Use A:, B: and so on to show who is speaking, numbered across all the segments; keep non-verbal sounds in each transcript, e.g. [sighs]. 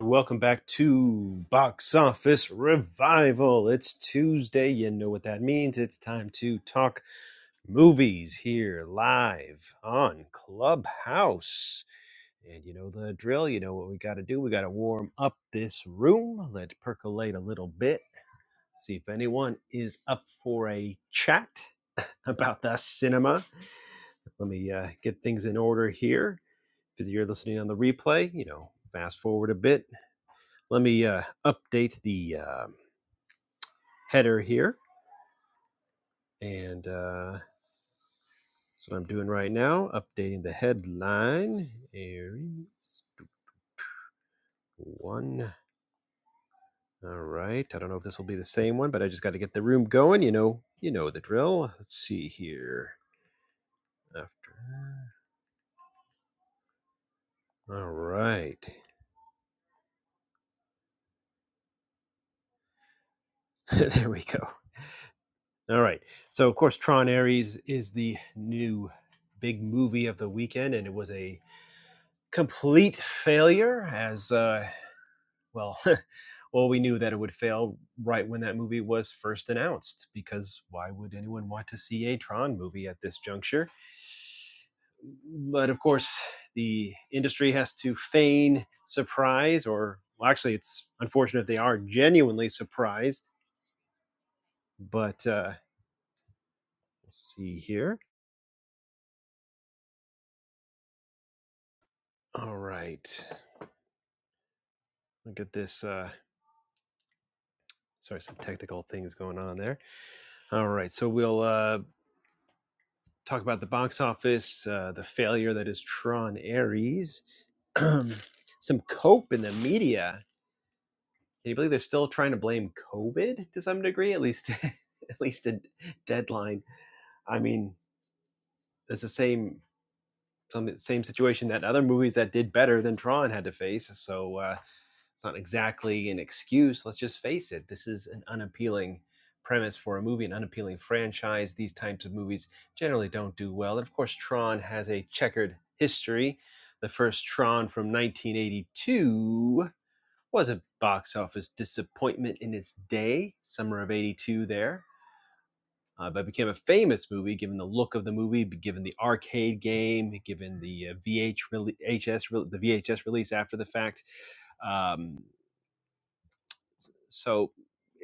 A: Welcome back to Box Office Revival. It's Tuesday. You know what that means. It's time to talk movies here live on Clubhouse. And you know the drill. You know what we got to do. We got to warm up this room, let it percolate a little bit, see if anyone is up for a chat [laughs] about the cinema. Let me uh, get things in order here. If you're listening on the replay, you know, fast forward a bit let me uh, update the um header here. And uh, that's what I'm doing right now, updating the headline. Aries one. All right. I don't know if this will be the same one, but I just got to get the room going. You know, you know the drill. Let's see here. After. All right. [laughs] there we go. All right. So of course, Tron Ares is the new big movie of the weekend, and it was a complete failure as uh, Well, [laughs] well, we knew that it would fail right when that movie was first announced, because why would anyone want to see a Tron movie at this juncture? But of course, the industry has to feign surprise, or well, actually, it's unfortunate if they are genuinely surprised. But uh, let's see here. All right, look at this. Uh, sorry, some technical things going on there. All right, so we'll uh, talk about the box office, uh, the failure that is Tron Ares, [clears throat] some cope in the media. Can you believe they're still trying to blame COVID to some degree? At least, [laughs] at least a deadline. I mean, it's the same some same situation that other movies that did better than Tron had to face. So. Uh, It's not exactly an excuse. Let's just face it. This is an unappealing premise for a movie, an unappealing franchise. These types of movies generally don't do well. And of course, Tron has a checkered history. The first Tron from 1982 was a box office disappointment in its day, summer of 82 there uh, but became a famous movie given the look of the movie, given the arcade game, given the uh, VH the VHS release after the fact. Um, so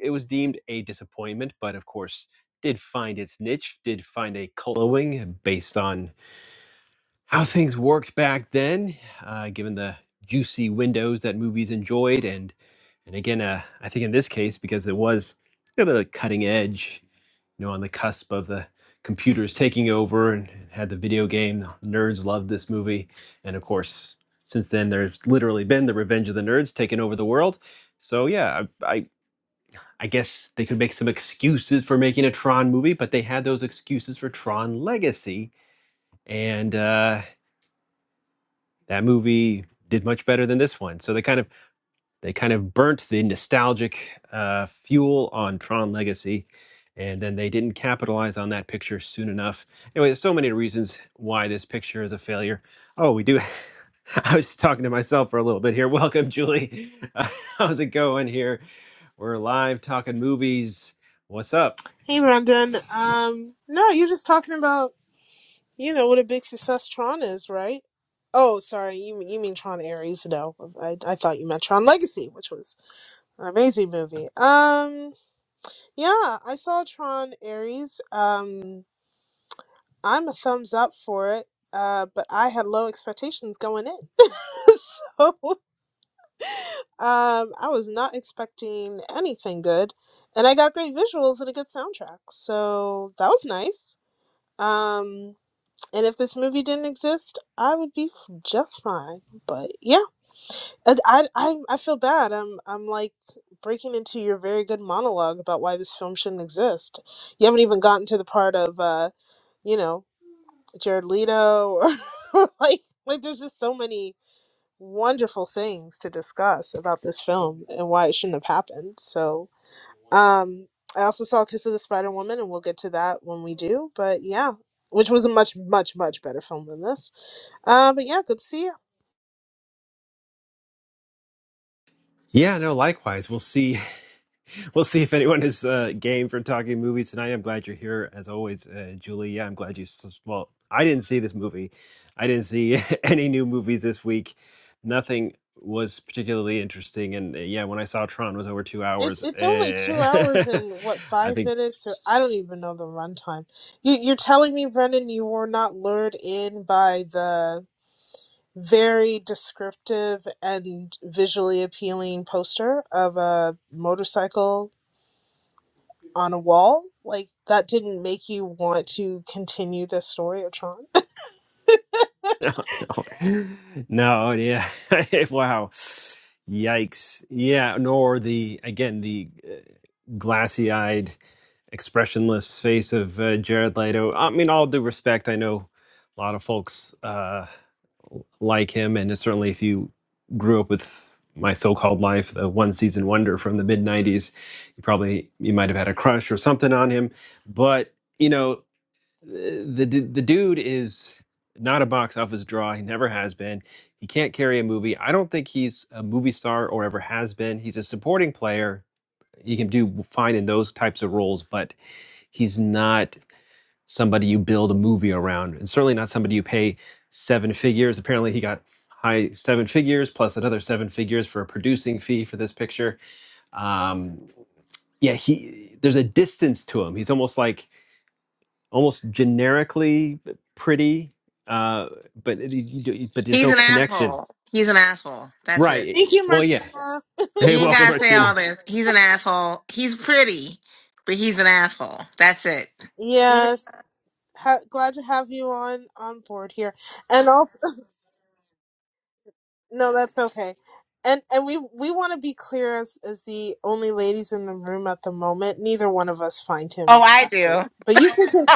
A: it was deemed a disappointment, but of course, did find its niche, did find a cult following based on how things worked back then, uh, given the juicy windows that movies enjoyed. And and again, uh, I think in this case, because it was kind of the cutting edge, you know, on the cusp of the computers taking over and had the video game, nerds loved this movie. And of course, since then, there's literally been the Revenge of the Nerds taking over the world. So yeah, I, I I guess they could make some excuses for making a Tron movie, but they had those excuses for Tron Legacy, and uh, that movie did much better than this one. So they kind of they kind of burnt the nostalgic uh, fuel on Tron Legacy, and then they didn't capitalize on that picture soon enough. Anyway, there's so many reasons why this picture is a failure. Oh, we do. [laughs] I was talking to myself for a little bit here. Welcome, Julie. [laughs] Uh, How's it going here? We're live talking movies. What's up?
B: Hey, Brandon. Um, no, you're just talking about, you know, what a big success Tron is, right? Oh, sorry, you you mean Tron Ares? No, I I thought you meant Tron Legacy, which was an amazing movie. Um, yeah, I saw Tron Ares. Um, I'm a thumbs up for it. Uh, but I had low expectations going in, [laughs] so um, I was not expecting anything good, and I got great visuals and a good soundtrack, so that was nice. Um, And if this movie didn't exist, I would be just fine. But yeah, I, I, I feel bad. I'm I'm like breaking into your very good monologue about why this film shouldn't exist. You haven't even gotten to the part of uh, you know, Jared Leto or [laughs] or like like there's just so many wonderful things to discuss about this film and why it shouldn't have happened. So, um I also saw Kiss of the Spider Woman and we'll get to that when we do, but yeah, which was a much much much better film than this uh, but yeah, good to see you.
A: Yeah, no, likewise. We'll see. [laughs] We'll see if anyone is uh, game for talking movies tonight. I'm glad you're here, as always, uh, Julie. Yeah, I'm glad you. s- Well, I didn't see this movie. I didn't see [laughs] any new movies this week. Nothing was particularly interesting, and uh, yeah, when I saw Tron was over two
B: It's
A: hours.
B: it's only two
A: eh,
B: hours
A: [laughs]
B: and what
A: I
B: five
A: think
B: minutes or I don't even know the runtime. You you're telling me, Brendan, you were not lured in by the very descriptive and visually appealing poster of a motorcycle on a wall? Like that didn't make you want to continue the story of Tron? [laughs]
A: No, yeah. [laughs] Wow. Yikes. Yeah, nor the again the uh, glassy-eyed, expressionless face of uh, Jared Leto. I mean, all due respect, I know a lot of folks uh, like him, and certainly if you grew up with My So-Called Life, the one season wonder from the mid '90s, you probably you might have had a crush or something on him. But you know the the dude is not a box office draw. He never has been. He can't carry a movie. I don't think he's a movie star or ever has been. He's a supporting player. He can do fine in those types of roles, but he's not somebody you build a movie around, and certainly not somebody you pay seven figures. Apparently, he got high seven figures plus another seven figures for a producing fee for this picture. Um, yeah, he there's a distance to him. He's almost like almost generically pretty, uh, but it- you do, but there's
C: He's
A: no
C: an
A: connection,
C: asshole. He's an asshole. That's it.
A: right?
B: Thank you,
A: Well, yeah.
B: Martina.
A: Hey,
C: You ain't
A: welcome,
C: gotta say all
A: Martina.
C: this. He's an asshole. He's pretty, but he's an asshole. That's it.
B: Yes. Ha- glad to have you on on board here. And also. No, that's okay. And and we we want to be clear as as the only ladies in the room at the moment. Neither one of us find him
C: Oh, I
B: attractive.
C: do.
B: But you can. con-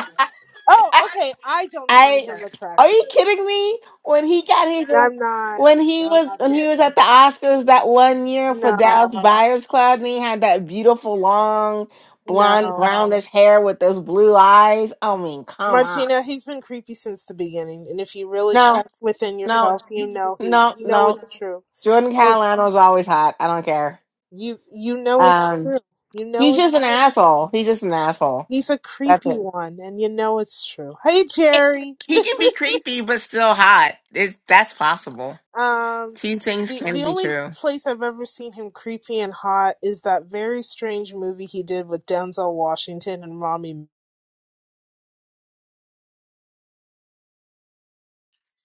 B: Oh,
C: [laughs]
B: okay. I don't find
C: I
B: him
C: are
B: attractive.
C: you kidding me? When he got his
B: I'm not.
C: when he
B: I'm
C: was
B: not
C: when he
B: kidding.
C: was at the Oscars that one year for Dallas
B: No,
C: Buyers Club, and he had that beautiful long blonde
B: no,
C: brownish hair with those blue eyes. I mean, come on.
B: Martina. He's been creepy since the beginning. And if you really
C: No,
B: check within
C: no,
B: yourself, you know he.
C: no,
B: You know
C: no.
B: it's true.
C: Jordan
B: Oh,
C: Catalano's always hot. I don't care.
B: you you know it's
C: Um,
B: true. You know
C: He's
B: it's.
C: just an asshole. He's just an asshole.
B: He's a
C: That's
B: creepy
C: it.
B: one, and you know it's true. Hey,
C: it
B: Jerry.
C: he can be creepy but still hot. It's, that's possible.
B: Um,
C: Two things
B: the
C: can
B: the
C: be
B: only
C: true.
B: place I've ever seen him creepy and hot is that very strange movie he did with Denzel Washington and Rami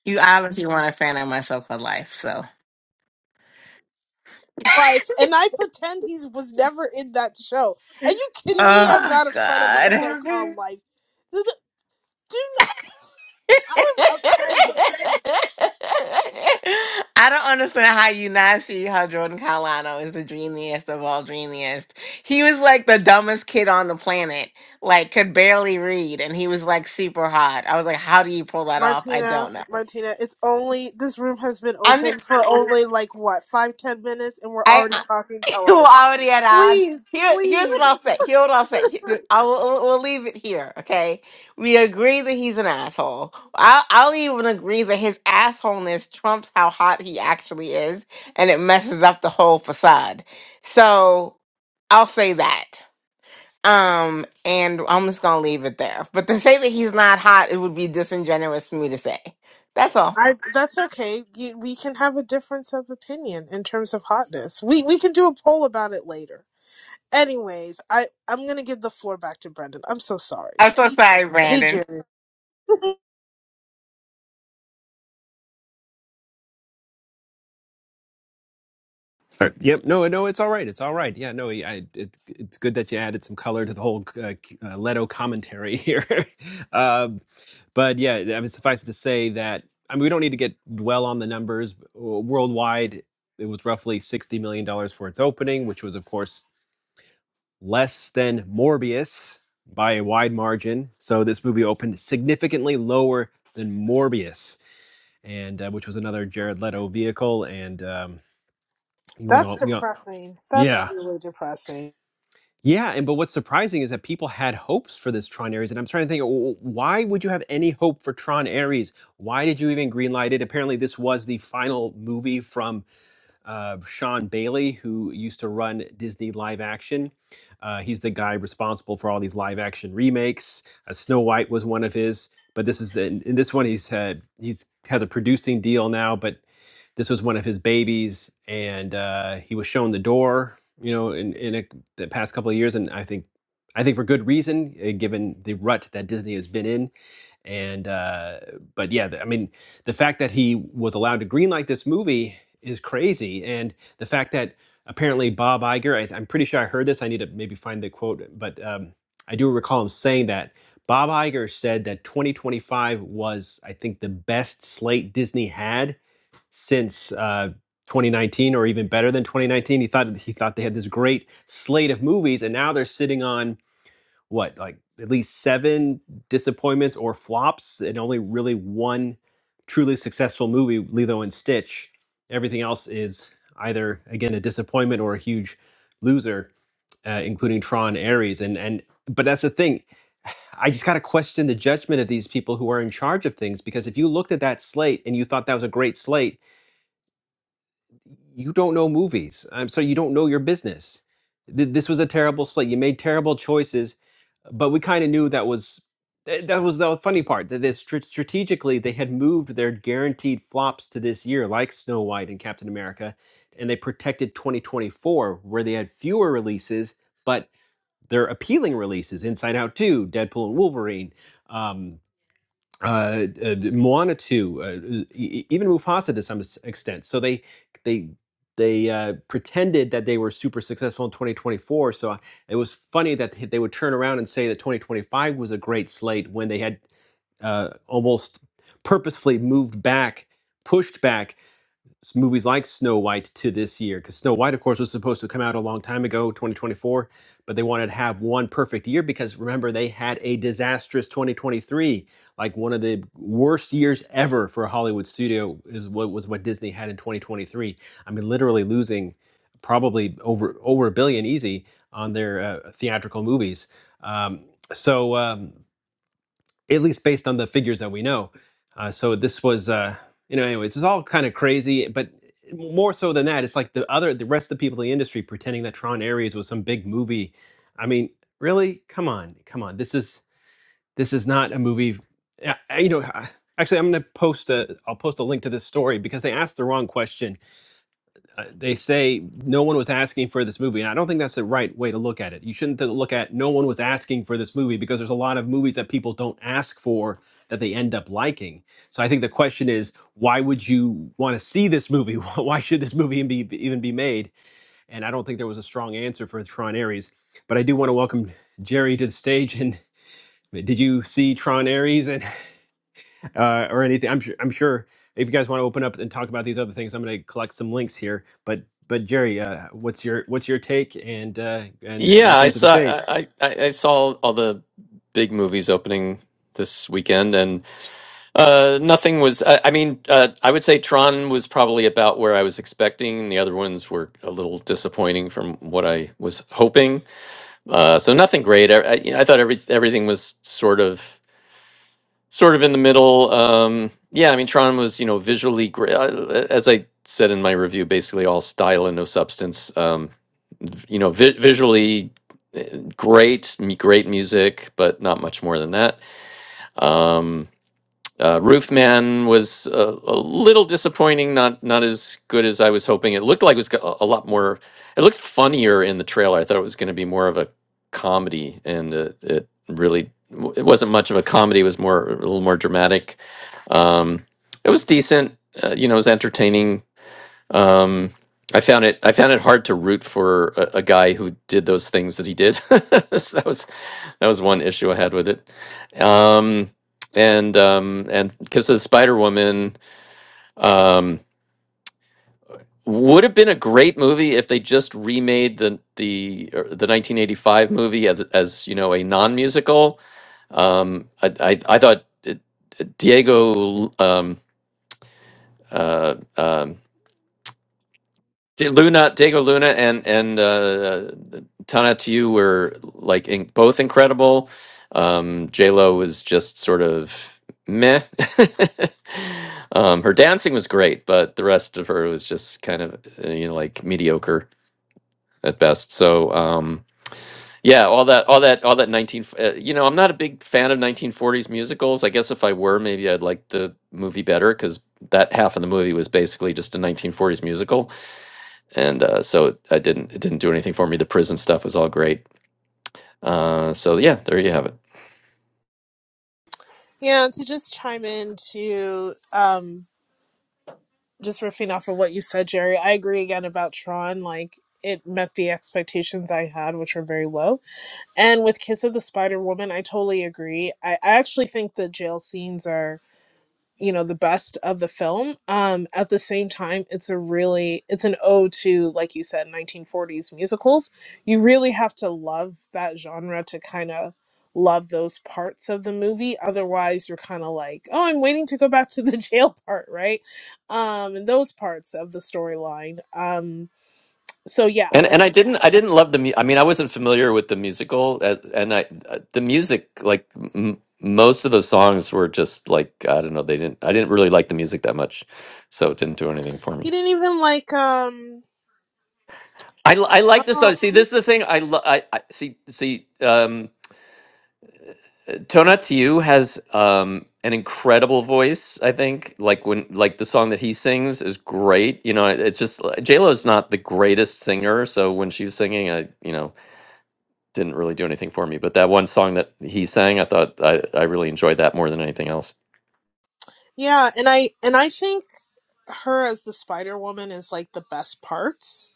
C: You obviously weren't a fan of my so-called life, so.
B: Life, and I pretend he was never in that show. Are you kidding me? I'm
C: Oh
B: not a friend of my
C: God. [laughs]
B: so-called life. This is- Dude, I am offended.
C: I don't understand how you not see how Jordan Carlano is the dreamiest of all dreamiest. He was like the dumbest kid on the planet, like could barely read, and he was like super hot. I was like, how do you pull that off? I
B: Martina,
C: don't know.
B: Martina, it's only this room has been
C: I'm
B: open for
C: just
B: only like what five, ten minutes, and we're
C: I,
B: already
C: I
B: talking
C: [laughs] you
B: television.
C: already at odds.
B: Please,
C: Here, here's
B: please.
C: what I'll say. Here, what I'll say. Here- I will, we'll we'll leave it here. Okay, we agree that he's an asshole. I'll, I'll even agree that his assholeness trumps how hot he actually is, and it messes up the whole facade. So I'll say that. Um, and I'm just gonna leave it there. But to say that he's not hot, it would be disingenuous for me to say. That's all.
B: I that's okay. You, we can have a difference of opinion in terms of hotness. We we can do a poll about it later. Anyways, I I'm gonna give the floor back to Brendan. I'm so sorry.
C: I'm so sorry,
B: Hey
C: Brandon.
B: Jerry. [laughs]
A: All right. Yep. No, no, it's all right. It's all right. Yeah. No, yeah, I, it, it's good that you added some color to the whole uh, uh, Leto commentary here. [laughs] um, but yeah, I mean, suffice it to say that I mean we don't need to get dwell on the numbers W- worldwide. It was roughly sixty million dollars for its opening, which was of course less than Morbius by a wide margin. So this movie opened significantly lower than Morbius, and uh, which was another Jared Leto vehicle. And um, you
B: That's
A: know, you know,
B: depressing. That's
A: yeah,
B: really depressing.
A: yeah. And but what's surprising is that people had hopes for this Tron Ares, and I'm trying to think, w- why would you have any hope for Tron Ares? Why did you even greenlight it? Apparently, this was the final movie from uh, Sean Bailey, who used to run Disney Live Action. Uh, he's the guy responsible for all these live action remakes. Uh, Snow White was one of his, but this is the, in this one he's had he's has a producing deal now, but this was one of his babies, and uh, he was shown the door, you know, in in a, the past couple of years, and I think I think for good reason, uh, given the rut that Disney has been in and uh, but yeah, the- I mean, the fact that he was allowed to greenlight this movie is crazy, and the fact that apparently Bob Iger, I, I'm pretty sure I heard this. I need to maybe find the quote, but um, I do recall him saying that Bob Iger said that 2025 was, I think, the best slate Disney had since. Uh, 2019 or even better than 2019 he thought he thought they had this great slate of movies and now they're sitting on what like at least seven disappointments or flops and only really one truly successful movie lilo and stitch everything else is either again a disappointment or a huge loser uh, including tron ares and and but that's the thing i just got to question the judgment of these people who are in charge of things because if you looked at that slate and you thought that was a great slate you don't know movies. I'm sorry, you don't know your business. Th- This was a terrible slate. You made terrible choices, but we kind of knew that was that that was the funny part. That they str- strategically they had moved their guaranteed flops to this year, like Snow White and Captain America, and they protected 2024 where they had fewer releases, but they're appealing releases: Inside Out 2, Deadpool and Wolverine. Um, uh, uh, Moana 2, uh, e- e- even Mufasa to some extent. So they they they uh, pretended that they were super successful in 2024. So uh, it was funny that they they would turn around and say that 2025 was a great slate when they had uh, almost purposefully moved back, pushed back s- movies like Snow White to this year because Snow White, of course, was supposed to come out a long time ago, 2024, but they wanted to have one perfect year because remember they had a disastrous 2023, like one of the worst years ever for a Hollywood studio is what was what Disney had in 2023. I mean, literally losing probably over over a billion easy on their uh, theatrical movies. Um, so. Um, at least based on the figures that we know. Uh, so this was, uh, you know, anyways, it's all kind of crazy, but more so than that, it's like the other, the rest of the people in the industry pretending that Tron Ares was some big movie. I mean, really? Come on, come on. This is this is not a movie. Yeah, I- you know, I- actually, I'm gonna post a, I'll post a link to this story because they asked the wrong question uh, they say no one was asking for this movie and i don't think that's the right way to look at it you shouldn't look at no one was asking for this movie because there's a lot of movies that people don't ask for that they end up liking so i think the question is why would you want to see this movie [laughs] why should this movie even be even be made and i don't think there was a strong answer for tron Ares. but i do want to welcome jerry to the stage and did you see tron Ares? And uh, or anything. I'm sure. I'm sure if you guys want to open up and talk about these other things, I'm going to collect some links here. But but Jerry, uh, what's your what's your take? And uh, and
D: Yeah, I
A: welcome to the stage.
D: saw I, I, I saw all the big movies opening this weekend, and uh, nothing was. I, I mean, uh, I would say Tron was probably about where I was expecting. The other ones were a little disappointing from what I was hoping. Uh, so nothing great. I, I, I thought every everything was sort of sort of in the middle. Um, yeah, I mean, Tron was, you know, visually great. As I said in my review, basically all style and no substance. Um, v- you know, vi- visually eh, great, m- great music, but not much more than that. Um, uh, Roofman was a, a little disappointing, not not as good as I was hoping. It looked like it was go- a lot more. It looked funnier in the trailer. I thought it was going to be more of a comedy, and it, it really it wasn't much of a comedy. It was more a little more dramatic. Um, it was decent. Uh, you know, it was entertaining um, I found it I found it hard to root for a, a guy who did those things that he did. [laughs] So that was that was one issue I had with it. Um, and um, and because the Spider Woman um, would have been a great movie if they just remade the the er, the 1985 movie as, as you know a non musical. Um, I, I I thought uh, Diego um, uh, um, Di- Luna, Diego Luna, and and uh, Tana Tiu were like in, both incredible. Um, J Lo was just sort of meh. [laughs] um, her dancing was great, but the rest of her was just kind of uh, you know like mediocre at best. So um, yeah, all that, all that, all that nineteen. f- Uh, you know, I'm not a big fan of 1940s musicals. I guess if I were, maybe I'd like the movie better because that half of the movie was basically just a 1940s musical and uh, so I didn't it didn't do anything for me. The prison stuff was all great. Uh, so yeah, there you have it.
B: Yeah, to just chime in to um just riffing off of what you said, Jerry, I agree again about Tron, like it met the expectations I had, which were very low. And with Kiss of the Spider Woman, I totally agree. I, I actually think the jail scenes are you know the best of the film um at the same time it's a really it's an ode to like you said 1940s musicals you really have to love that genre to kind of love those parts of the movie otherwise you're kind of like oh i'm waiting to go back to the [laughs] jail part right um and those parts of the storyline um so yeah
D: And
B: like
D: and I didn't I didn't love the mu- I mean I wasn't familiar with the musical uh, and I uh, the music like m- most of the songs were just like I don't know they didn't I didn't really like the music that much, so it didn't do anything for
B: he
D: me.
B: didn't even like um
D: I, l- I like the
B: oh
D: song. See, this is the thing I, lo- I I see see um Tonatiuh has um, an incredible voice. I think like when like the song that he sings is great. You know, it's just J Lo's not the greatest singer, so when she was singing, I you know didn't really do anything for me. But that one song that he sang, I thought I, I really enjoyed that more than anything else.
B: yeah and i and i think her as the spider woman is like the best parts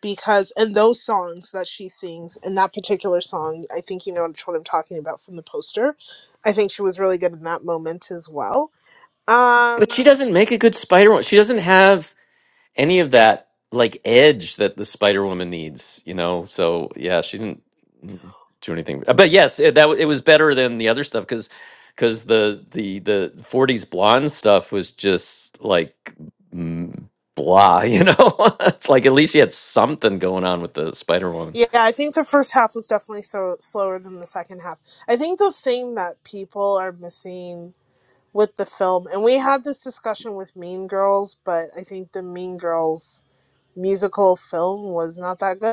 B: because and those songs that she sings in that particular song i think you know which one i'm talking about from the poster i think she was really good in that moment as well
D: But
B: um
D: she doesn't make a good Spider Woman. She doesn't have any of that like edge that the Spider Woman needs, you know. So yeah, she didn't mm, do anything, Uh, but yes, it, that w- it was better than the other stuff because because the the the '40s blonde stuff was just like mm, blah, [laughs] you know. [laughs] it's like at least she had something going on with the Spider Woman.
B: yeah i think the first half was definitely so slower than the second half i think the thing that people are missing with the film and we had this discussion with mean girls but i think the mean girls musical film was not that good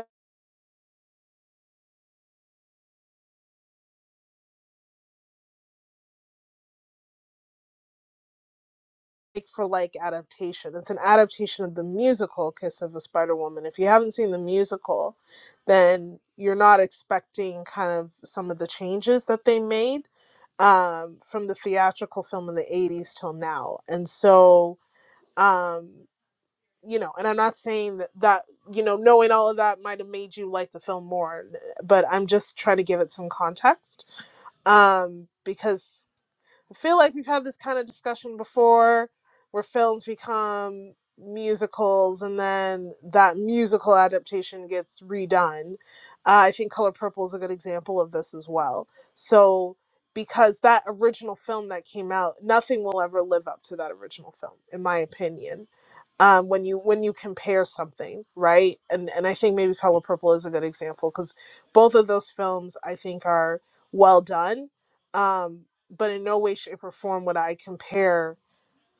B: like for like adaptation. It's an adaptation of the musical Kiss of a Spider Woman. If you haven't seen the musical, then you're not expecting kind of some of the changes that they made um, from the theatrical film in the 80s till now. And so, um, you know, and I'm not saying that, that, you know, knowing all of that might have made you like the film more, but I'm just trying to give it some context um, because I feel like we've had this kind of discussion before where films become musicals and then that musical adaptation gets redone. Uh, I think Color Purple is a good example of this as well. So, because that original film that came out, nothing will ever live up to that original film, in my opinion um, when you when you compare something, right? And and I think maybe Color Purple is a good example because both of those films I think are well done, um, but in no way, shape, or form would I compare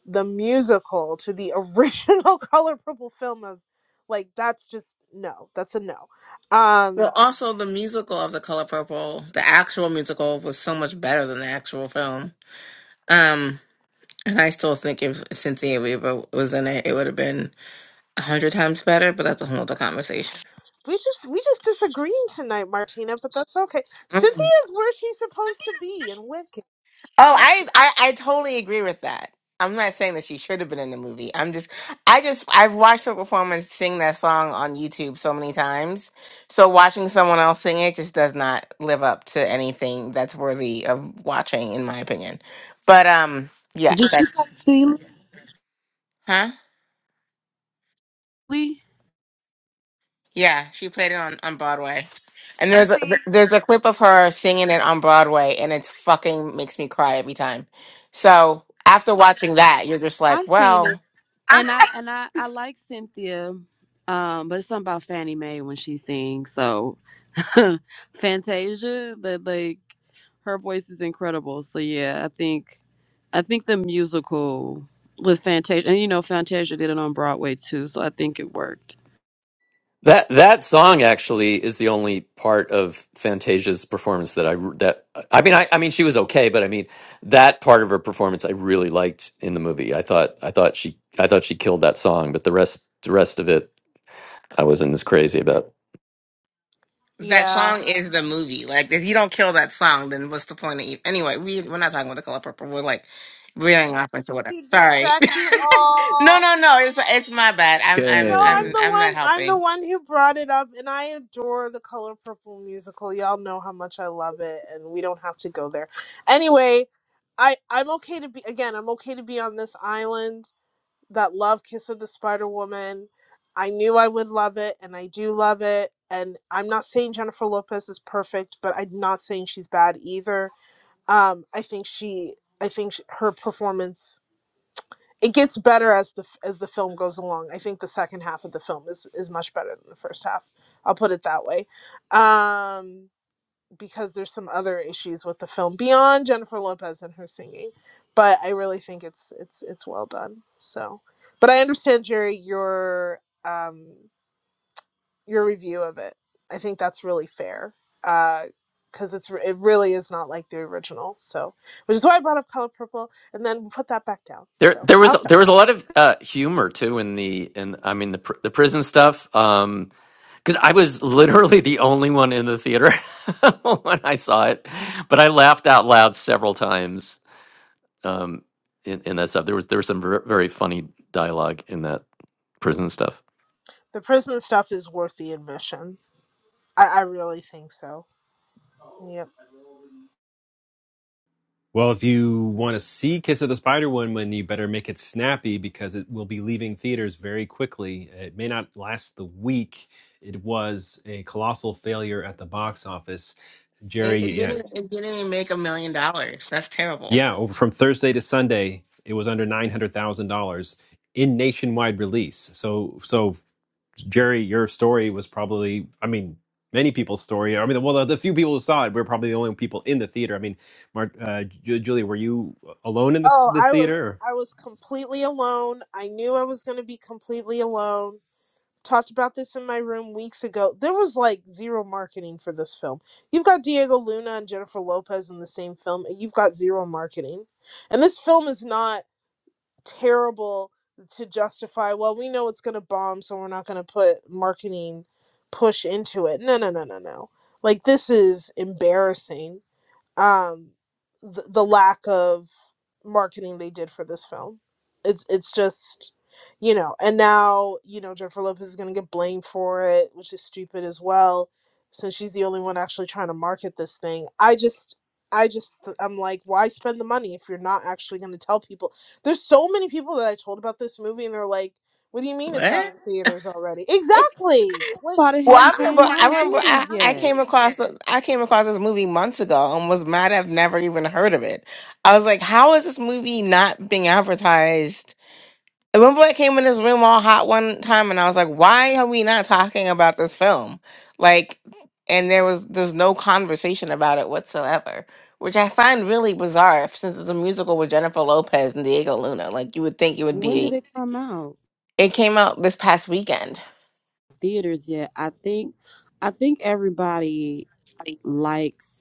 B: the musical to the original [laughs] Color Purple film of like that's just no, that's a no. Um,
C: Well, also the musical of The Color Purple, the actual musical was so much better than the actual film. Um, and I still think if Cynthia Weaver was in it, it would have been a hundred times better. But that's a whole other conversation.
B: we just we just disagreeing tonight, Martina, but that's okay. Cynthia's where she's supposed to be and wicked.
C: Oh, I, I I totally agree with that. I'm not saying that she should have been in the movie. I'm just I just I've watched her performance sing that song on YouTube so many times. So watching someone else sing it just does not live up to anything that's worthy of watching in my opinion. But um yeah,
E: Did she say
C: that's huh?
E: Seeley?
C: Yeah, she played it on on Broadway. And there's a there's a clip of her singing it on Broadway and it's fucking makes me cry every time. So after watching that, you're just like,
E: I've seen it,
C: well,
E: and I and I I like Cynthia, um, but it's something about Fannie Mae when she sings. So [laughs] Fantasia, that like her voice is incredible. So yeah, I think I think the musical with Fantasia, and you know Fantasia did it on Broadway too, so I think it worked.
D: That that song actually is the only part of Fantasia's performance that I that I mean I, I mean she was okay, but I mean that part of her performance I really liked in the movie. I thought I thought she I thought she killed that song, but the rest the rest of it I wasn't as crazy about.
C: That
B: Yeah.
C: song is the movie. Like, if you don't kill that song, then what's the point of even? Anyway, we we're not talking about the color purple. We're like veering off into whatever.
B: To
C: Sorry.
B: distract you
C: [laughs] no,
B: all.
C: no, no. It's it's my bad. I'm
B: No,
C: I'm
B: I'm
F: Yay.
C: I'm
B: the
C: I'm
B: one.
C: not
B: I'm the
C: helping.
B: one who brought it up, and I adore the Color Purple musical. Y'all know how much I love it, and we don't have to go there. Anyway, I I'm okay to be again. I'm okay to be on this island that love Kiss of the Spider Woman. I knew I would love it, and I do love it. And I'm not saying Jennifer Lopez is perfect, but I'm not saying she's bad either. Um, I think she. I think sh her performance it gets better as the as the film goes along. I think the second half of the film is is much better than the first half. I'll put it that way, um, because there's some other issues with the film beyond Jennifer Lopez and her singing, but I really think it's it's it's well done. So, but I understand Jerry your um, your review of it. I think that's really fair. Uh, because uh, it's it really is not like the original, so which is why I brought up Color Purple, and then we'll put that back down.
D: There
B: So
D: there was
B: I'll stop
D: there was
B: talking.
D: a lot of uh, humor too in the in I mean the pr- the prison stuff. Um, because I was literally the only one in the theater [laughs] when I saw it, but I laughed out loud several times. um, in, in that stuff. There was there was some ver- very funny dialogue in that prison stuff.
B: The prison stuff is worth the admission. I, I really think so. Yep.
A: Well, if you want to see Kiss of the Spider Woman, you better make it snappy because it will be leaving theaters very quickly. It may not last the week. It was a colossal failure at the box office.
C: It, it
A: Jerry, yeah,
C: didn't it didn't even make a million dollars. That's terrible.
A: yeah, over from Thursday to Sunday, it was under nine hundred thousand dollars in nationwide release. So so Jerry, your story was probably, I mean, many people's story. I mean, well, the, the few people who saw it, were probably the only people in the theater. I mean, Mark, uh, Ju- Julie, were you alone in this,
B: Oh,
A: this
B: I was
A: theater? Or?
B: I was completely alone. I knew I was going to be completely alone. Talked about this in my room weeks ago. There was like zero marketing for this film. You've got Diego Luna and Jennifer Lopez in the same film, and you've got zero marketing. And this film is not. terrible to justify well we know it's going to bomb so we're not going to put marketing push into it no no no no no like this is embarrassing um the, the lack of marketing they did for this film it's it's just you know and now you know jennifer lopez is going to get blamed for it which is stupid as well since she's the only one actually trying to market this thing i just i just i'm like why spend the money if you're not actually going to tell people there's so many people that i told about this movie and they're like what do you mean it's
C: What?
B: out in theaters already exactly like
E: Thought it
C: Well,
E: hadn't
C: I remember.
E: came out
C: I
E: in
C: remember.
E: theaters
C: I, I
E: yet.
C: came across. the- I came across this movie months ago and was mad. I've never even heard of it. I was like, "How is this movie not being advertised?" Remember, I came in this room all hot one time, and I was like, "Why are we not talking about this film?" Like, and there was there's no conversation about it whatsoever, which I find really bizarre f- since it's a musical with Jennifer Lopez and Diego Luna. Like, you would think it would
E: When did
C: be.
E: it come out?
C: It came out this past weekend.
E: Theaters yet? I think I think everybody likes.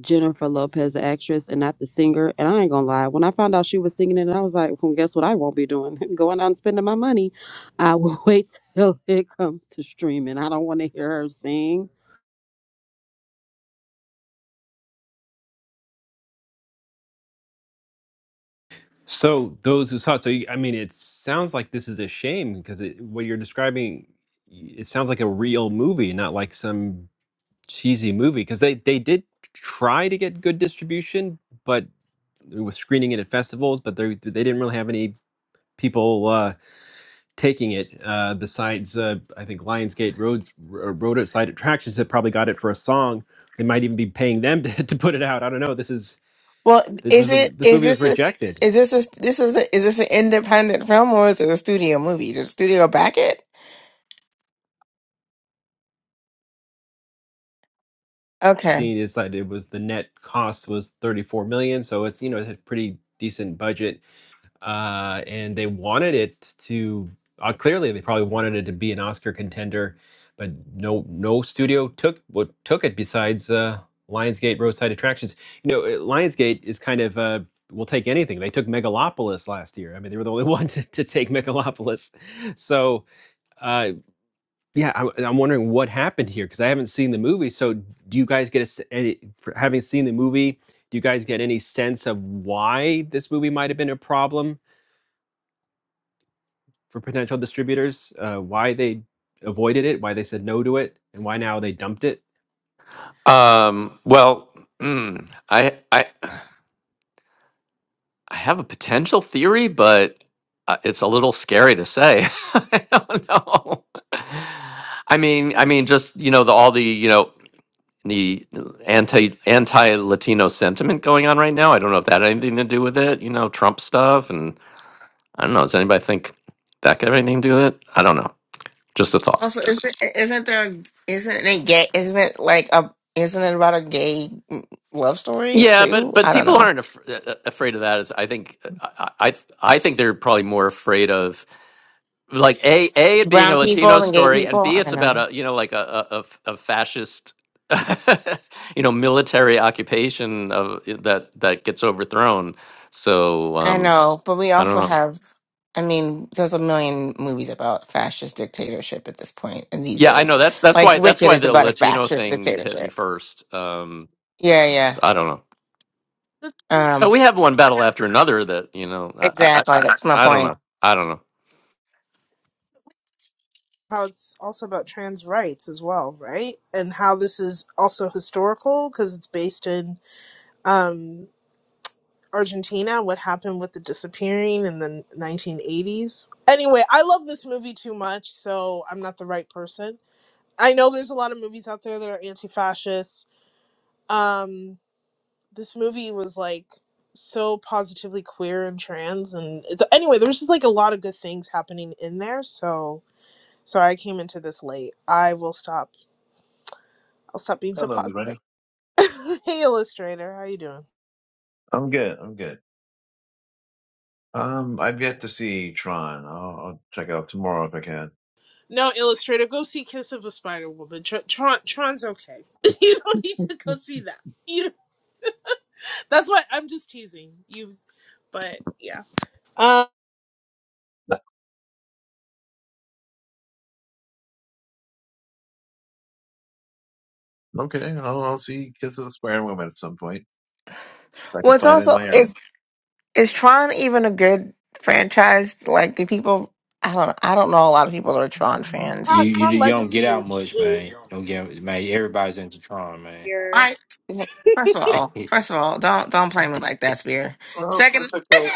E: Jennifer Lopez, the actress, and not the singer. And I ain't gonna lie, when I found out she was singing it, I was like, well, guess what? I won't be doing [laughs] going out and spending my money. I will [laughs] wait till it comes to streaming. I don't want to hear her sing.
A: So those who saw it, so you- I mean, it sounds like this is a shame because it, what you're describing, y- it sounds like a real movie, not like some cheesy movie. Because they they did try to get good distribution, but it was screening it at festivals, but they they didn't really have any people. uh, taking it. Uh, besides, uh, I think Lionsgate roads or roadside attractions have probably got it for a song. They might even be paying them to, [laughs] to put it out. I don't know. This is
C: Well,
A: this, this
C: is
A: was
C: it
A: this
C: is
A: movie was
C: this a, s-
A: rejected.
C: is this a, this is a, is this an independent film or is it a studio movie? Did the studio back it? Okay.
A: Seeing is that it was the net cost was 34 million, so it's you know it's a pretty decent budget uh, and they wanted it to uh, clearly they probably wanted it to be an Oscar contender, but no no studio took what took it besides uh, Lionsgate Roadside Attractions. You know, uh, Lionsgate is kind of uh, will take anything. They took Megalopolis last year. I mean, they were the only [laughs] one to, to take Megalopolis. So uh, yeah, I'm, I'm wondering what happened here because I haven't seen the movie. So do you guys get a, s- any for having seen the movie? Do you guys get any sense of why this movie might have been a problem? for potential distributors, uh, why they avoided it, why they said no to it, and why now they dumped it.
D: Um, well, mm, I I I have a potential theory, but uh, it's a little scary to say. [laughs] I don't know. I mean, I mean, just you know, the all the you know the anti anti Latino sentiment going on right now. I don't know if that had anything to do with it. You know, Trump stuff, and I don't know. Does anybody think that could have anything to do with it? I don't know. Just a thought.
C: Also, isn't isn't there isn't it gay? Isn't it like a isn't it about a gay mm, love story
D: Yeah, but
C: too?
D: but
C: I don't
D: people
C: know.
D: aren't af- uh, afraid of that. As I think, uh, I, I I think they're probably more afraid of like a a it being a
C: Brown
D: Latino
C: people and gay
D: story, and
C: people.
D: b
C: I
D: it's about
C: know.
D: a you know like a a, a a fascist [laughs] you know military occupation of uh, that that gets overthrown. So
C: I
D: um,
C: know, but we
D: I don't
C: also
D: know.
C: have. I mean, there's a million movies about fascist dictatorship at this point and these
D: Yeah, I know
C: days.
D: that's that's
C: Like
D: why that's
C: Wicked
D: why
C: is
D: the
C: about a
D: Latino
C: fascist
D: thing hit me
C: dictatorship.
D: first. Um,
C: Yeah, yeah.
D: so I don't know. But
C: Um,
D: we have one battle after another that you know I I,
C: exactly. That's my
D: I I don't
C: point.
D: know. I don't know.
B: how it's also about trans rights as well, right? And how this is also historical because it's based in um, Argentina, what happened with the disappearing in the 1980s. Anyway, I love this movie too much, so I'm not the right person. I know there's a lot of movies out there that are anti fascist. Um, this movie was like so positively queer and trans and it's, anyway there's just like a lot of good things happening in there so sorry i came into this late i will stop I'll stop being so
F: Hello,
B: positive.
F: everybody.
B: [laughs] hey, Illustrator, how you doing?
F: I'm good. I'm good. Um, I've yet to see Tron. I'll, I'll check it out tomorrow if I can.
B: No, Illustrator, go see Kiss of a Spider Woman. Tr- Tron, Tron's okay. [laughs] you don't need to go see that. You, that's why I'm just teasing you. But yeah, uh,
F: Okay, I'll, I'll see Kiss of the Square Woman at some point. If I
C: Well,
F: can
C: it's
F: find it in
C: also
F: my area.
C: is is Tron even a good franchise? Like, do people? I don't. I don't know a lot of people that are Tron fans.
B: Tron,
G: You, you
B: Tron
G: you don't get
B: Legacy
G: out
B: is
G: much, man. You
B: is
G: Don't get man. Everybody's into Tron, man.
B: here.
C: I first of all,
G: It-
C: first of all, don't don't play me like that, Spear.
F: Well, it's
C: Second,
F: a cult.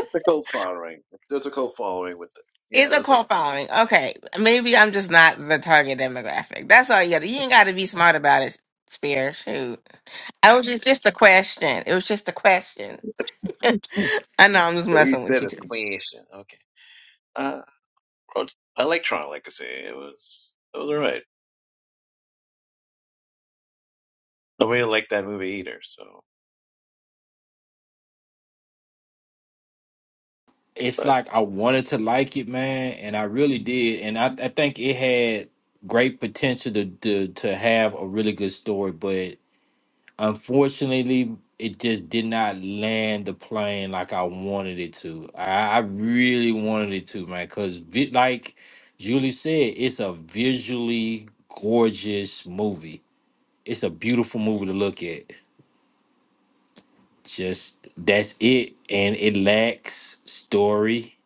F: It's a cult following. There's a cult following with it.
C: [laughs]
F: Yeah,
C: is a
F: there's
C: cult following. Okay, maybe I'm just not the target demographic. That's all you got. You ain't got to be smart about it, Spear. Shoot, I was just just a question. It was just a question. [laughs]
F: a.
C: I know I'm just
F: So he
C: messing with
F: said
C: you
F: it's
C: too.
F: creation. Okay. Uh, well, I like Tron Legacy. It was. It was alright. Nobody liked that movie either. So,
G: It's
F: but
G: like I wanted to like it, man, and I really did. And I, I think it had great potential to, to to have a really good story, but unfortunately, it just did not land the plane like I wanted it to. I, I really wanted it to, man, because vi- like Julie said, it's a visually gorgeous movie. It's a beautiful movie to look at just that's it and it lacks story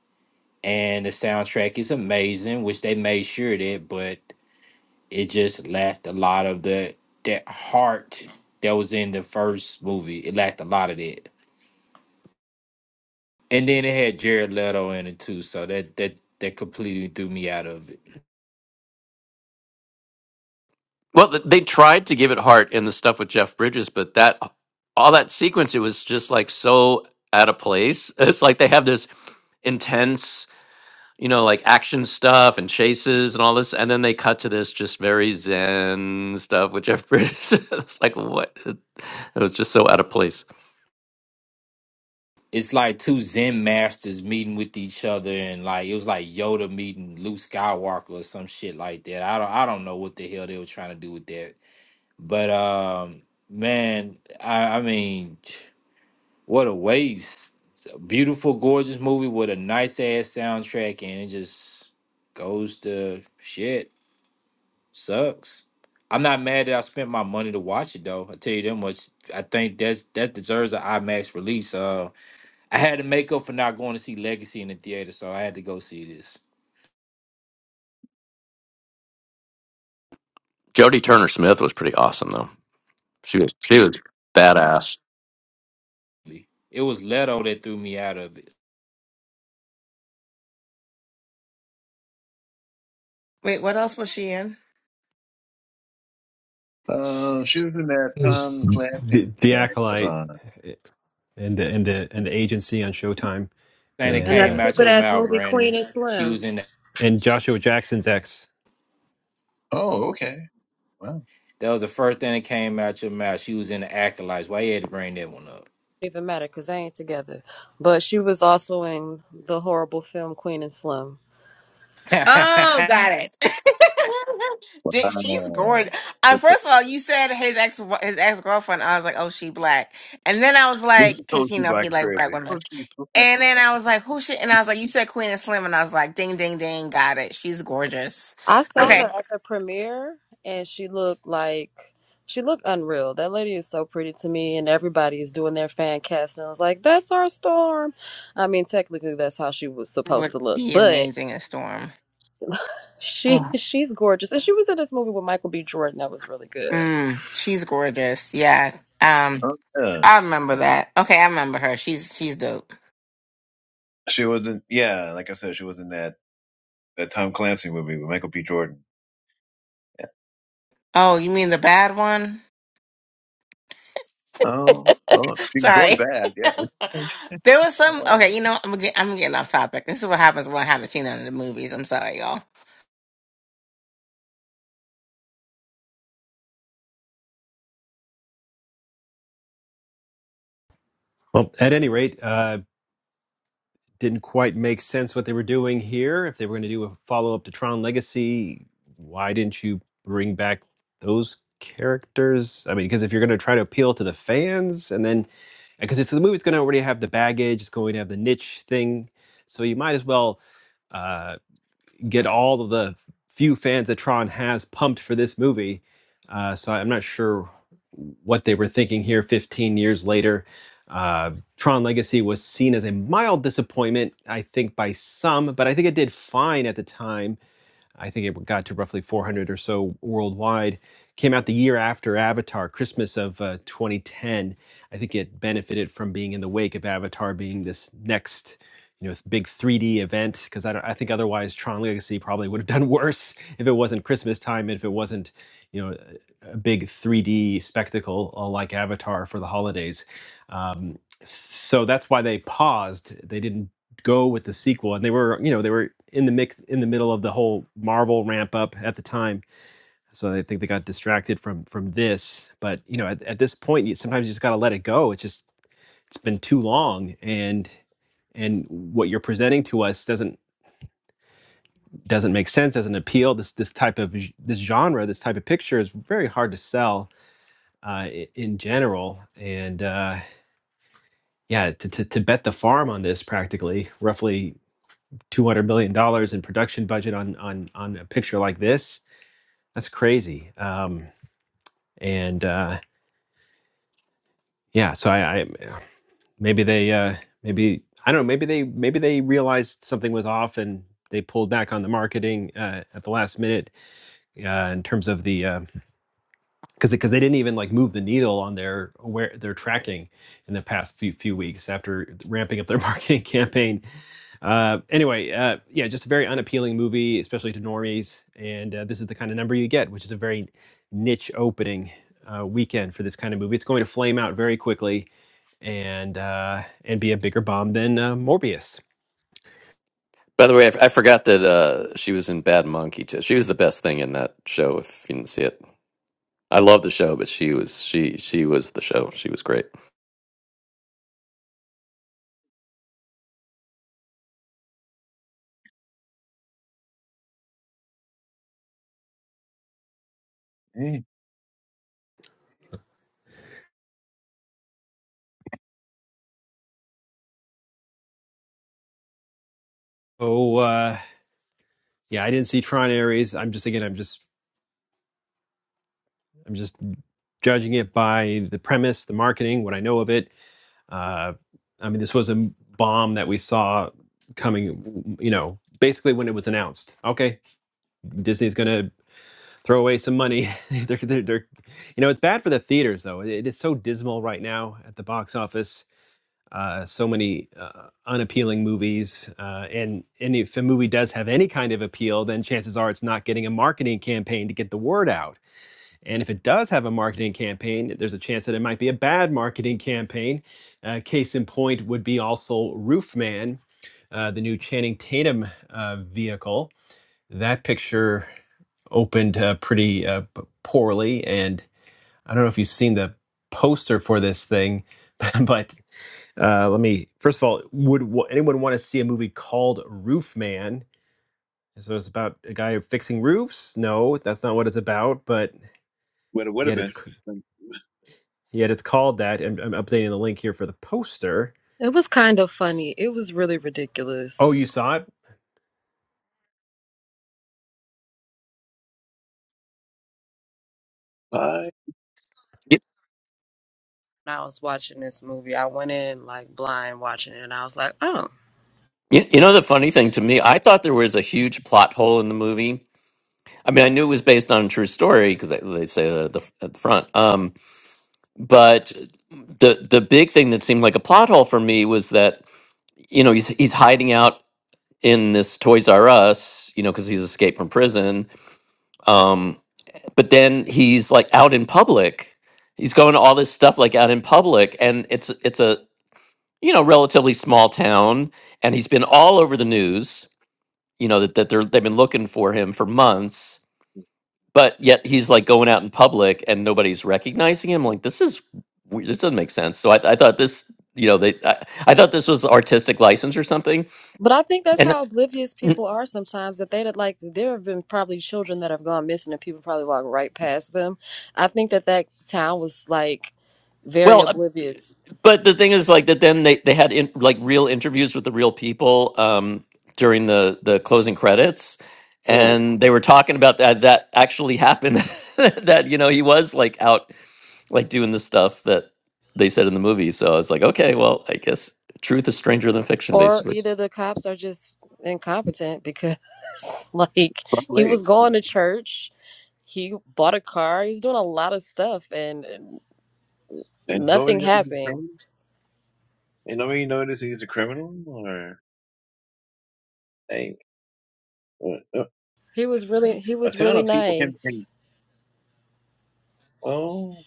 G: and the soundtrack is amazing which they made sure of that but it just lacked a lot of the that heart that was in the first movie it lacked a lot of that and then it had jared leto in it too so that that that completely threw me out of it
D: Well, th- they tried to give it heart in the stuff with Jeff Bridges, but that all that sequence, it was just like so out of place. [laughs] It's like they have this intense, you know, like action stuff and chases and all this, and then they cut to this just very zen stuff with Jeff Bridges. [laughs] it's like what? It was just so out of place.
G: it's like two zen masters meeting with each other and like it was like yoda meeting luke skywalker or some shit like that i don't i don't know what the hell they were trying to do with that But um, man, I, I mean, what a waste! It's a beautiful, gorgeous movie with a nice ass soundtrack, and it just goes to shit. Sucks. I'm not mad that I spent my money to watch it though. I tell you that much. I think that's that deserves an IMAX release. Uh, I had to make up for not going to see Legacy in the theater, so I had to go see this.
D: Jodie Turner Smith was pretty awesome though. She was she was badass.
G: It was Leto that threw me out of it.
C: Wait, what else was she in?
F: uh, she was in that Tom Clancy
A: The, the
F: guy was
A: acolyte
F: on.
A: eh, and the, and the and the agency on Showtime,
G: And
F: Yeah.
G: it
E: And
A: and
E: that
A: uh,
G: came out
E: stupid
G: your
E: ass
G: mouth,
E: movie Queen
G: Brandon.
E: and
G: She
E: Slim. Don't
G: was in
A: and Joshua Jackson's ex.
F: Oh, okay. Wow.
G: That was the first thing that came out your mouth. She was in the acolytes. Why you had to bring that one
E: even matter because they ain't together. But she was also in the horrible film Queen and Slim.
G: up? [laughs]
C: Oh, got it. [laughs] Did- She's
F: Wow.
C: gorgeous. Uh, first of all, you said his ex his ex girlfriend. I was like, oh, she black. And then I was like, because
F: Told
C: you
F: you
C: know
F: black
C: he
F: is [laughs]
C: like black
F: crazy. [laughs]
C: women.
F: Told you.
C: And then I was like, who she? And I was like, you said Queen and Slim, and I was like, ding, ding, ding, got it. She's gorgeous.
E: I saw
F: Uh,
C: Okay,
E: her at the premiere and she looked like she looked unreal. That lady is so pretty to me and everybody is doing their fan cast and I was like, That's our storm. I mean technically that's how she was supposed
C: would
E: to look.
C: be
E: But
C: amazing in Storm.
E: she
C: Oh.
E: [laughs] she's gorgeous. And she was in this movie with Michael B. Jordan that was really good.
C: Mm, she's gorgeous. Yeah. Um,
F: uh, yeah.
C: I remember
F: yeah.
C: that. Okay, I remember her. She's she's dope.
F: She wasn't, yeah, like I said, she was in that, that Tom Clancy movie with Michael B. Jordan.
C: Oh, you mean the bad one?
F: Oh, oh, she can go to
C: Sorry.
F: bad,
C: [laughs]
F: yeah.
C: there was some. Okay, you know, I'm get, I'm getting off topic. This is what happens when I haven't seen none of the movies. I'm sorry, y'all.
A: Well, at any rate, uh, didn't quite make sense what they were doing here. If they were going to do a follow up to Tron Legacy, why didn't you bring back those characters? I mean, because if you're going to try to appeal to the fans, and then because it's the movie's going to already have the baggage, it's going to have the niche thing, so you might as well. uh, get all of the few fans that Tron has pumped for this movie. Uh, so I'm not sure what they were thinking here 15 years later. Uh, Tron Legacy was seen as a mild disappointment, I think, by some, but I think it did fine at the time I think it got to roughly 400 or so worldwide. Came out the year after Avatar, Christmas of uh, 2010. I think it benefited from being in the wake of Avatar being this next, you know, big 3D event. Because I, don't- I think otherwise Tron Legacy probably would have done [laughs] worse if it wasn't Christmas time, if it wasn't, you know, a big 3D spectacle uh, like Avatar for the holidays. Um, so that's why they paused. They didn't go with the sequel and they were you know they were in the mix in the middle of the whole marvel ramp up at the time so i think they got distracted from from this but you know at, at this point you, sometimes you just got to let it go it's just it's been too long and and what you're presenting to us doesn't doesn't make sense doesn't appeal this this type of this genre this type of picture is very hard to sell uh, in general and uh, yeah to, to, to bet the farm on this practically roughly two hundred million dollars in production budget on on on a picture like this. That's crazy. Um, and uh, yeah, so I, I maybe they uh, maybe I don't know maybe they maybe they realized something was off and they pulled back on the marketing uh, at the last minute uh, in terms of the uh, because because they didn't even like move the needle on their aware their tracking in the past few few weeks after ramping up their [laughs] marketing campaign. Uh, anyway, uh, yeah, just a very unappealing movie, especially to normies. And uh, this is the kind of number you get, which is a very niche opening uh, weekend for this kind of movie. It's going to flame out very quickly and uh, and be a bigger bomb than uh, Morbius.
D: By the way, I, f- I forgot that uh, she was in Bad Monkey too. She was the best thing in that show. If you didn't see it. I love the show, but she was she she was the show. She was great.
F: Mm.
A: Oh uh, yeah, I didn't see Tron Ares. I'm just again, I'm just I'm just judging it by the premise, the marketing, what I know of it Uh, I mean, this was a bomb that we saw coming, you know, basically when it was announced. Okay, Disney's going to throw away some money. [laughs] they're, they're, they're, you know, it's bad for the theaters, though. It is so dismal right now at the box office. Uh, so many uh, unappealing movies, uh, and and if a movie does have any kind of appeal, then chances are it's not getting a marketing campaign to get the word out. And if it does have a marketing campaign, there's a chance that it might be a bad marketing campaign. Uh, case in point would be also Roofman, uh, the new Channing Tatum uh, vehicle. That picture opened uh, pretty uh, poorly, and I don't know if you've seen the poster for this thing, [laughs] but uh, let me first of all, would w- anyone want to see a movie called Roof Man? So it's about a guy fixing roofs? No, that's not what it's about, but
F: What it would have
A: yet it's
F: been.
A: Yet it's called that. And I'm updating the link here for the poster.
E: It was kind of funny. It was really
A: Oh,
E: ridiculous.
A: you saw it?
F: five.
D: You,
E: When I was watching this movie, I went in like blind watching it and I was like, oh.
D: you, you know the funny thing to me, I thought there was a huge plot hole in the movie. I mean, I knew it was based on a true story because they, they say that at the, at the front. Um, but the the big thing that seemed like a plot hole for me was that you know he's he's hiding out in this Toys R Us, you know, because he's escaped from prison. Um, but then he's like out in public. He's going to all this stuff like out in public, and it's it's a you know, relatively small town, and he's been all over the news. You know that that they're they've been looking for him for months, but yet he's like going out in public and nobody's recognizing him. Like this is we- this doesn't make sense. So I, I thought this, you know, they I, I thought this was artistic license or something.
E: But I think that's
D: And
E: how oblivious people are sometimes that they would like there have been probably children that have gone missing and people probably walk right past them. I think that that town was like very
D: Well, uh,
E: oblivious
D: but the thing is, like that, then they they had in, like real interviews with the real people um, during the the closing credits,
F: oh
D: and they were talking about that that actually happened. [laughs] that you know he was like out like doing the stuff that they said in the movie. So I was like, okay, well, I guess truth is stranger than fiction.
E: or
D: Basically,
E: either the cops are just incompetent because [laughs] like he
F: probably.
E: was going to church, he bought a car, he was doing a lot of stuff and
F: And nobody
E: nothing
F: knows he's a
E: happened.
F: criminal? And nobody noticed he's a criminal? Or, hey, uh, uh,
E: He was really he
F: a
E: was
F: town
E: really
F: of people can
E: nice.
F: think, oh,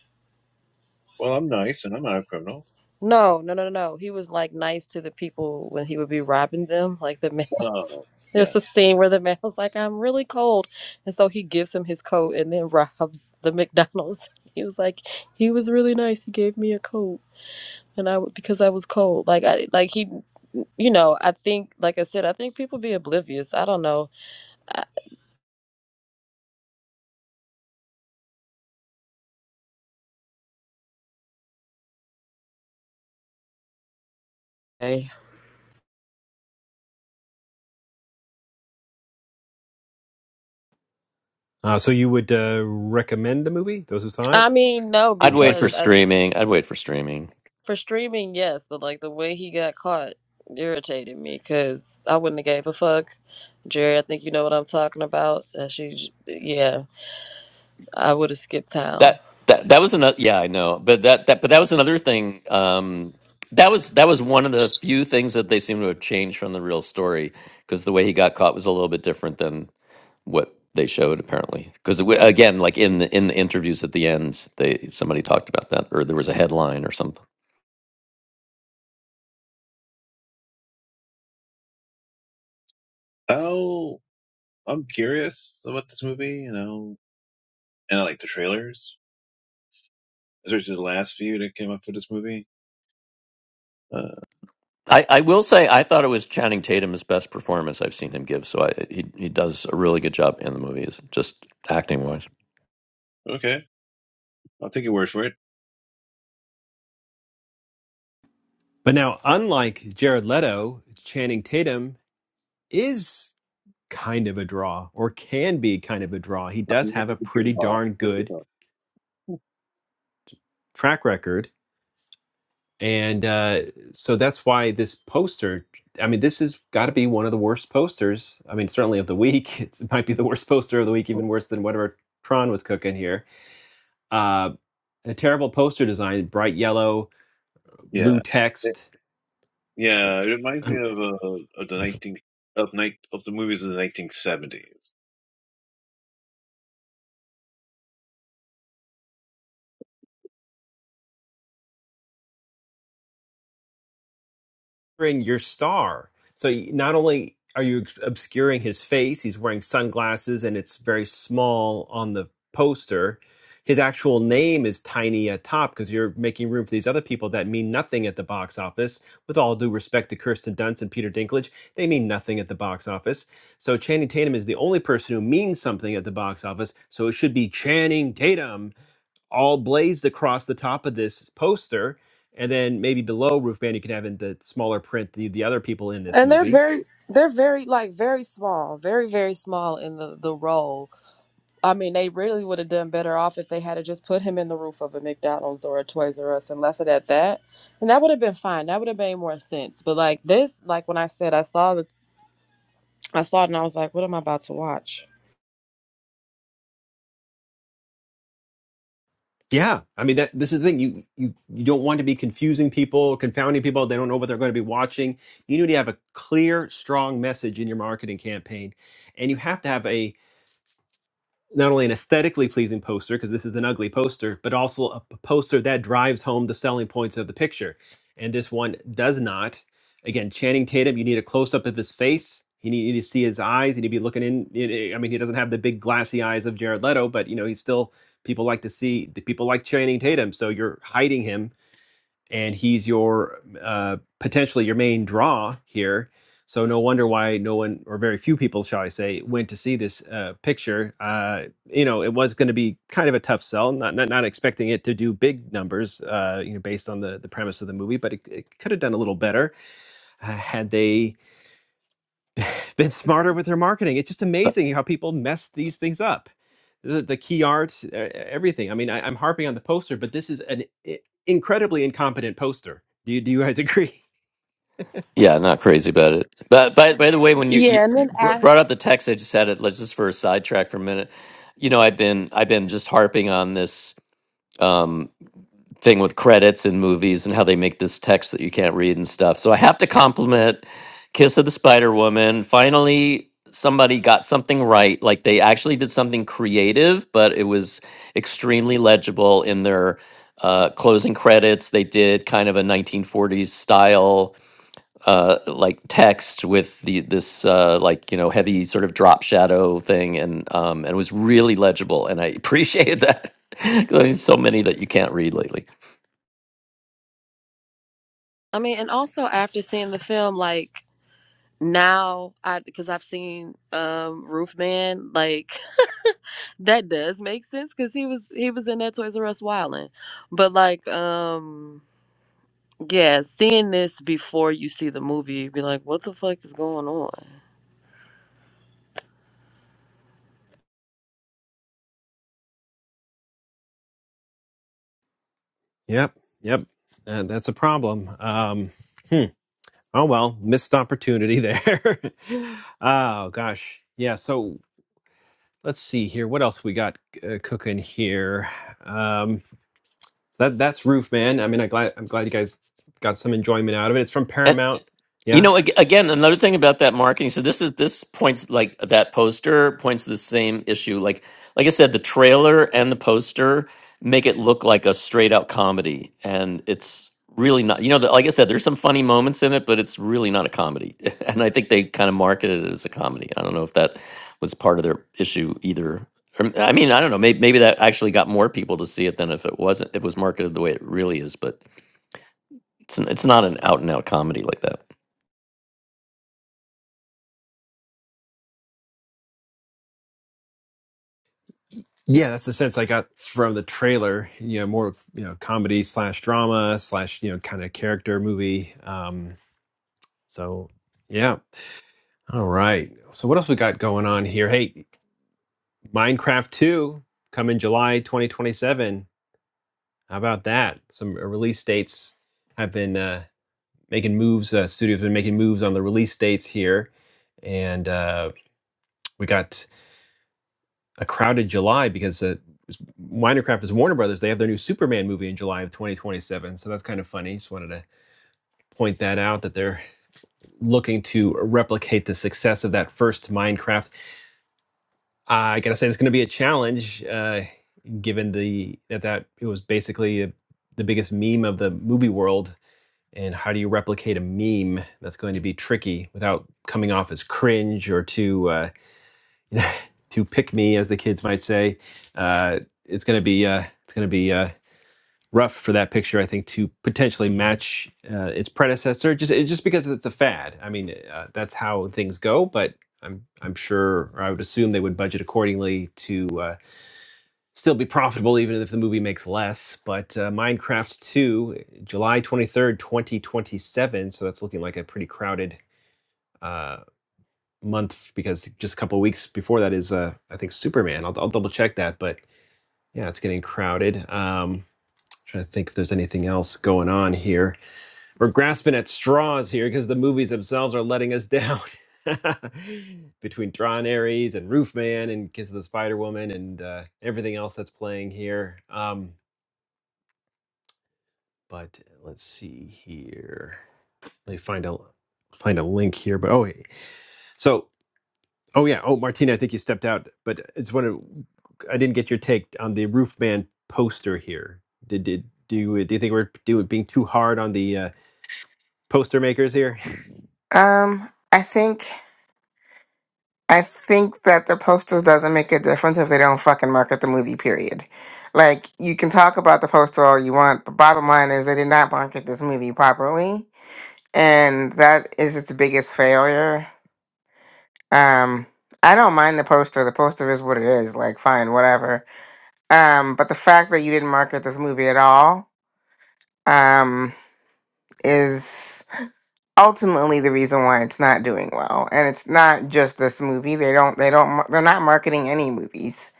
F: well, I'm nice and I'm not a criminal.
E: No, no, no, no. no. He was like nice to the people when he would be robbing them, like the males.
F: Oh,
E: [laughs]
F: yeah.
E: There's a scene where the man was like, I'm really cold. And so he gives him his coat and then [laughs] robs the McDonald's. [laughs] He was like, he was really nice. He gave me a coat and I w- because I was cold. Like I like he you know, I think like I said, I think people be oblivious. I don't know. I,
A: Uh, so you would uh, recommend the movie, those who saw it,
E: I mean, no
A: uh,
D: I'd wait for
E: because
A: Blackness?
E: I,
D: streaming. I'd wait for streaming.
E: For streaming, yes, but like the way he got caught irritated me because I wouldn't have gave a fuck. Jerry, I think you know what I'm talking about. Uh, she, j- yeah, I would have skipped
D: that
E: town.
D: that that was another yeah i know but that that but that was another thing um that was that was one of the few things that they seem to have changed from the real story because the way he got caught was a little bit different than what they showed apparently because again like in the in the interviews at the end they somebody talked about that or there was a headline or something
F: Oh, I'm curious about this movie, you know, and I like the trailers, especially the last few that came up for this movie. Uh,
D: I, I will say I thought it was Channing Tatum's best performance I've seen him give. So I, he he does a really good job in the movies, just acting wise.
F: okay, I'll take your word for it.
A: But now, unlike Jared Leto, Channing Tatum is kind of a draw or can be kind of a draw. He does
F: I'm here
A: have
F: to
A: a
F: the
A: pretty
F: trailer. Oh,
A: darn
F: put this
A: good
F: on.
A: track record. And uh, so that's why this poster, I mean, this has got to be one of the worst posters. I mean, certainly of the week. [laughs] It's, it might be the worst poster of the week, even worse than whatever Tron was cooking here Uh, A terrible poster design, bright yellow, blue
F: Yeah, It-
A: text. Uh,
F: yeah. It reminds me
A: I'm,
F: of uh, of the
A: what's it?
F: nineteen of night of the movies of the nineteen seventies.
A: obscuring your star. So not only are you obscuring his face, he's wearing sunglasses and it's very small on the poster. His actual name is tiny at top because you're making room for these other people that mean nothing at the box office. With all due respect to Kirsten Dunst and Peter Dinklage, they mean nothing at the box office. So Channing Tatum is the only person who means something at the box office. So it should be Channing Tatum all blazed across the top of this poster, and then maybe below Roof Band you can have in the smaller print the the other people in this
E: And they're
A: movie.
E: very they're very like very small, very very small in the the role. I mean, they really would have done better off if they had to just put him in the roof of a McDonald's or a Toys R Us and left it at that. And that would have been fine. That would have made more sense. But like this, like when I said I saw the I saw it and I was like, what am I about to watch?
A: Yeah, I mean that this is the thing you you you don't want to be confusing people, confounding people. They don't know what they're going to be watching. You need to have a clear, strong message in your marketing campaign, and you have to have a not only an aesthetically pleasing poster because this is an ugly poster but also a p- poster that drives home the selling points of the picture and this one does not again channing tatum you need a close-up of his face you need, you need to see his eyes you need to be looking in it- it- i mean he doesn't have the big glassy eyes of jared leto but you know he's still people like to see the people like channing tatum so you're hiding him and he's your uh, potentially your main draw here. So no wonder why no one or very few people, shall I say, went to see this uh, picture. Uh, you know, it was going to be kind of a tough sell. Not not, not expecting it to do big numbers. Uh, you know, based on the the premise of the movie, but it, it could have done a little better uh, had they been smarter with their marketing. It's just
D: But
A: amazing how people mess these things up. The, the key art, e- everything. I mean, I, I'm harping on the poster, but this is an i- incredibly incompetent poster. Do you, do you guys agree? [laughs]
D: yeah, not crazy about it. But by by the way, when you, you,
E: Yeah, and
D: you
E: then
D: br-
E: I.
D: brought up the text, I just had it. Let's just for a sidetrack for a minute. You know, I've been I've been just harping on this. Um, thing with credits and movies and how they make this text that you can't read and stuff. So I have to compliment Kiss of the Spider Woman. Finally, somebody got something right. Like they actually did something creative, but it was extremely legible in their uh, closing credits. They did kind of a 1940s style uh, like text with the this uh, like you know heavy sort of drop shadow thing, and um, and it was really legible, and I appreciated that. [laughs] 'Cause There's so many that you can't read lately.
E: I mean, and also after seeing the film, like now, I because I've seen um Roof Man, like that does make sense because he was he was in that Toys R Us wildin', but like um yeah, seeing this before you see the movie, you'd be like, what the fuck is going on?
A: Yep, yep. Uh, that's a problem. Um, hmm. Oh well, missed opportunity there. [laughs] oh gosh, yeah. So let's see here. What else we got uh, cooking here? Um, that that's Roof Man. I mean, I glad I'm glad you guys got some enjoyment out of it. It's from
D: And,
A: Paramount.
D: You
A: Yeah.
D: know, ag- again, another thing about that marketing. So this is this points like that poster points to the same issue. Like, like I said, the trailer and the poster make it look like a straight out comedy, and it's really not. You know, the, like I said, there's some funny moments in it, but it's really not a comedy. [laughs] And I think they kind of marketed it as a comedy. I don't know if that was part of their issue either. Or, I mean, I don't know. Maybe, maybe that actually got more people to see it than if it wasn't. If it was marketed the way it really is, but it's it's not an out and out comedy like that.
A: Yeah, that's the sense I got from the trailer. You know, more you know, comedy slash drama slash you know, kind of character movie. Um, so yeah, all right. So what else we got going on here? Hey, Minecraft Two come in July 2027. How about that? Some uh, release dates have been uh, making moves. Uh, studios have been making moves on the release dates here, and uh, we got a crowded July because uh, Minecraft is Warner Brothers. They have their new Superman movie in July of 2027. So that's kind of funny. Just wanted to point that out that they're looking to replicate the success of that first Minecraft. Uh, I gotta say, it's going to be a challenge, uh, given the that that it was basically a, the biggest meme of the movie world. And how do you replicate a meme? That's going to be tricky without coming off as cringe or too. Uh, to pick me, as the kids might say. Uh, it's going to be uh, it's going to be uh, rough for that picture, I think, to potentially match uh, its predecessor. Just just because it's a fad. I mean, uh, that's how things go. But I'm I'm sure, or I would assume, they would budget accordingly to. Uh, Still be profitable even if the movie makes less. But uh, Minecraft 2, July 23rd, 2027. So that's looking like a pretty crowded uh, month because just a couple of weeks before that is uh I think Superman. I'll, I'll double check that, but yeah, it's getting crowded. Um, trying to think if there's anything else going on here. We're grasping at straws here because the movies themselves are letting us down. [laughs] Between Drawn Aries and Roofman and Kiss of the Spider Woman and uh, everything else that's playing here. Um, but let's see here. Let me find a find a link here. But oh, so Oh yeah. Oh, Martina, I think you stepped out, but it's one of I didn't get your take on the roof man poster here. Did did do you, do you think we're doing being too hard on the uh, poster makers here?
C: Um, I think I think that the posters doesn't make a difference if they don't fucking market the movie. Period. Like you can talk about the poster all you want, but bottom line is they did not market this movie properly, and that is its biggest failure. Um, I don't mind the poster. The poster is what it is. Like, fine, whatever. Um, but the fact that you didn't market this movie at all um, is ultimately the reason why it's not doing well. And it's not just this movie. They don't. They don't. mar- They're not marketing any movies.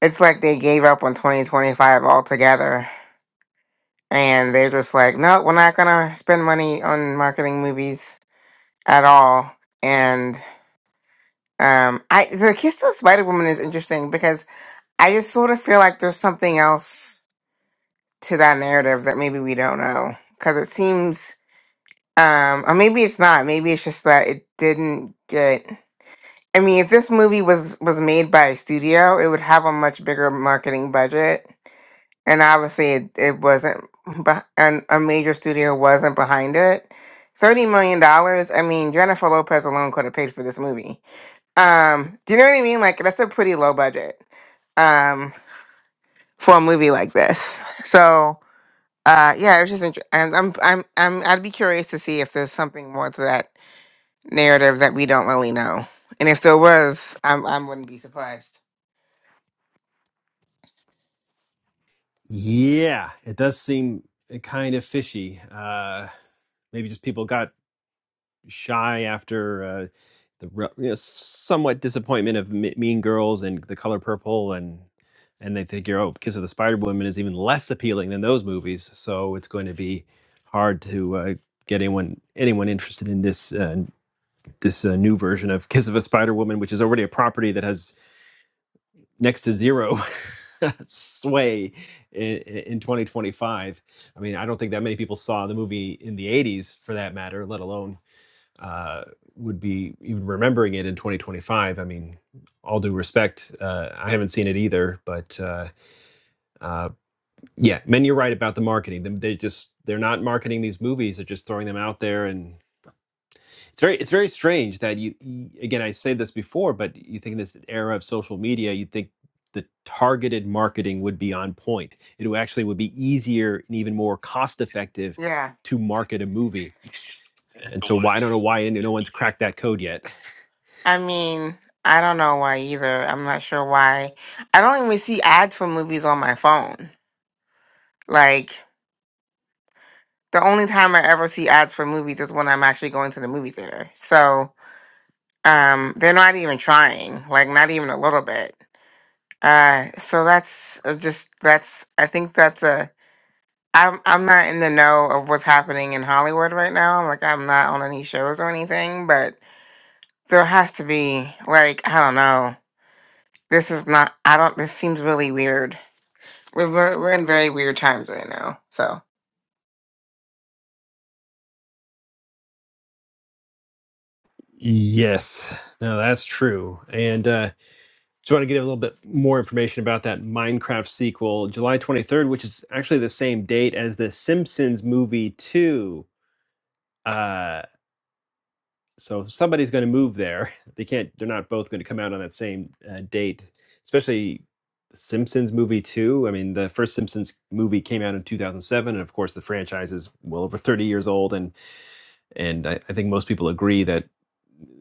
C: It's like they gave up on 2025 altogether, and they're just like, no, we're not gonna spend money on marketing movies at all. And um, I the Kiss of the Spider Woman is interesting because I just sort of feel like there's something else to that narrative that maybe we don't know because it seems Um, or maybe it's not. Maybe it's just that it didn't get. I mean, if this movie was was made by a studio, it would have a much bigger marketing budget, and obviously, it, it wasn't. But and a major studio wasn't behind it. Thirty million dollars. I mean, Jennifer Lopez alone could have paid for this movie. Um, do you know what I mean? Like that's a pretty low budget. Um, for a movie like this. So, uh, yeah, it was just. Int- I'm, I'm, I'm, I'm. I'd be curious to see if there's something more to that narrative that we don't really know. And if there was, I, I wouldn't be surprised.
A: [laughs] yeah, it does seem eh, kind of fishy. Uh, maybe just people got shy after uh, the re- you know, somewhat disappointment of Me- Mean Girls and The Color Purple, and and they figure, oh, Kiss of the Spider Woman is even less appealing than those movies, so it's going to be hard to uh, get anyone anyone interested in this uh, this uh, new version of Kiss of a Spider Woman, which is already a property that has next to zero. [laughs] sway in, in 2025 i mean i don't think that many people saw the movie in the 80s for that matter let alone uh, would be even remembering it in 2025. I mean, all due respect, uh, I haven't seen it either, but uh, uh, yeah, man, you're right about the marketing. Them- They just they're not marketing these movies; they're just throwing them out there, and it's very it's very strange that you you- again I said this before, but you think in this era of social media, you would think the targeted marketing would be on point. It would actually would be easier and even more cost effective
C: Yeah.
A: to market a movie. And so why I don't know why no one's cracked that code yet. [laughs]
C: I mean, I don't know why either. I'm not sure why. I don't even see ads for movies on my phone. Like, the only time I ever see ads for movies is when I'm actually going to the movie theater. So, um, they're not even trying, like, not even a little bit. Uh, so that's uh, just, that's, I think that's a, I'm I'm not in the know of what's happening in Hollywood right now. Like I'm not on any shows or anything, but there has to be like I don't know. This is not. I don't. This seems really weird. We're we're, we're in very weird times right now. So
A: Yes, no, that's true. And uh, just want to get a little bit more information about that Minecraft sequel, July 23rd, which is actually the same date as the Simpsons movie 2. Uh, so somebody's going to move there. [laughs] They can't, they're not both going to come out on that same uh, date, especially Simpsons movie 2. I mean, the first Simpsons movie came out in 2007. And of course, the franchise is well over 30 years old. And and I, I think most people agree that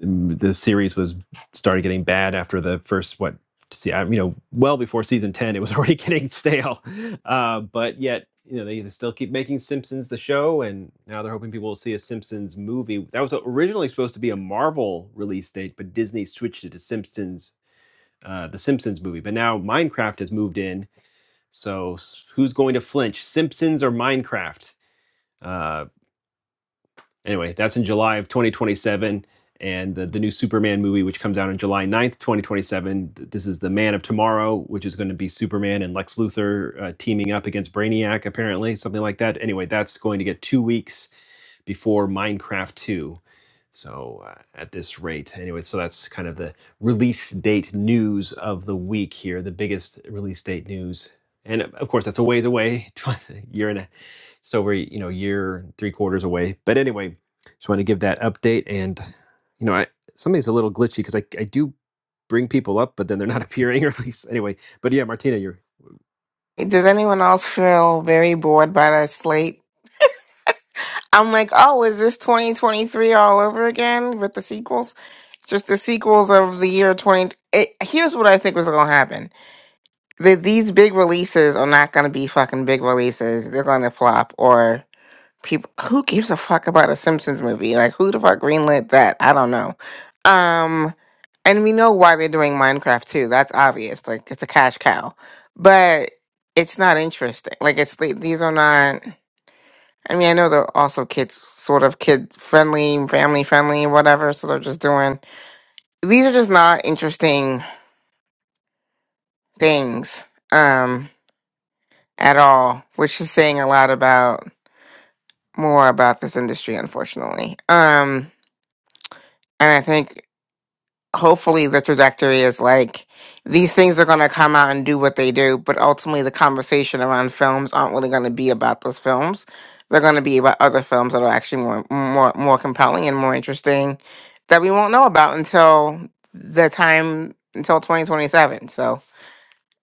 A: mm, the series was started getting bad after the first what see I, you know well before season 10 it was [laughs] already getting stale uh, but yet you know they still keep making simpsons the show and now they're hoping people will see a simpsons movie that was originally supposed to be a marvel release date but disney switched it to simpsons uh, the simpsons movie but now minecraft has moved in so who's going to flinch simpsons or minecraft uh, Anyway, that's in July of 2027. And the, the new Superman movie, which comes out on July ninth, 2027. This is The Man of Tomorrow, which is going to be Superman and Lex Luthor uh, teaming up against Brainiac, apparently, something like that. Anyway, that's going to get two weeks before Minecraft 2. So uh, at this rate, anyway, so that's kind of the release date news of the week here, the biggest release date news. And uh, of course, that's a ways away, [laughs] a year and a so we're you know year three quarters away. But anyway, just want to give that update. And you know, I something's a little glitchy because I I do bring people up, but then they're not [laughs] appearing, or at least anyway. But yeah, Martina, you're
C: does anyone else feel very bored by the slate? I'm like, oh, is this 2023 all over again with the sequels? Just the sequels of the year 20. It, here's what I think was going to happen. That these big releases are not going to be fucking big releases. They're going to flop or people who gives a fuck about a Simpsons movie? Like who the fuck greenlit that? I don't know. Um and we know why they're doing Minecraft too. That's obvious. Like it's a cash cow. But it's not interesting. Like it's the- these are not I mean, I know they're also kids sort of kid friendly, family friendly, whatever, so they're just doing these are just not interesting things um at all, which is saying a lot about more about this industry unfortunately. Um and I think hopefully the trajectory is like these things are going to come out and do what they do but ultimately the conversation around films aren't really going to be about those films they're going to be about other films that are actually more more more compelling and more interesting that we won't know about until the time until 2027 so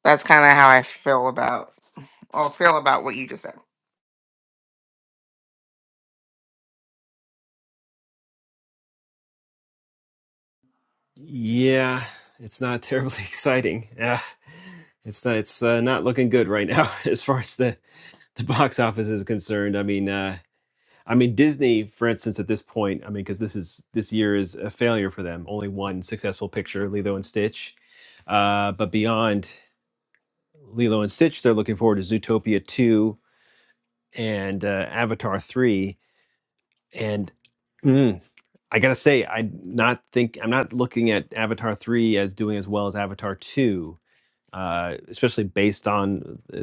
C: that's kind of how i feel about or feel about what you just said
A: Yeah, it's not terribly [laughs] exciting. Yeah, it's not, it's uh, not looking good right now [laughs] as far as the the box office is concerned. I mean, uh, I mean Disney, for instance, at this point, I mean, because this is this year is a failure for them. Only one successful picture, Lilo and Stitch. Uh, but beyond Lilo and Stitch, they're looking forward to Zootopia two and uh, Avatar three. And hmm, I gotta say, I not think I'm not looking at Avatar three as doing as well as Avatar two, uh, especially based on uh,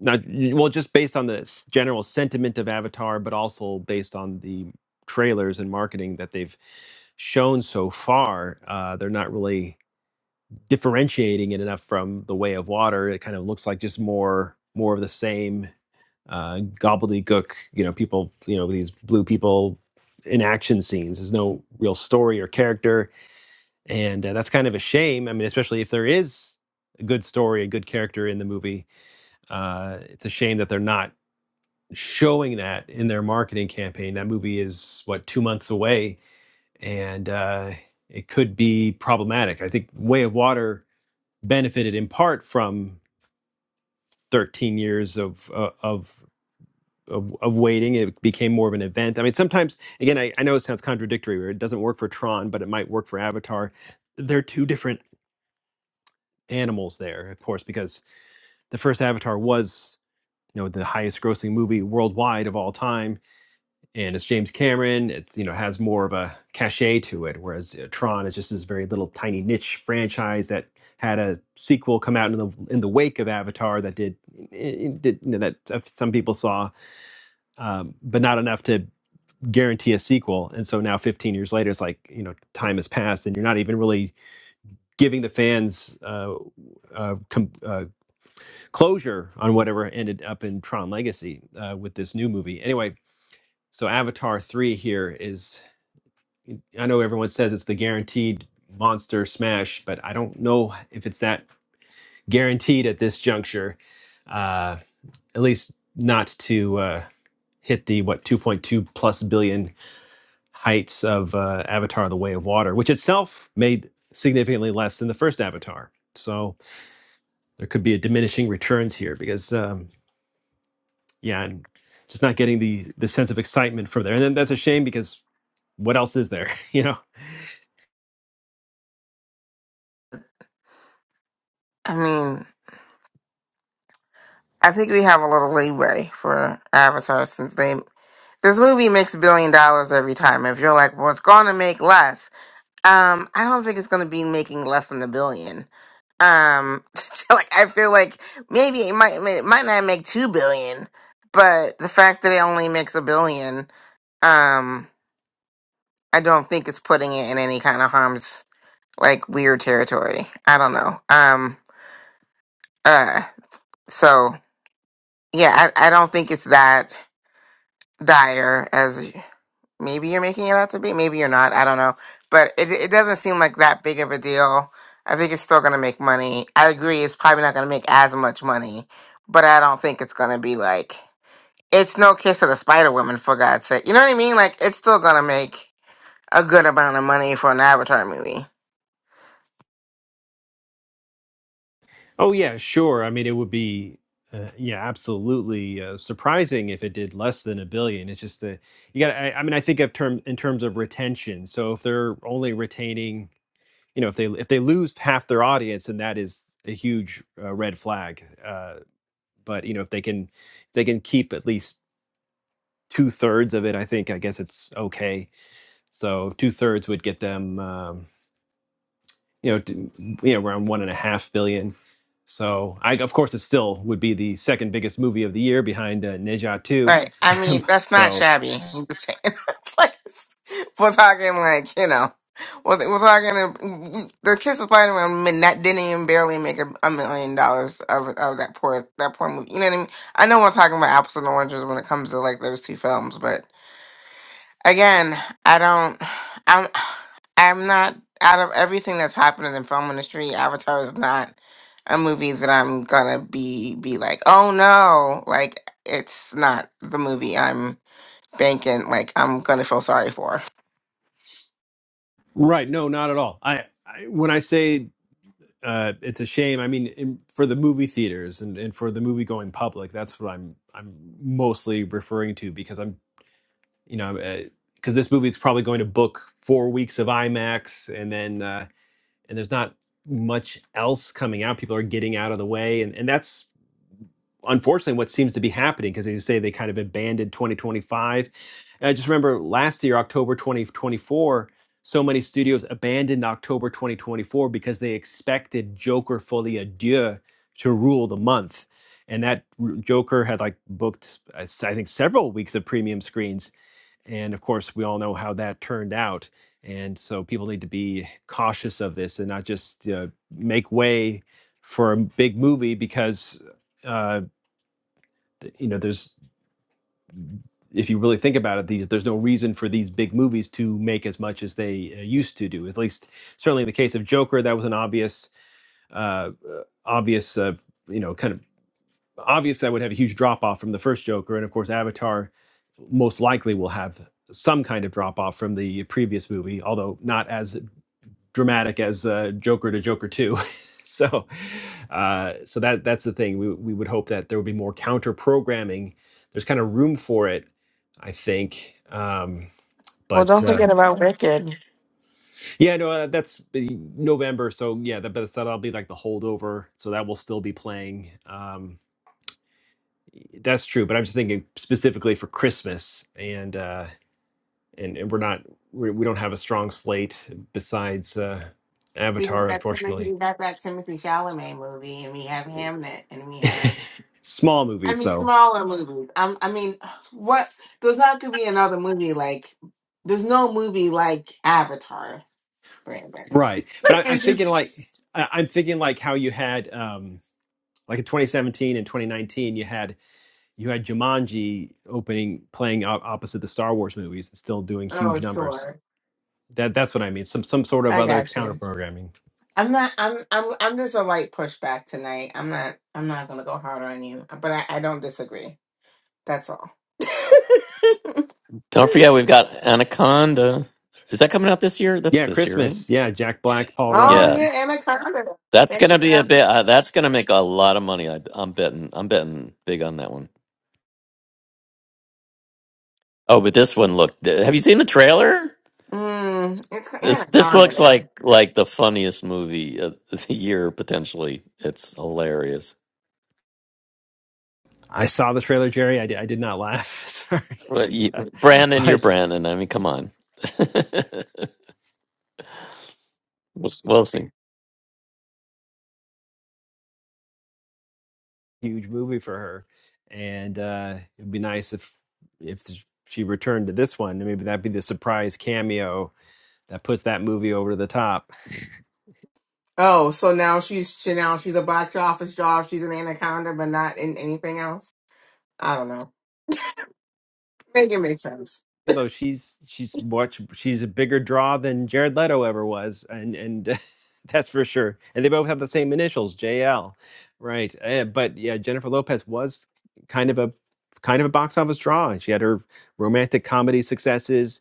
A: not well, just based on the s- general sentiment of Avatar, but also based on the trailers and marketing that they've shown so far. Uh, they're not really differentiating it enough from The Way of Water. It kind of looks like just more more of the same uh, gobbledygook, you know, people, you know, these blue people in action scenes. There's no real story or character, and uh, that's kind of a shame. I mean, especially if there is a good story, a good character in the movie, uh, it's a shame that they're not showing that in their marketing campaign. That movie is what two months away, and uh, it could be problematic. I think Way of Water benefited in part from 13 years of uh, of of, of waiting. It became more of an event. I mean, sometimes, again, I, I know it sounds contradictory, or it doesn't work for Tron, but it might work for Avatar. They're two different animals there, of course, because the first Avatar was, you know, the highest grossing movie worldwide of all time. And it's James Cameron. It's, you know, has more of a cachet to it, whereas uh, Tron is just this very little tiny niche franchise that had a sequel come out in the in the wake of Avatar that did, it- it did you know, that uh, some people saw um, but not enough to guarantee a sequel. And so now, 15 years later, it's like you know, time has passed, and you're not even really giving the fans uh, uh, com- uh, closure on whatever ended up in Tron Legacy uh, with this new movie. Anyway, so Avatar 3 here is I know everyone says it's the guaranteed monster smash, but I don't know if it's that guaranteed at this juncture. Uh, at least not to uh, hit the what 2.2 plus billion heights of uh, Avatar: The Way of Water, which itself made significantly less than the first Avatar. So there could be a diminishing returns here because um, yeah, and just not getting the the sense of excitement from there, and then that's a shame because what else is there? [laughs] You know?
C: i mean I think we have a little leeway for Avatar since they this movie makes a billion dollars every time. If you're like, well, it's gonna make less. Um, I don't think it's gonna be making less than a billion. Um, [laughs] so, like I feel like maybe it might it might not make two billion, but the fact that it only makes a billion, um, I don't think it's putting it in any kind of harm's like weird territory. I don't know. Um, uh, so yeah, I, I don't think it's that. dire as maybe you're making it out to be. Maybe you're not. I don't know. But it it doesn't seem like that big of a deal. I think it's still going to make money. I agree. It's probably not going to make as much money, but I don't think it's going to be like it's no kiss of the Spider Woman for God's sake. You know what I mean? Like it's still going to make a good amount of money for an Avatar movie.
A: Oh yeah, sure. I mean, it would be. Uh, yeah, absolutely uh, surprising if it did less than a billion. It's just the you got. I, I mean, I think of term in terms of retention. So if they're only retaining you know if they if they lose half their audience then that is a huge uh, red flag uh, but you know if they can they can keep at least two thirds of it i think i guess it's okay so two thirds would get them um, you know to, you know around one and a half billion so i of course it still would be the second biggest movie of the year behind uh, neja 2
C: Right. I mean, that's not
A: so
C: shabby. [laughs] I'm just saying. [laughs] it's like, we're talking like, you know, we're, we're talking, uh, we, the Kiss of Spider-Man min- that didn't even barely make a, a million dollars of, of that poor, that poor movie. You know what I mean? I know we're talking about apples and oranges when it comes to like those two films, but again, I don't. I'm. I'm not out of everything that's happened in the film industry. Avatar is not a movie that I'm gonna be be like, oh no, like it's not the movie I'm banking. Like I'm gonna feel sorry for.
A: right no not at all i, I when i say uh, it's a shame. I mean, in, for the movie theaters and, and for the movie going public, that's what I'm I'm mostly referring to because I'm you know because this movie is probably going to book four weeks of IMAX and then uh, and there's not much else coming out. People are getting out of the way, and and that's unfortunately what seems to be happening because as you say they kind of abandoned 2025 and i just remember last year october 2024 so many studios abandoned october 2024 because they expected joker folie à deux to rule the month and that r- joker had like booked i s- I think several weeks of premium screens and of course we all know how that turned out and so people need to be cautious of this and not just uh, make way for a big movie because Uh, th- you know there's if you really think about it these there's no reason for these big movies to make as much as they uh, used to do at least certainly in the case of joker that was an obvious uh, uh, obvious uh, you know kind of obvious that would have a huge drop off from the first joker and of course avatar most likely will have some kind of drop off from the previous movie although not as dramatic as uh, Joker to Joker Two. [laughs] so, uh, so that that's the thing. We we would hope that there would be more counter programming. There's kind of room for it, I think. Um,
C: Well,
A: but
C: don't
A: uh,
C: forget about Wicked.
A: yeah, no, uh, that's the November. So yeah, that, but that'll be like the holdover. So that will still be playing. Um, that's true. But I'm just thinking specifically for Christmas, and uh, and, and we're not we, we don't have a strong slate besides uh,
C: We got
A: Avatar,
C: that Timothy,
A: unfortunately.
C: we got that Timothy Chalamet movie, and we have Hamnet, and we
A: [laughs]
C: have.
A: Small
C: I
A: movies,
C: mean,
A: though,
C: smaller movies. Um, I mean, what? There's not going to be another movie like. There's no movie like Avatar Brandon. [laughs]
A: right? But
C: Like
A: I, I'm
C: it's
A: thinking
C: just
A: like I, I'm thinking like how you had um, like in 2017 and 2019, you had you had Jumanji opening playing op- opposite the Star Wars movies and still doing
C: oh
A: huge numbers.
C: sure.
A: That that's what I mean. Some some sort of
C: I
A: other
C: got
A: counter
C: you.
A: programming.
C: I'm not I'm I'm I'm just a light pushback tonight. I'm not I'm not gonna go hard on you. But I, I don't disagree. That's all. [laughs]
D: Don't forget, we've got Anaconda. Is that coming out this year? That's
A: Yeah,
D: this year, right?
A: Christmas. Yeah, Jack Black, Paul Rudd.
C: oh
D: Yeah,
C: yeah, Anaconda.
D: that's
C: There
D: gonna
C: you
D: be
C: go.
D: a bit. Uh, that's gonna make a lot of money. I, I'm betting. I'm betting big on that one. Oh, but this one looked. Have you seen the trailer?
C: Mm, it's ca-
D: This this looks
C: Anaconda.
D: like like the funniest movie of [laughs] the year potentially. It's hilarious.
A: I saw the trailer, Jerry. I did, I did not laugh. [laughs] Sorry,
D: But you,
A: [laughs]
D: Brandon, you're
A: but
D: Brandon. I mean, come on. [laughs] we'll, we'll see.
A: huge movie for her, and uh, it'd be nice if if she returned to this one. Maybe that'd be the surprise cameo that puts that movie over the top. [laughs]
C: Oh, so now she's she now she's a box office job, she's an Anaconda, but not in anything else? I don't know. Make it make sense.
A: Yeah, Though she's she's much she's a bigger draw than Jared Leto ever was, and and [laughs] that's for sure. And they both have the same initials, JL, right? Eh, but yeah, Jennifer Lopez was kind of a kind of a box office draw. and She had her romantic comedy successes,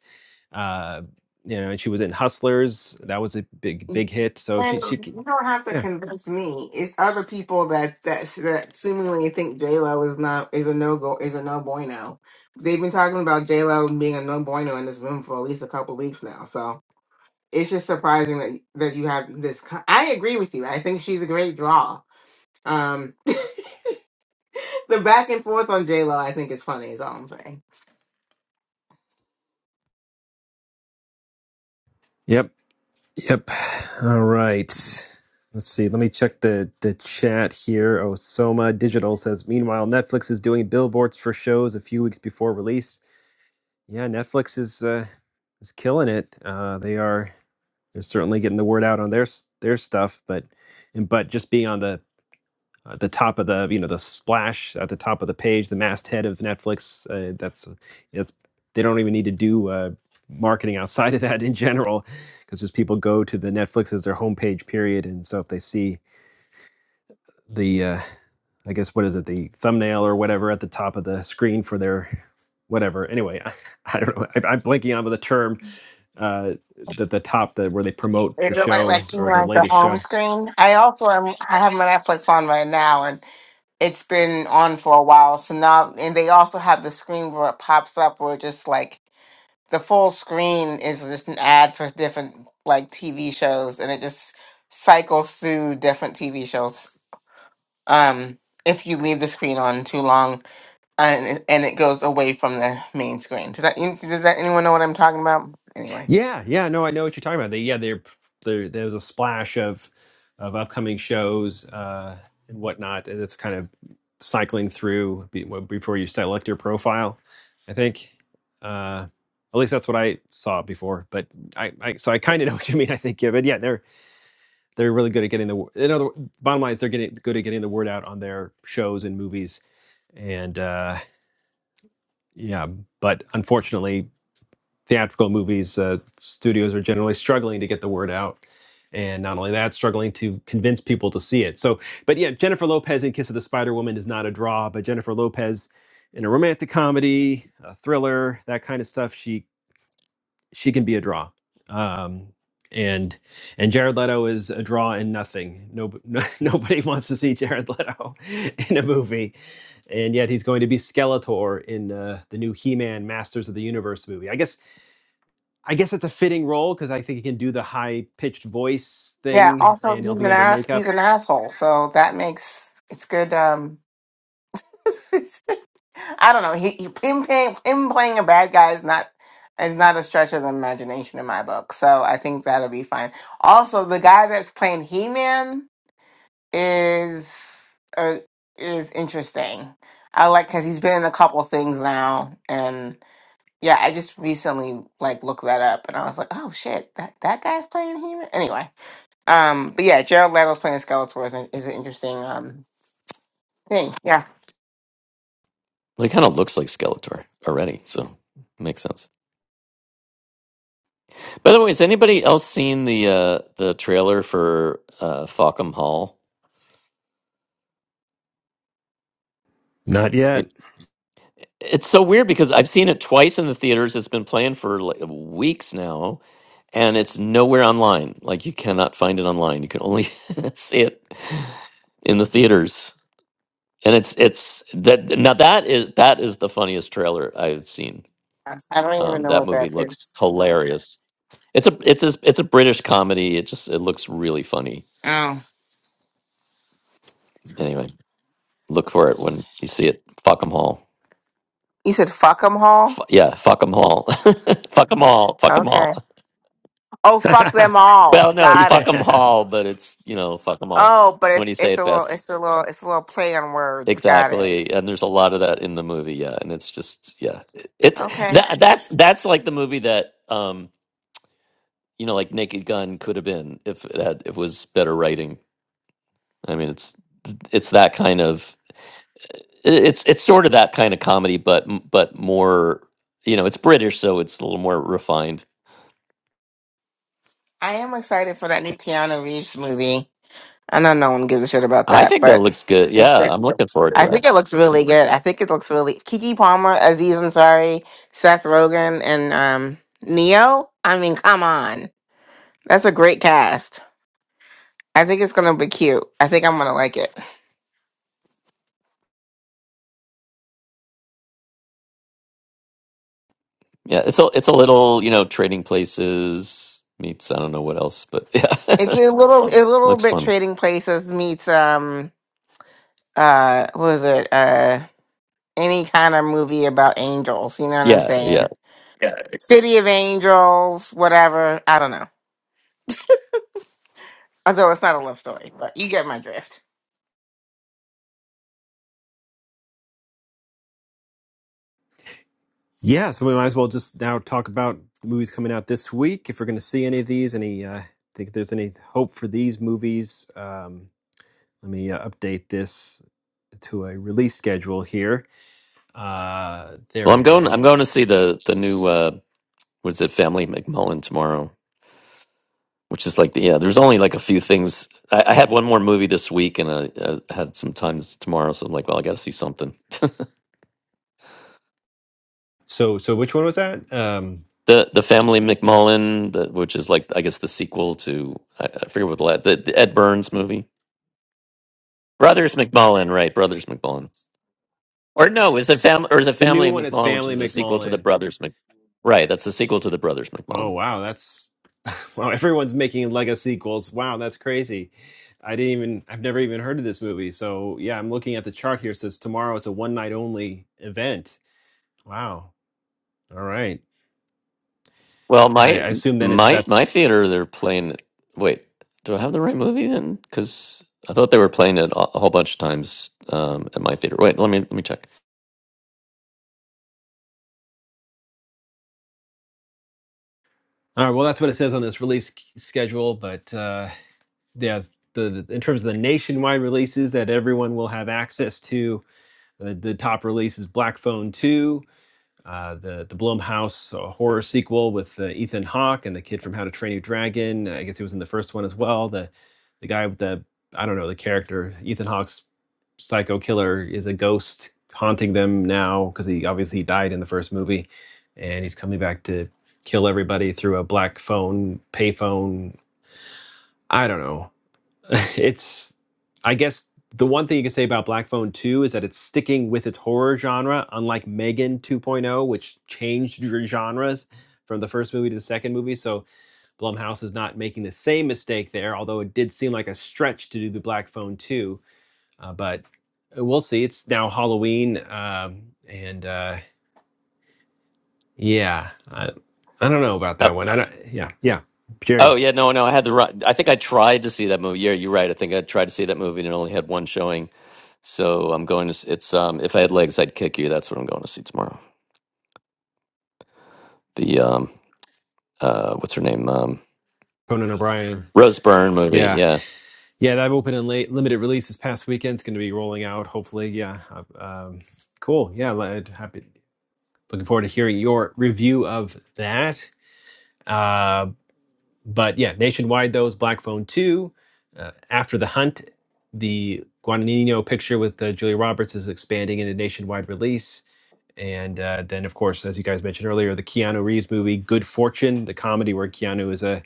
A: uh, you know, and she was in Hustlers. That was a big big hit. So
C: And
A: she she
C: you
A: c-
C: don't have to
A: yeah
C: convince me. It's other people that that that seemingly think J Lo is not is a no go is a no bueno. They've been talking about J Lo being a no bueno in this room for at least a couple weeks now. So it's just surprising that that you have this. co- I agree with you. I think she's a great draw. Um, [laughs] The back and forth on J Lo, I think, is funny. Is all I'm saying.
A: yep Yep. All right. Let's see. Let me check the the chat here. Oh, Soma Digital says, "Meanwhile, Netflix is doing billboards for shows a few weeks before release." Yeah, Netflix is uh, is killing it. Uh, they are they're certainly getting the word out on their s- their stuff, but and but just being on the uh, the top of the you know the splash at the top of the page, the masthead of Netflix. Uh, that's it's. they don't even need to do uh, marketing outside of that in general, because just people go to the Netflix as their homepage period, and so if they see the uh, I guess what is it the thumbnail or whatever at the top of the screen for their whatever. Anyway, [laughs] I, I don't know. I, I'm blanking on the term uh, that the top that where they promote
C: Is
A: the
C: It looked like like
A: show
C: she
A: or the
C: runs the
A: latest show.
C: home screen. I also am. I have my Netflix on right now, and it's been on for a while. So now, and they also have the screen where it pops up, where it just like the full screen is just an ad for different like TV shows, and it just cycles through different TV shows. Um, if you leave the screen on too long, and it- and it goes away from the main screen. Does that does that anyone know what I'm talking about? Anyway,
A: Yeah, yeah, no, I know what you're talking about. They, yeah, they're, they're there's a splash of of upcoming shows uh, and whatnot, and it's kind of cycling through be, well, before you select your profile. I think, uh, at least that's what I saw before. But I, I so I
D: Well,
A: kind of know [laughs] what you mean. I think, yeah, but yeah, they're they're really good at getting the. wo- In other, bottom line is they're getting good at getting the word out on their shows and movies, and uh, yeah, but unfortunately theatrical movies, uh, studios are generally struggling to get the word out. And not only that, struggling to convince people to see it. So, but yeah, Jennifer Lopez in Kiss of the Spider Woman is not a draw, but Jennifer Lopez in a romantic comedy, a thriller, that kind of stuff, she she can be a draw. Um, and and Jared Leto is a draw in nothing. No, no, [laughs] nobody wants to see Jared Leto [laughs] in a movie, and yet he's going to be Skeletor in uh, the new He-Man Masters of the Universe movie. I guess I guess it's a fitting role because I think he can do the high pitched voice
C: yeah.
A: thing
C: Also,
A: and
C: he's
A: he'll be
C: an
A: under
C: a- he's
A: makeup.
C: an asshole, so that makes it's good. Um, [laughs] I don't know. He, he him playing him playing a bad guy is not is not a stretch of the imagination in my book. So I think that'll be fine. Also, the guy that's playing He Man is uh, is interesting. I like because he's been in a couple things now, and yeah, I just recently like looked that up, and I was like, oh shit, that that guy's playing He Man. Anyway, um, but yeah, Gerald Leto's playing Skeletor is an, is an interesting um thing. Yeah,
D: He kind of looks like Skeletor already, so makes sense. By the way, has anybody else seen the uh, the trailer for uh, Falcom Hall?
A: Not yet.
D: It- It's so weird because I've seen it twice in the theaters. It's been playing for like weeks now, and it's nowhere online. Like you cannot find it online. You can only [laughs] see it in the theaters. And it's it's that now that is that is the funniest trailer I've seen.
C: I don't even
D: Um,
C: know
D: that
C: what
D: movie
C: that
D: looks
C: is.
D: hilarious. It's a it's a it's a British comedy. It just it looks really funny.
C: Oh.
D: Anyway. Look for it when you see it. Fuck them all.
C: You said fuck them all.
D: F- yeah, fuck them all. [laughs] fuck them all. Fuck them
C: Okay.
D: all.
C: Oh,
A: [laughs]
C: fuck them all.
D: Well, no, it's
C: Got
D: fuck them
C: it.
A: yeah.
D: all, but it's, you know, fuck them all.
C: Oh, but
D: When
C: it's
D: you say
C: it's
D: it
C: a little
D: fast.
C: it's a little it's a little play on words. Got it.
D: Exactly. And there's a lot of that in the movie, yeah. And it's just yeah. It's
C: Okay.
D: that that's that's like the movie that um, you know, like Naked Gun could have been if it had if it was better writing. I mean, it's it's that kind of it's it's sort of that kind of comedy, but but more you know, it's British, so it's a little more refined
C: I am excited for that new Keanu Reeves movie. I know no one gives a shit about
D: I
C: that,
D: think that
C: but
D: looks good. Yeah,
C: it's
D: I'm looking forward to
C: I think it looks
D: that.
C: really good. I think it looks really Kiki Palmer, Aziz Ansari, Seth Rogen, and um Neo. I mean, come on. That's a great cast. I think it's gonna be cute. I think I'm gonna like it.
D: Yeah, it's a it's a little, you know, trading places meets I don't know what else, but [laughs] yeah.
C: It's a little a little
D: Looks
C: bit
D: fun.
C: trading places meets um uh what was it? Uh any kind of movie about angels, you know what I'm
D: Yeah, yeah.
C: saying? City of Angels, whatever. I don't know. Although it's not a love story, but you get my drift.
A: yeah, so we might as well just now talk about the movies coming out this week if we're going to see any of these. Any, uh, think if there's any hope for these movies? Um, let me uh, update this to a release schedule here. Uh, there
D: Well,
A: we
D: I'm going
A: go.
D: I'm going to see the the new uh what is it, Family McMullen tomorrow. which is like the, yeah there's only like a few things i, I had one more movie this week and I, I had some time this- tomorrow so i'm like well i gotta see something [laughs]
A: So, so which one was that? Um,
D: the the family mcmullen the, which is like i guess the sequel to i, I forget what the, la- the the ed burns movie brothers mcmullen right brothers mcmullen or no is it family or is it
A: the new
D: family
A: one is
D: mcmullen which
A: Family
D: is the sequel to the
A: McMullen
D: brothers Mc, right that's the sequel to the brothers
A: Oh
D: mcmullen
A: wow, that's [laughs] wow. Everyone's making Lego sequels. Wow, that's crazy. I didn't even. I've never even heard of this movie. So yeah, I'm looking at the chart here. It says tomorrow it's a one night only event. Wow. All right.
D: Well,
A: I,
D: my
A: I assume then it's
D: my
A: that's
D: my theater, they're playing. it- Wait, do I have the right movie then? Because I thought they were playing it a a whole bunch of times um, at my theater. Wait, let me let me check.
A: all right. Well, that's what it says on this release c- schedule. But uh, yeah, the, the in terms of the nationwide releases that everyone will have access to, the, the top release is Black Phone Two, uh, the the Blumhouse uh, horror sequel with uh, Ethan Hawke and the kid from How to Train Your Dragon. I guess he was in the first one as well. The the guy with the I don't know the character Ethan Hawke's psycho killer is a ghost haunting them now because he obviously died in the first movie, and he's coming back to kill everybody through a black phone payphone. I don't know. [laughs] it's I guess the one thing you can say about Black Phone 2 is that it's sticking with its horror genre, unlike Megan 2.0, which changed gen- genres from the first movie to the second movie. So Blumhouse is not making the same mistake there, although it did seem like a stretch to do the Black Phone 2. Uh, but uh, we'll see. It's now Halloween, um, and uh, yeah, I, I don't know about
D: Oh,
A: that one. I don't. Yeah, yeah.
D: oh
A: Jerry
D: yeah, no, no, I had the right. I think I tried to see that movie. Yeah, you're right. I think I tried to see that movie and it only had one showing. So I'm going to. s- It's um, if I had legs, I'd kick you. That's what I'm going to see tomorrow. The um, uh, what's her name? Um,
A: Conan O'Brien.
D: Rose Byrne movie.
A: Yeah.
D: Yeah.
A: Yeah, that open and late limited release this past weekend. It's going to be rolling out, hopefully. Yeah. uh, Um, cool. Yeah. li- Happy. Looking forward to hearing your review of that. Uh, but yeah, nationwide, those Black Phone 2. Uh, After the Hunt, the Guadagnino picture with uh, Julia Roberts is expanding into nationwide release. And uh, then, of course, as you guys mentioned earlier, the Keanu Reeves movie, Good Fortune, the comedy where Keanu is a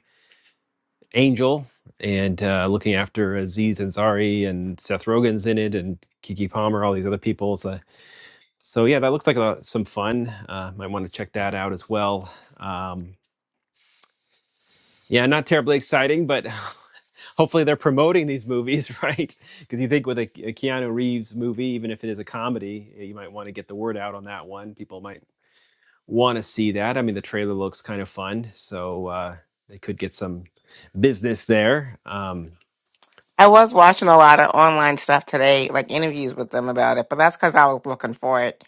A: Angel and uh, looking after Aziz Ansari and Seth Rogen's in it and Kiki Palmer, all these other people. So, so yeah, that looks like a, some fun. Uh, might want to check that out as well. Um, yeah, not terribly exciting, but [laughs] hopefully they're promoting these movies, [laughs] right? Because you think with a, a Keanu Reeves movie, even if it is a comedy, eh, you might want to get the word out on that one. People might want to see that. I mean, the trailer looks kind of fun, so uh, they could get some business there. Um,
C: I was watching a lot of online stuff today, like interviews with them about it, but that's because I was looking for it.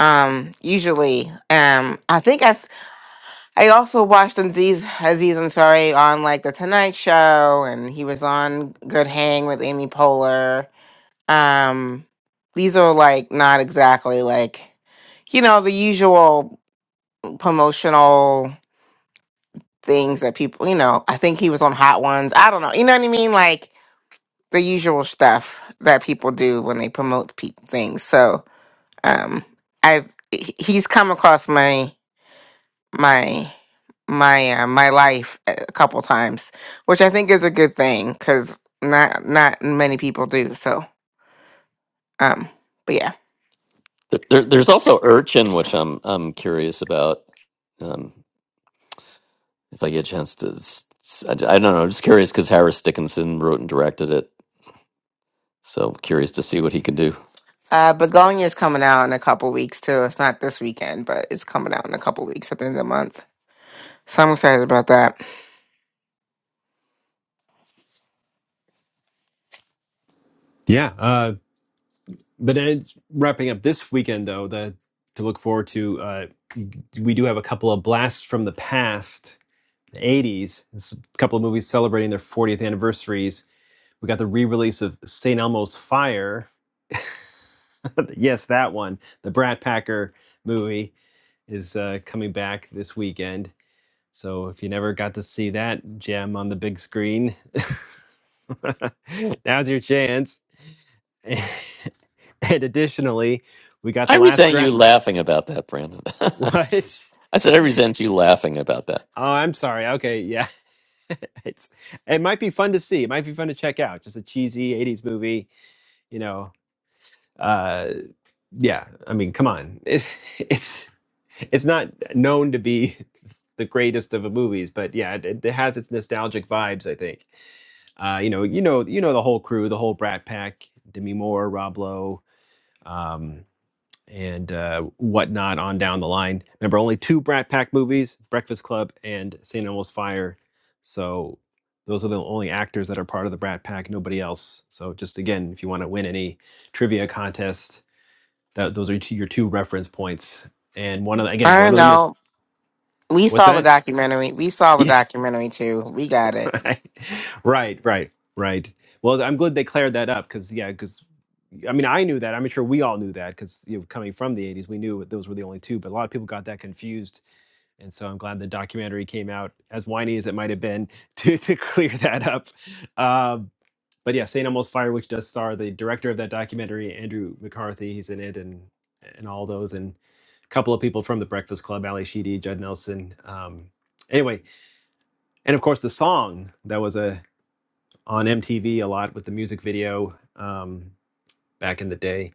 C: Um, usually, um, I think I've I also watched Aziz Aziz Ansari on like the Tonight Show, and he was on Good Hang with Amy Poehler. Um, these are like not exactly like, you know, the usual promotional things that people, you know, I think he was on Hot Ones. I don't know. You know what I mean? Like the usual stuff that people do when they promote pe- things. So, um, I've, he- he's come across my, my, my uh, my life a couple times, which I think is a good thing because not not many people do. So um, but yeah.
D: There, there- there's also Urchin, which I'm I'm curious about. Um, if I get a chance to. s- s- I, d- I don't know. I'm just curious because Harris Dickinson wrote and directed it, so curious to see what he can do.
C: Uh, Begonia is coming out in a couple weeks too. It's not this weekend, but it's coming out in a couple weeks at the end of the month. So I'm excited about that.
A: yeah, uh, But then wrapping up this weekend, though, the, to look forward to, uh, we do have a couple of blasts from the past, the 80s, It's a couple of movies celebrating their 40th anniversaries. We got the re release of St. Elmo's Fire. [laughs] yes, that one. The Brat Packer movie is uh, coming back this weekend. So if you never got to see that gem on the big screen, [laughs] now's your chance. [laughs] and additionally, we got
D: I
A: the last
D: resent you
A: draft. [laughs]
D: laughing about that, Brandon. [laughs]
A: What?
D: I said I resent you laughing about that.
A: Oh, I'm sorry. Okay, yeah. [laughs] it's it might be fun to see. It might be fun to check out. Just a cheesy 80s movie, you know. Uh yeah, I mean, come on. It, [laughs] it's it's not known to be [laughs] the greatest of the movies, but yeah, it, it has its nostalgic vibes, I think. Uh you know, you know, you know the whole crew, the whole Brat Pack, Demi Moore, Rob Lowe, um, and uh, whatnot on down the line. Remember, only two Brat Pack movies: Breakfast Club and St. Elmo's Fire. So those are the only actors that are part of the Brat Pack. Nobody else. So just again, if you want to win any trivia contest, that those are your two reference points. And one of the, again,
C: I
A: one
C: don't
A: of them is
C: know. We
A: what's
C: saw the
A: that?
C: documentary. We saw the
A: Yeah,
C: documentary too. We got it.
A: [laughs] right, right, right, right. Well, I'm glad they cleared that up because yeah, because I mean I knew that. I'm sure we all knew that because you know coming from the '80s, we knew those were the only two. But a lot of people got that confused, and so I'm glad the documentary came out as whiny as it might have been [laughs] to to clear that up. Um, but yeah, Saint Elmo's Fire, which does star the director of that documentary, Andrew McCarthy. He's in it and and all those and a couple of people from the Breakfast Club, Ali Sheedy, Judd Nelson. Um, anyway, and of course the song that was a on MTV a lot with the music video um, back in the day.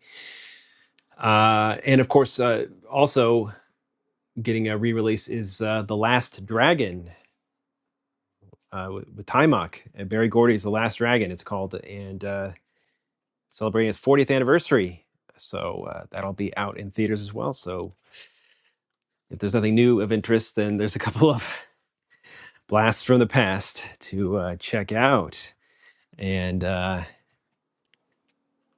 A: Uh, and of course, uh, also getting a re release is uh, The Last Dragon uh, with, with Timok. And Barry Gordy's The Last Dragon, it's called, and uh, celebrating its 40th anniversary. So uh, that'll be out in theaters as well. So if there's nothing new of interest, then there's a couple of [laughs] blasts from the past to uh, check out. And uh,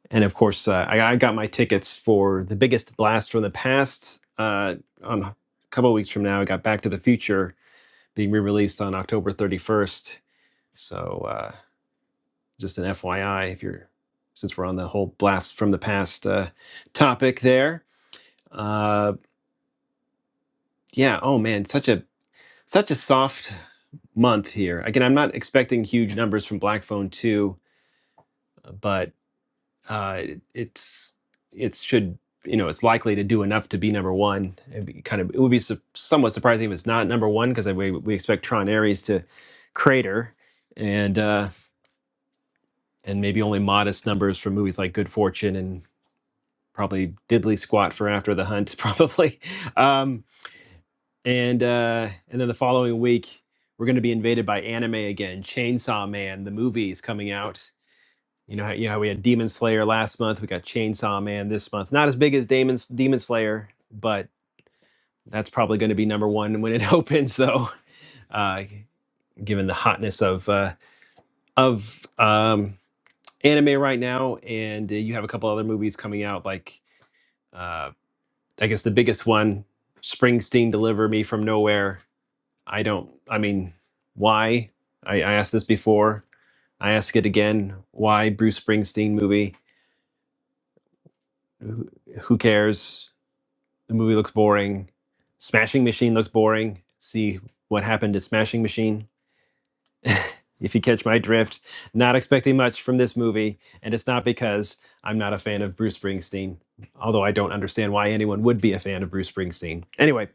A: And of course, uh, I, I got my tickets for the biggest blast from the past uh, on a couple of weeks from now. I got Back to the Future being re released on October 31st. So, uh, just an FYI, if you're since we're on the whole blast from the past uh, topic there. Uh, yeah. Oh man, such a such a soft month here. Again, I'm not expecting huge numbers from Black Phone Two, uh, but uh, it, it's it should you know it's likely to do enough to be number one. It'd be kind of it would be su- somewhat surprising if it's not number one because we we expect Tron Ares to crater and uh, and maybe only modest numbers from movies like Good Fortune and probably Diddley Squat for After the Hunt [laughs] probably. Um, and uh, and then the following week we're going to be invaded by anime again. Chainsaw Man the movie is coming out You know, you know we had Demon Slayer last month. We got Chainsaw Man this month. Not as big as Demon Demon Slayer, but that's probably going to be number one when it [laughs] opens, though. Uh, given the hotness of uh, of um, anime right now, and uh, you have a couple other movies coming out, like uh, I guess the biggest one, Springsteen, Deliver Me from Nowhere. I don't. I mean, why? I, I asked this before. I ask it again. Why Bruce Springsteen movie? Who who cares? the movie looks boring. Smashing Machine looks boring. See what happened to Smashing Machine. If you catch my drift, not expecting much from this movie, and it's not because I'm not a fan of Bruce Springsteen, although I don't understand why anyone would be a fan of Bruce Springsteen. Anyway,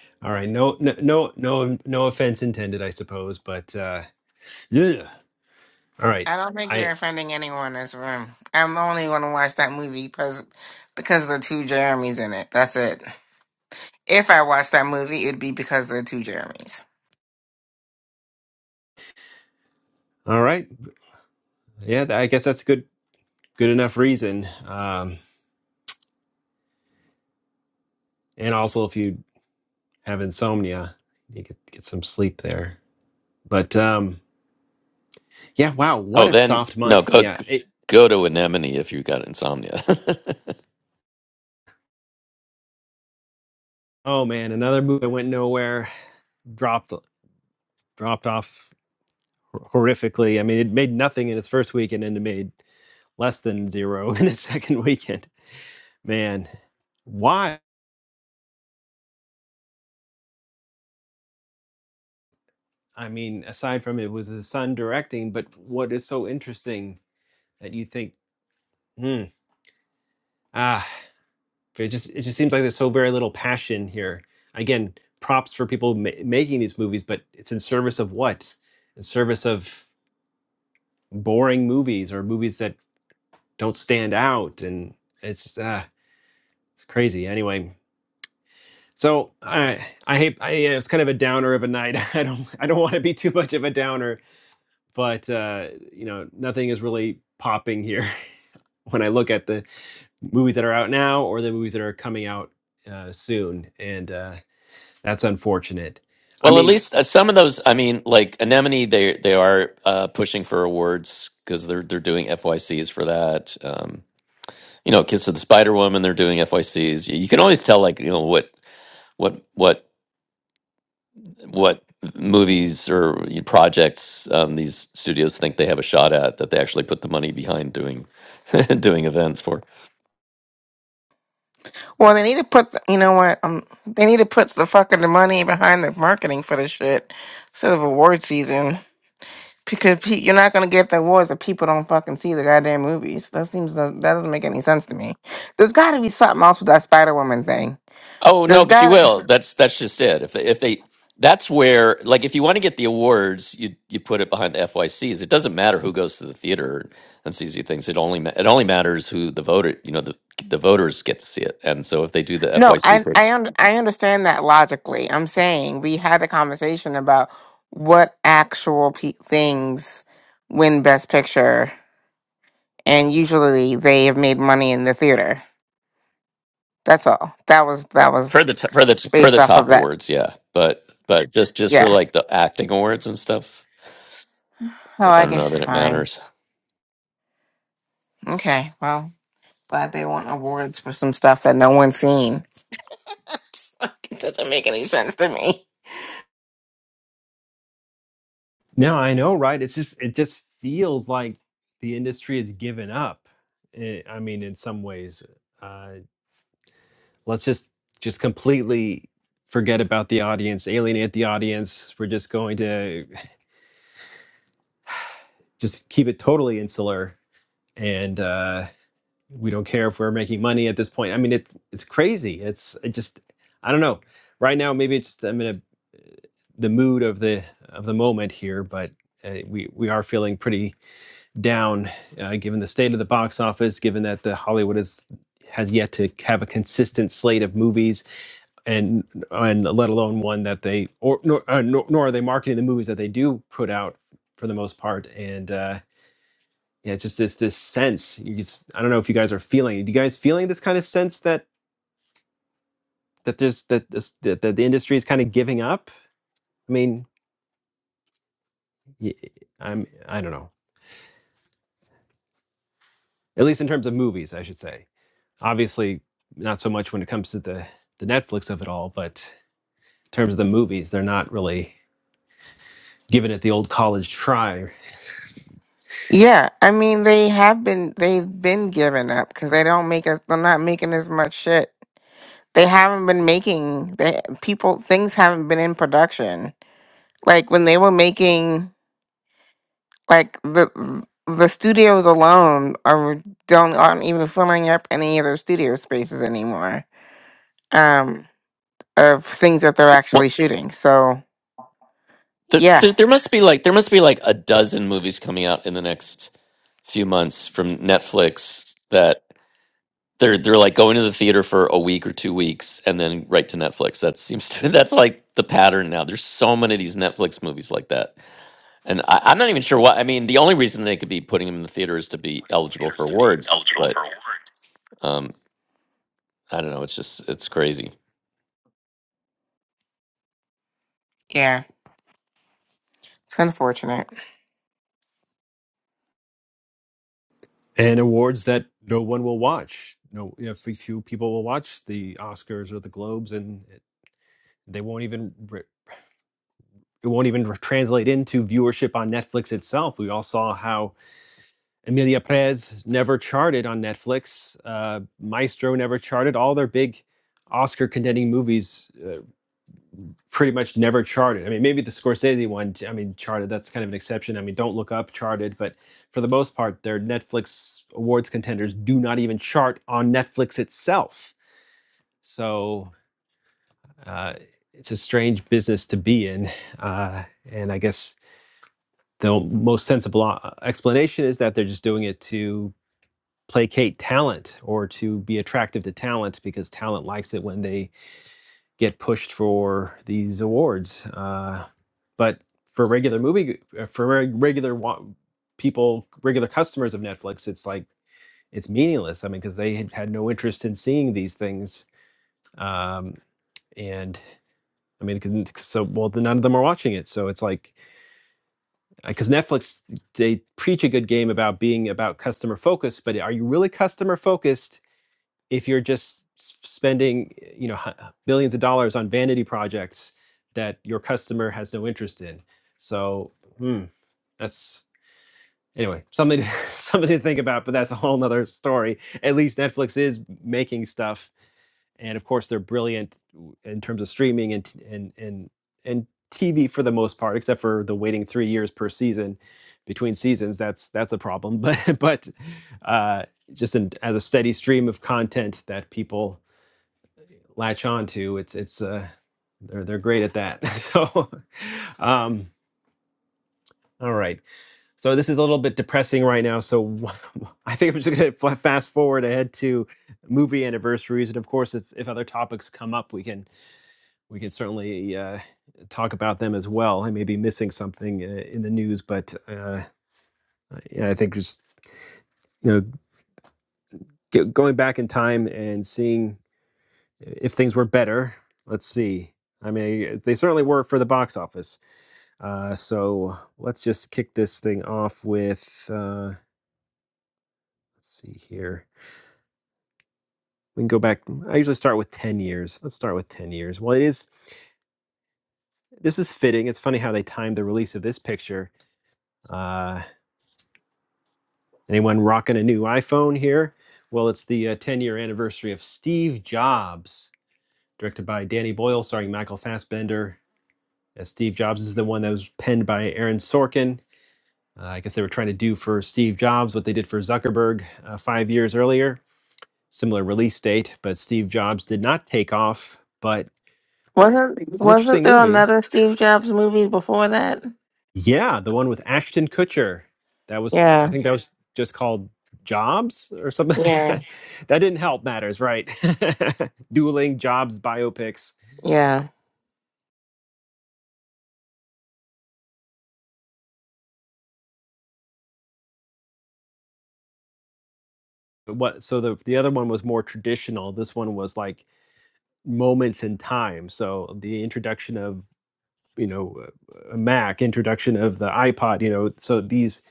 A: [laughs] all right, no, no, no, no, no offense intended, I suppose, but uh, yeah. All right,
C: I don't think you're
A: I,
C: offending anyone in this room. I'm only going to watch that movie because because the two Jeremys in it. That's it. If I watch that movie, it'd be because there are two Jeremys.
A: all right, yeah, I guess that's a good, good enough reason. Um, and also, if you have insomnia. You need to get get some sleep there. But um, yeah, wow, what
D: Oh,
A: a
D: then
A: soft
D: no,
A: month.
D: go
A: Yeah.
D: g-
A: It,
D: go to Anemone if you got insomnia.
A: oh man, another movie that went nowhere, dropped dropped off horrifically. I mean, it made nothing in its first weekend and it made less than zero [laughs] in its second weekend. Man, why? I mean, aside from it was his son directing, but what is so interesting that you think, hmm, ah. It just it just seems like there's so very little passion here. Again, props for people ma- making these movies, but it's in service of what? In service of boring movies or movies that don't stand out, and it's uh, it's crazy. Anyway, so I I hate I yeah, it's kind of a downer of a night. [laughs] I don't I don't want to be too much of a downer, but uh, you know nothing is really popping here [laughs] when I look at the movies that are out now or the movies that are coming out uh, soon, and. Uh, That's unfortunate.
D: [laughs]
A: I
D: well, at
A: mean,
D: least uh, some of those. I mean, like Anemone, they they are uh, pushing for awards because they're they're doing FYCs for that. Um, you know, Kiss of the Spider Woman, they're doing FYCs. You, you can always tell, like you know what. what what what movies or projects um, these studios think they have a shot at that they actually put the money behind doing [laughs] doing events for.
C: Well, they need to put, the, you know what? Um, they need to put the fucking money behind the marketing for this shit instead of award season because pe- you're not gonna get the awards if people don't fucking see the goddamn movies. That seems that doesn't make any sense to me. There's got to be something else with that Spider Woman thing.
D: Oh no,
C: There's
D: but you
C: got to
D: will. That's that's just it. If they, if they that's where like if you want to get the awards, you you put it behind the FYCs. It doesn't matter who goes to the theater and sees these things. It only ma- it only matters who the voter you know the the voters get to see it. And so if they do the
C: no.
D: FYC
C: I I un- I understand that logically. I'm saying we had a conversation about what actual pe- things win Best Picture, and usually they have made money in the theater. That's all. That was that
D: for,
C: was
D: for the t- for the for
C: based
D: the
C: off of
D: top
C: that.
D: awards, yeah. But but just just for
C: Yeah.
D: like the acting awards and stuff,
C: Oh,
D: I
C: I
D: don't know
C: guess
D: that it
C: fine.
D: matters.
C: Okay. Well, glad they want awards for some stuff that no one's seen. [laughs] Like, it doesn't make any sense to me.
A: no, I know, right? It's just it just feels like the industry has given up. eh, I mean, in some ways, uh, let's just just completely forget about the audience, alienate the audience. We're just going to [laughs] just keep it totally insular, and uh, we don't care if we're making money at this point. I mean, it, it's crazy. It's it just I don't know. Right now, maybe it's just I'm in a the mood of the of the moment here, but uh, we we are feeling pretty down uh, given the state of the box office, given that the Hollywood is has yet to have a consistent slate of movies, and and let alone one that they or nor, uh, nor, nor are they marketing the movies that they do put out for the most part, and. Uh, yeah, it's just this this sense. You just, I don't know if you guys are feeling. Do you guys feeling this kind of sense that that there's that this, that, that the industry is kind of giving up? I mean, y- I'm I don't know. At least in terms of movies, I should say. Obviously, not so much when it comes to the the Netflix of it all, but in terms of the movies, they're not really giving it the old college try.
C: Yeah, I mean they have been they've been giving up because they don't make as They're not making as much shit. They haven't been making they people things haven't been in production. Like when they were making. Like the the studios alone are don't aren't even filling up any of their studio spaces anymore. Um, of things that they're
D: Well,
C: actually shooting. So
D: there,
C: yeah,
D: there there must be like there must be like a dozen movies coming out in the next few months from Netflix that they're they're like going to the theater for a week or two weeks and then right to Netflix. That seems to [laughs] that's like the pattern now. There's so many of these Netflix movies like that, and I, I'm not even sure why. I mean, the only reason they could be putting them in the theater is to be eligible for awards, but. Um, I don't know. It's just it's crazy.
C: yeah, it's unfortunate.
A: And awards that no one will watch. No, you know, few few people will watch the Oscars or the Globes, and they won't even. re- it won't even translate into viewership on Netflix itself. We all saw how Emilia Perez never charted on Netflix, uh, Maestro never charted. All their big Oscar contending movies uh, pretty much never charted. I mean, maybe the Scorsese one, I mean, charted, that's kind of an exception. I mean, Don't Look Up charted, but for the most part, their Netflix awards contenders do not even chart on Netflix itself. So uh, it's a strange business to be in. Uh, and I guess the most sensible uh, explanation is that they're just doing it to placate talent or to be attractive to talent because talent likes it when they get pushed for these awards. Uh, but for regular movie, uh, for regular people, regular customers of Netflix, it's like it's meaningless. I mean, because they had, had no interest in seeing these things, um, and I mean, so well, none of them are watching it. So it's like because Netflix they preach a good game about being about customer focused, but are you really customer focused if you're just spending you know hu- billions of dollars on vanity projects that your customer has no interest in? So hmm, that's anyway something to, [laughs] something to think about, but that's a whole nother story. At least Netflix is making stuff and of course they're brilliant in terms of streaming and and and and TV for the most part, except for the waiting three years per season between seasons. That's that's a problem, [laughs] but but uh, just in, as a steady stream of content that people latch onto, it's it's uh, they're they're great at that. [laughs] so, um, all right. So this is a little bit depressing right now. So [laughs] I think I'm just gonna fast forward ahead to movie anniversaries, and of course, if, if other topics come up, we can we could certainly uh, talk about them as well. I may be missing something uh, in the news, but uh, yeah, I think just you know g- going back in time and seeing if things were better. Let's see. I mean, they certainly were for the box office. Uh, so let's just kick this thing off with. Uh, let's see here. We can go back. I usually start with ten years. Let's start with ten years. Well, it is. This is fitting. It's funny how they timed the release of this picture uh, Anyone rocking a new iPhone here? Well, it's the uh, 10 year anniversary of Steve Jobs, directed by Danny Boyle, starring Michael Fassbender. As Steve Jobs This is the one that was penned by Aaron Sorkin. Uh, I guess they were trying to do for Steve Jobs what they did for Zuckerberg uh, five years earlier. Similar release date, but Steve Jobs did not take off. But
C: Wasn't
A: it's an
C: wasn't
A: interesting
C: there
A: movie.
C: another Steve Jobs movie before that?
A: Yeah, the one with Ashton Kutcher. That was, I
C: Yeah,
A: think that was just called Jobs or something [laughs] like
C: yeah,
A: that. That didn't help matters, right? [laughs] Dueling Jobs biopics.
C: yeah.
A: But What? So the the other one was more traditional. This one was like moments in time. So the introduction of you know a Mac, introduction of the iPod. You know, so these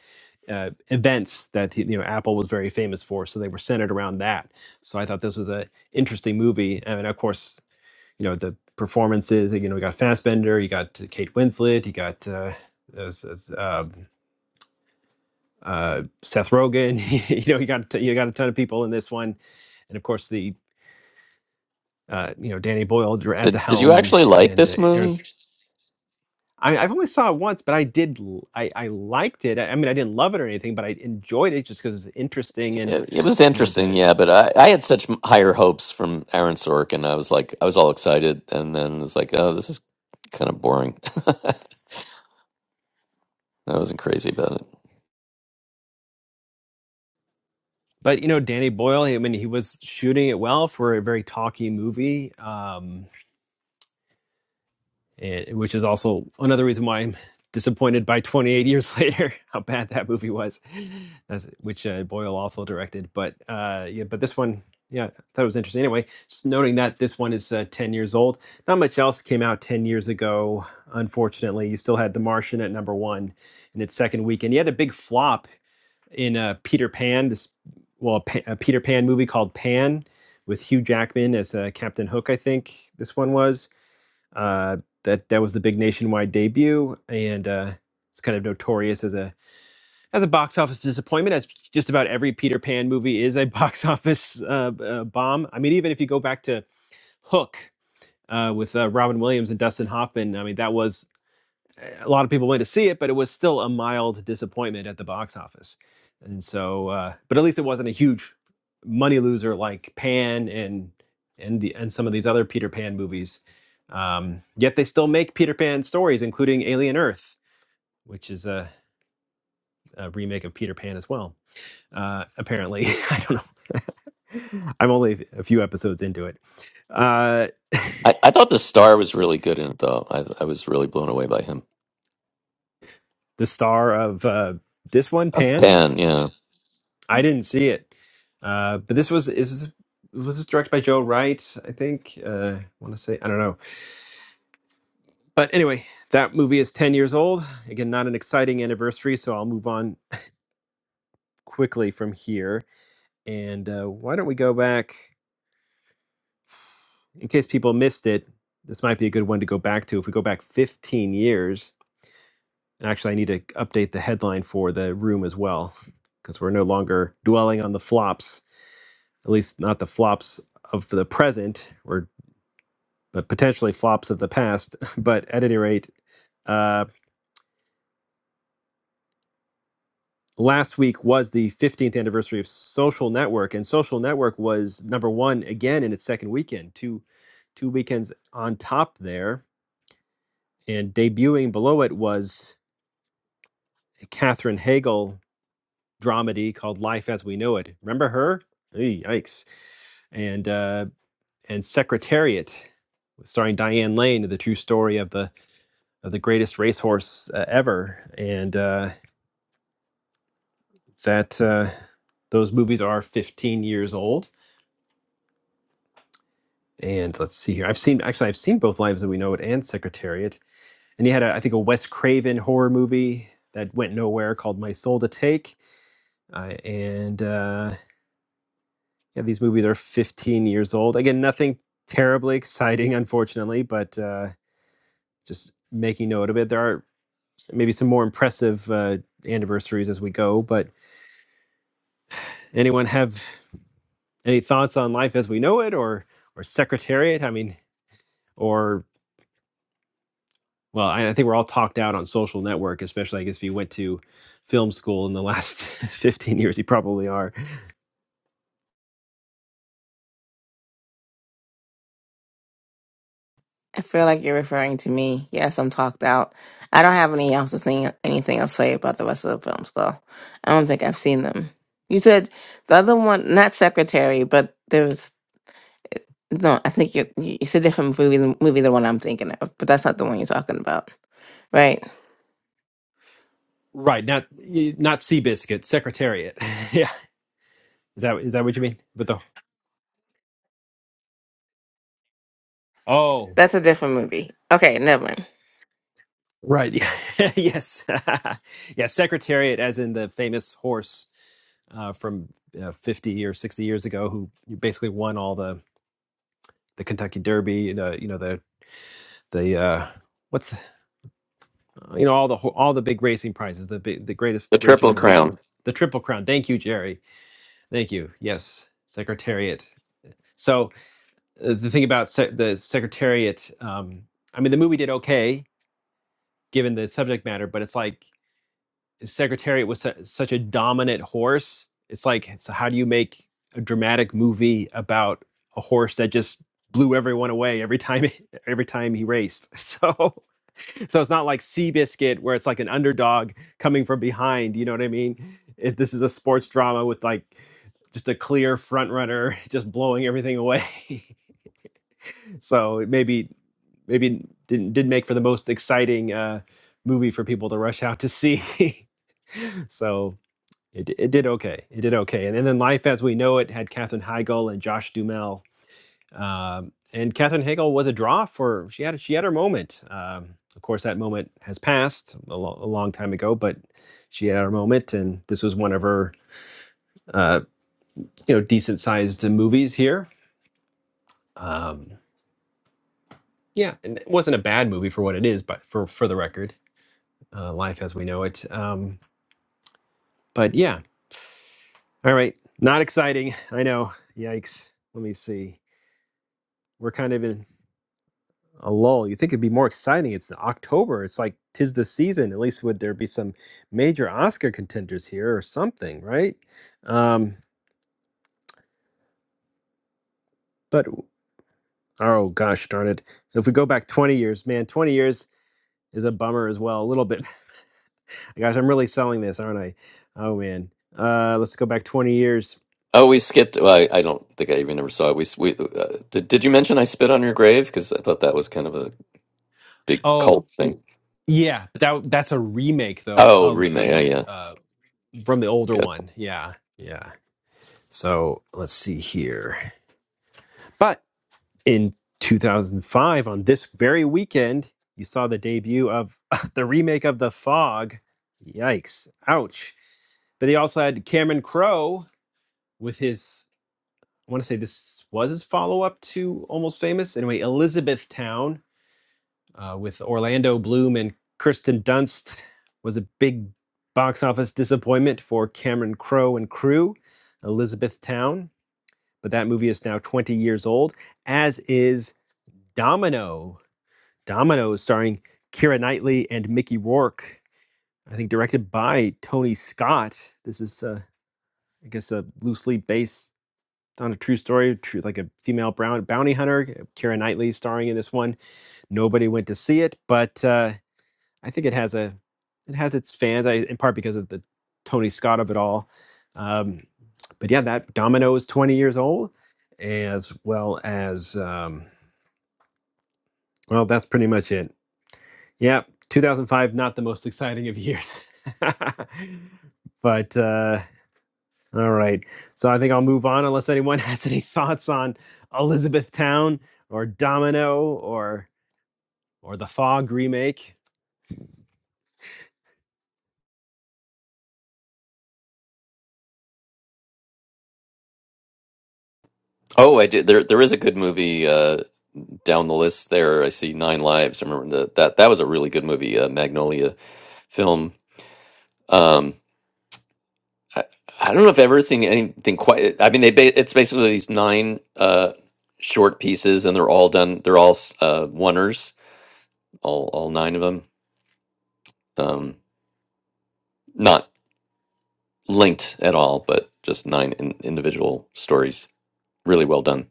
A: uh, events that you know Apple was very famous for. So they were centered around that. So I thought this was a interesting movie. I mean, of course. you know the performances. You know, we got Fassbender, you got uh, Kate Winslet, you got uh, there's- there's, um, uh, Seth Rogen. [laughs] you know, you got t- you got a ton of people in this one, and of course the uh, you know Danny Boyle dir- at the
D: Did Did you
A: helm and
D: actually like
A: and uh,
D: this
A: Aaron.
D: movie?
A: I, I've only saw it once, but I did I I liked it. I, I mean, I didn't love it or anything, but I enjoyed it just because it's interesting and
D: It, it was
A: you know
D: interesting,
A: the
D: yeah. But I I had such m- higher hopes from Aaron Sorkin. I was like I was all excited, and then it's like oh this is kind of boring. [laughs] I wasn't crazy about it.
A: but you know Danny Boyle. I mean, he was shooting it well for a very talky movie. Um, and, which is also another reason why I'm disappointed by 28 years [laughs] later how bad that movie was, That's, which uh, Boyle also directed. But uh, yeah, but this one, yeah, I thought it was interesting. Anyway, just noting that this one is uh, 10 years old. Not much else came out 10 years ago, unfortunately. You still had The Martian at number one in its second week, and you had a big flop in uh, Peter Pan. This well, a, Pa- a Peter Pan movie called Pan with Hugh Jackman as uh, Captain Hook. I think this one was uh, that that was the big nationwide debut, and uh, it's kind of notorious as a as a box office disappointment. As just about every Peter Pan movie is a [laughs] box office uh, b- uh, bomb. I mean, even if you go back to Hook uh, with uh, Robin Williams and Dustin Hoffman, I mean that was a lot of people went to see it, but it was still a mild disappointment at the box office. And so, uh, but at least it wasn't a huge money loser like Pan and and the, and some of these other Peter Pan movies. Um, yet they still make Peter Pan stories, including Alien Earth, which is a, a remake of Peter Pan as well. Uh, apparently, [laughs] I don't know. [laughs] I'm only a few episodes into it. Uh,
D: I, I thought the star was really good in it though. I I was really blown away by him.
A: the star of uh, this one,
D: Uh,
A: Pan,
D: Penn, yeah,
A: I didn't see it, uh, but this was is was this directed by Joe Wright? I think. Uh, I want to say I don't know, but anyway, that movie is ten years old. Again, not an exciting anniversary, so I'll move on quickly from here. And uh, why don't we go back? In case people missed it, this might be a good one to go back to. If we go back fifteen years, and actually, I need to update the headline for the room as well, because we're no longer dwelling on the flops. At least, not the flops of the present. We're but potentially flops of the past. [laughs] But at any rate, uh, last week was the 15th anniversary of Social Network, and Social Network was number one again in its second weekend, two two weekends on top there, and debuting below it was a Catherine Hagel dramedy called Life as We Know It. Remember her? Hey, yikes! And uh, and Secretariat, starring Diane Lane, the true story of the of the greatest racehorse uh, ever, and. Uh, that uh, those movies are 15 years old. And let's see here. I've seen actually I've seen both Lives That We Know It and Secretariat. And he had a, I think a Wes Craven horror movie that went nowhere called My Soul to Take. Uh, and uh, yeah, these movies are 15 years old. Again, nothing terribly exciting, [laughs] unfortunately, but uh, just making note of it. There are maybe some more impressive uh, anniversaries as we go. But anyone have any thoughts on Life as We Know It or or Secretariat? I mean, or well, I, I think we're all talked out on social network, especially I guess if you went to film school in the last [laughs] 15 years, you probably are.
C: I feel like you're referring to me. Yes, I'm talked out. I don't have any else to say, anything else to say about the rest of the films, though. I don't think I've seen them. You said the other one, not Secretary, but there was no. I think you you you said different movie than movie than one I'm thinking of, but that's not the one you're talking about, right?
A: Right, not y- not Seabiscuit, Secretariat. [laughs] yeah. Is that is that what you mean? But the Oh,
C: That's a different movie. Okay, never mind.
A: Right. Yeah. [laughs] yes. [laughs] yeah. Secretariat, as in the famous horse uh, from uh, fifty or sixty years ago, who basically won all the the Kentucky Derby. The you know the the uh, what's uh, you know all the ho- all the big racing prizes, the big, the greatest
D: the
A: racing
D: Triple
A: horse,
D: Crown.
A: the Triple Crown. Thank you, Jerry. Thank you. Yes, Secretariat. So uh, the thing about se- the Secretariat, um, I mean, the movie did okay given the subject matter, but it's like Secretariat was su- such a dominant horse. It's like so how do you make a dramatic movie about a horse that just blew everyone away every time [laughs] every time he raced? [laughs] So So it's not like Seabiscuit where it's like an underdog coming from behind. You know what I mean? It, this is a sports drama with like just a clear front runner [laughs] just blowing everything away. [laughs] so it maybe maybe didn't didn't make for the most exciting uh, movie for people to rush out to see. [laughs] so it, it did okay. It did okay. And, then then Life as We Know It had Katherine Heigl and Josh Duhamel. Um, and Katherine Hagel was a draw for she had she had her moment. Um, of course, that moment has passed a, lo- a long time ago, but she had her moment, and this was one of her uh, you know decent sized movies here. Um, yeah, and it wasn't a bad movie for what it is, but for for the record, uh, life as we know it. Um, but yeah, all right, not exciting. [laughs] I know. Yikes. Let me see. We're kind of in. a lull. You think it'd be more exciting? It's the October. It's like tis the season. At least would there be some major Oscar contenders here or something, right? Um, but oh gosh darn it! If we go back 20 years, man, 20 years is a bummer as well. A little bit. [laughs] Gosh, I'm really selling this, aren't I? Oh man. Uh, let's go back 20 years.
D: Oh, we skipped. Well, I, I don't think I even ever saw it. We s- we uh, did. Did you mention I spit on your grave? Because I thought that was kind of a big
A: Oh,
D: cult thing.
A: yeah, but that that's a remake though
D: Oh,
A: of
D: remake.
A: the
D: Yeah,
A: uh from the older
D: yeah.
A: one. Yeah. Yeah. So let's see here. But in 2005 on this very weekend you saw the debut of [laughs] the remake of the fog yikes ouch but they also had cameron crowe with his i want to say this was his follow-up to almost famous anyway elizabethtown uh, with orlando bloom and kirsten dunst was a big box office disappointment for cameron crowe and crew elizabethtown but that movie is now 20 years old as is domino Dominoes, starring Keira Knightley and Mickey Rourke. I think directed by Tony Scott. This is, uh, I guess, a loosely based on a true story, true, like a female brown bounty hunter. Keira Knightley starring in this one. Nobody went to see it, but uh, I think it has a, it has its fans. I, in part because of the Tony Scott of it all. Um, but yeah, that Domino is 20 years old, as well as um, well, that's pretty much it. Yeah, 2005, not the most exciting of years. [laughs] but uh, all right. So I think I'll move on unless anyone [laughs] has any thoughts on Elizabethtown or Domino or or the Fog remake.
D: Oh, I did. There, there is a good movie uh, down the list there. I see Nine Lives. I remember that that that was a really good movie, uh, Magnolia film. Um, I, I don't know if I've ever seen anything quite. I mean, they ba- it's basically these nine uh, short pieces, and they're all done. They're all s- uh, oneers, all all nine of them. Um, not linked at all, but just nine in, individual stories. Really well done.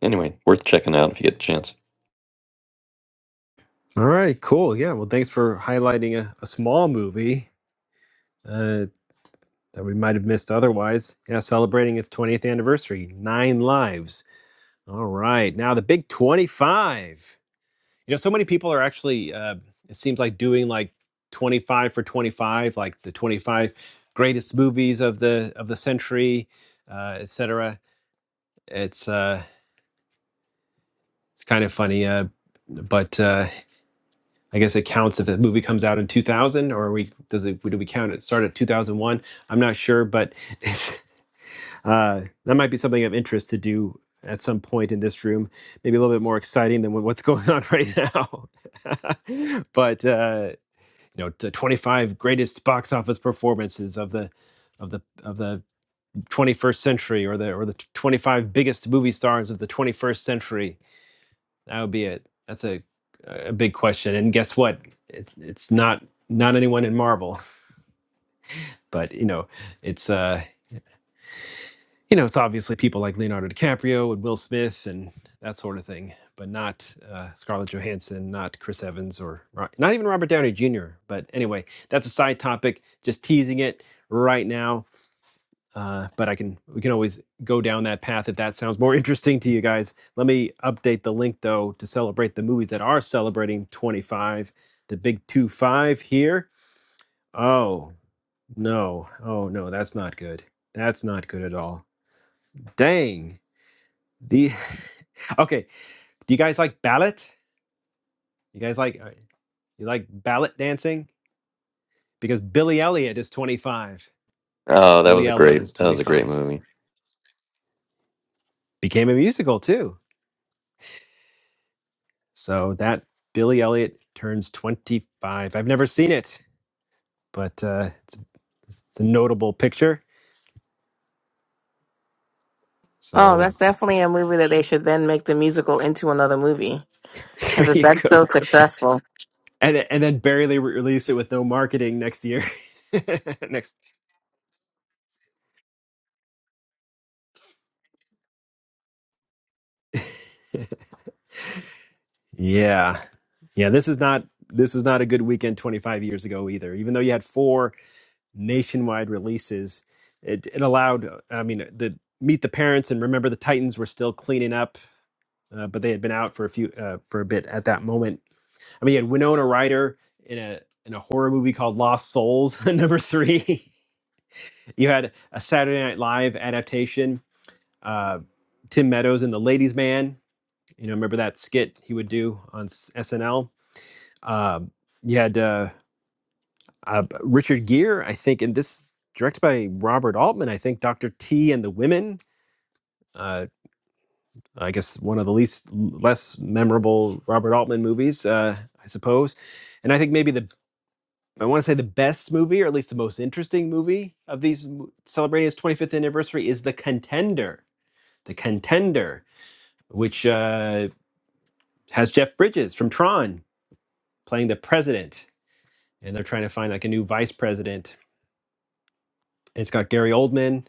D: Anyway, worth checking out if you get the chance.
A: All right, cool. Yeah, well, thanks for highlighting a, a small movie uh, that we might have missed otherwise. Yeah, celebrating its 20th anniversary, Nine Lives. All right, now the big 25. You know, so many people are actually, uh, it seems like doing like 25 for 25, like the 25 greatest movies of the of the century, uh, et cetera. It's uh, it's kind of funny, uh, but uh, I guess it counts if the movie comes out in 2000, or we does it? Do we count it? Start at 2001? I'm not sure, but [laughs] it's uh, that might be something of interest to do at some point in this room maybe a little bit more exciting than what- what's [laughs] going on right now. [laughs] but uh, you know the 25 greatest box office performances of the of the of the 21st century or the or the 25 biggest movie stars of the 21st century that would be it that's a a big question and guess what it, it's not not anyone in marvel but you know it's uh you know, it's obviously people like Leonardo DiCaprio and Will Smith and that sort of thing, but not uh, Scarlett Johansson, not Chris Evans, or Ro- not even Robert Downey Jr. But anyway, that's a side topic. Just teasing it right now. Uh, but I can we can always go down that path if that sounds more [laughs] interesting to you guys. Let me update the link though to celebrate the movies that are celebrating 25, the big two five here. Oh no, oh no, that's not good. That's not good at all. Dang. The [sighs] [laughs] okay. Do you guys like ballet? You guys like uh, you like ballet dancing? Because Billy Elliot is 25.
D: Oh, that
A: Billy
D: was a
A: Elliot is
D: great that was a
A: 25.
D: great movie.
A: Became a musical too. So that Billy Elliot turns 25. I've never seen it, but uh, it's, it's a notable picture.
C: Oh,
A: So
C: that's definitely a movie that they should then make the musical into another movie
A: [laughs]
C: because
A: there
C: if
A: you
C: that's
A: go.
C: so
A: [laughs]
C: successful.
A: And and then Barry Lee re- released it with no marketing next year. [laughs] next. Yeah. Yeah, this is not this was not a good weekend 25 years ago either. Even though you had four nationwide releases, it it allowed I mean the Meet the Parents and Remember the Titans were still cleaning up, uh, but they had been out for a few uh, for a bit at that moment. I mean, you had Winona Ryder in a in a horror movie called Lost Souls, [laughs] number 3. you had a Saturday Night Live adaptation, uh Tim Meadows in The Ladies Man. You know, remember that skit he would do on S- SNL? Um, you had uh, uh, Richard Gere, I think, and this directed by Robert Altman. I think Doctor T and the Women. Uh, I guess one of the least less memorable Robert Altman movies, uh, I suppose. And I think maybe the I want to say the best movie, or at least the most interesting movie of these celebrating its 25th anniversary, is The Contender. The Contender, which uh, has Jeff Bridges from Tron playing the president, and they're trying to find like a new vice president. It's got Gary Oldman,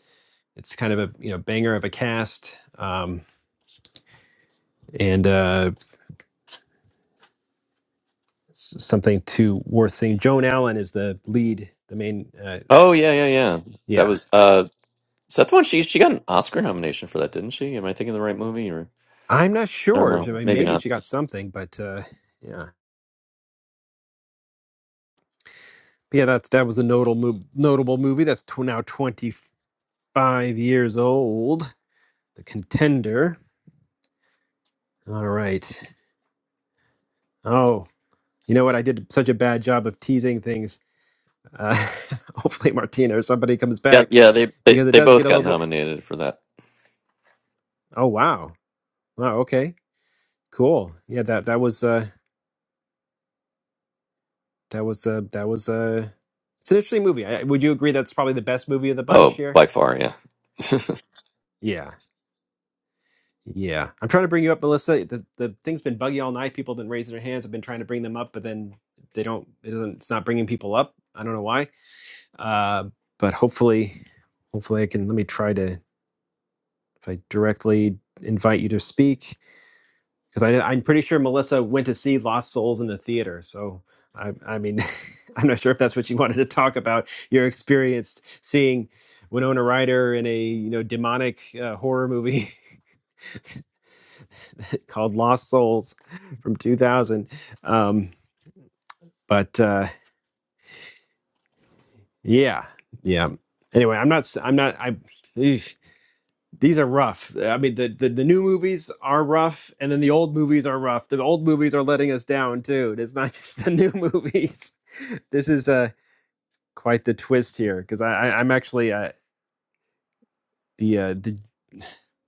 A: It's kind of a you know banger of a cast, um, and uh, something to worth seeing. Joan Allen is the lead, the main. Uh,
D: Oh yeah, yeah, yeah. That
A: yeah,
D: was uh is that the one she she got an Oscar nomination for that, didn't she? Am I thinking of the right movie or
A: I'm not
D: I don't
A: sure. I
D: know.
A: mean,
D: Maybe
A: maybe
D: not.
A: she got something, but uh, yeah, yeah. That that was a notable mov- notable movie. That's tw- now 25 years old. The Contender. All right. Oh, you know what? I did such a bad job of teasing things. Uh, [laughs] hopefully, Martina or somebody comes
D: Yeah,
A: back
D: yeah, they they,
A: because it
D: they
A: does
D: both
A: get a
D: got
A: little [laughs] more.
D: nominated for that.
A: Oh wow! Wow. Okay. Cool. Yeah, that that was uh that was uh that was uh it's an interesting movie. I, would you agree that's probably the best movie of the bunch
D: Oh,
A: here?
D: by far, yeah.
A: Yeah. Yeah. I'm trying to bring you up, Melissa. The the thing's been buggy all night. People have been raising their hands. I've been trying to bring them up, but then they don't it doesn't it's not bringing people up. I don't know why. Uh but hopefully hopefully I can let me try to if I directly invite you to speak. because I, I'm pretty sure Melissa went to see Lost Souls in the theater. So I, I mean, [laughs] I'm not sure if that's what you wanted to talk about. Your experience seeing Winona Ryder in a you know demonic uh, horror movie [laughs] called Lost Souls from 2000. Um, but uh, yeah, yeah. Anyway, I'm not. i I'm not. I. eesh. These are rough. I mean, the, the the new movies are rough, and then the old movies are rough. The old movies are letting us down too. It's not [laughs] just the new movies. this is uh, quite the twist here because I, I, I'm actually uh, the, uh, the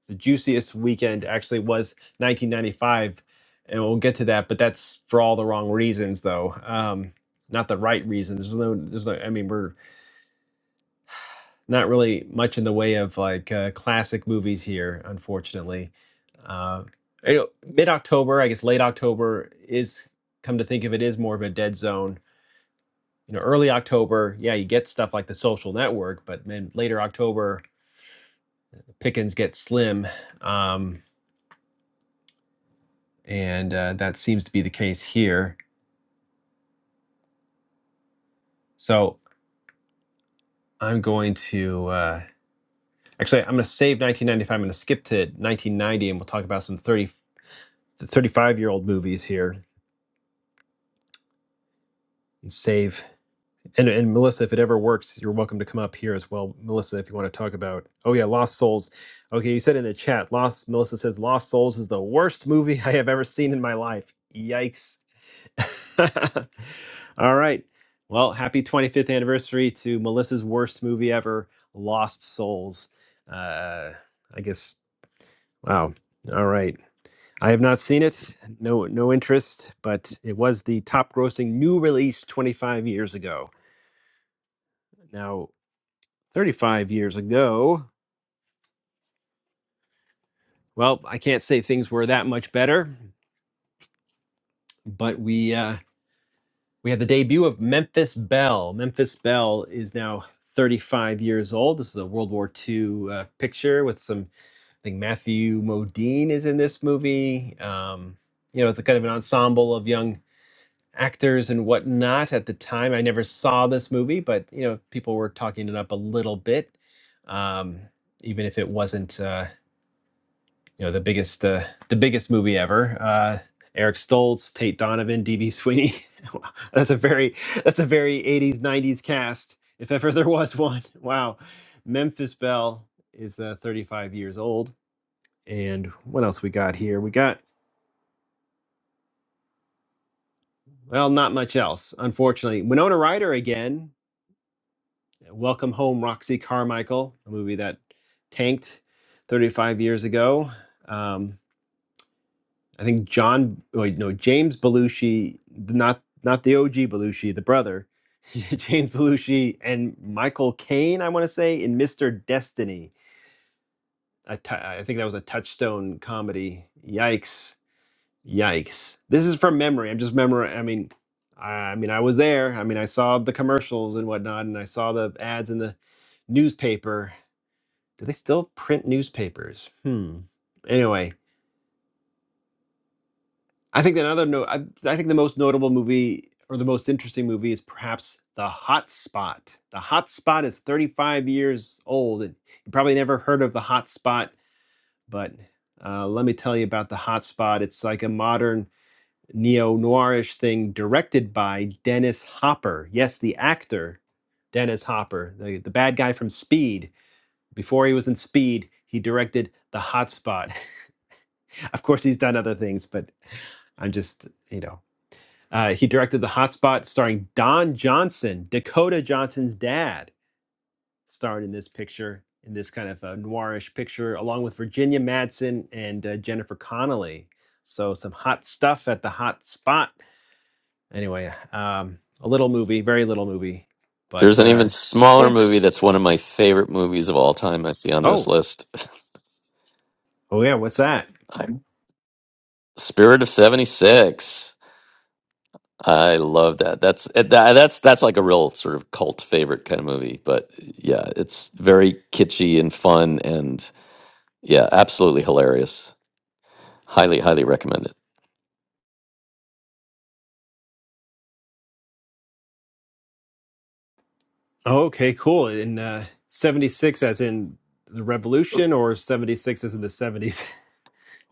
A: the juiciest weekend actually was 1995, and we'll get to that. But that's for all the wrong reasons, though. Um, not the right reasons. There's no, there's no. I mean, we're not really much in the way of like uh, classic movies here, unfortunately. Uh, you know, mid October, I guess late October is come to think of it is more of a dead zone you know early october yeah you get stuff like the social network but then later october pickings get slim, um, and uh, that seems to be the case here. So I'm going to uh, actually I'm going to save 1995. I'm going to skip to 1990, and we'll talk about some 30 35 year old movies here. And save and and Melissa, if it ever works, you're welcome to come up here as well, Melissa, if you want to talk about. Oh yeah, Lost Souls. Okay, you said in the chat, Lost. Melissa says Lost Souls is the worst movie [laughs] I have ever seen in my life. Yikes [laughs] All right. Well, happy 25th anniversary to Melissa's worst movie ever, Lost Souls. Uh, I guess. Wow. All right. I have not seen it. No, no interest. But it was the top-grossing new release 25 years ago. Now, 35 years ago. Well, I can't say things were that much better, but we uh, We had the debut of Memphis Belle. Memphis Belle is now 35 years old. This is a World War II uh, picture with some, I think Matthew Modine is in this movie. Um, you know, it's a kind of an ensemble of young actors and whatnot at the time. I never saw this movie, but, you know, people were talking it up a little bit, um, even if it wasn't. Uh, you know the biggest uh, the biggest movie ever. Uh, Eric Stoltz, Tate Donovan, DB Sweeney. [laughs] Wow, that's a very that's a very 80s 90s cast if ever there was one. [laughs] Wow. Memphis Belle is uh, 35 years old and what else we got here? We got well, not much else, unfortunately. Winona Ryder again. Welcome home Roxy Carmichael, a movie that tanked 35 years ago. Um, I think John, wait, no, James Belushi, not not the OG Belushi, the brother, [laughs] James Belushi and Michael Caine, I want to say, in Mr. Destiny. A tou- I think that was a touchstone comedy. Yikes. Yikes. This is from memory. I'm just memory. I mean, I, I mean, I was there. I mean, I saw the commercials and whatnot, and I saw the ads in the newspaper. Do they still print newspapers? Hmm. Anyway, I think another note. I, I think the most notable movie or the most interesting movie is perhaps The Hot Spot. The Hot Spot is 35 years old. and You probably never heard of The Hot Spot, but uh, let me tell you about The Hot Spot. It's like a modern neo noirish thing directed by Dennis Hopper. Yes, the actor Dennis Hopper, the, the bad guy from Speed. Before he was in Speed, he directed The Hot Spot. [laughs] of course, he's done other things, but I'm just, you know. Uh, he directed The Hot Spot, starring Don Johnson, Dakota Johnson's dad, starred in this picture, in this kind of uh, noirish picture, along with Virginia Madsen and uh, Jennifer Connelly. So some hot stuff at The Hot Spot. Anyway, um, a little movie, very little movie,
D: [laughs] There's
A: but
D: an
A: uh,
D: even smaller
A: eh.
D: movie that's one of my favorite movies of all time I see on this
A: Oh,
D: list.
A: oh yeah, what's that?
D: [laughs] i Spirit of 76. I love that. That's eh, tha- that's that's like a real sort of cult favorite kind of movie. But yeah, it's very kitschy and fun, and yeah, absolutely hilarious. Highly, highly recommend it.
A: Oh, okay, cool. In uh, '76, as in the Revolution, or '76 as in the '70s.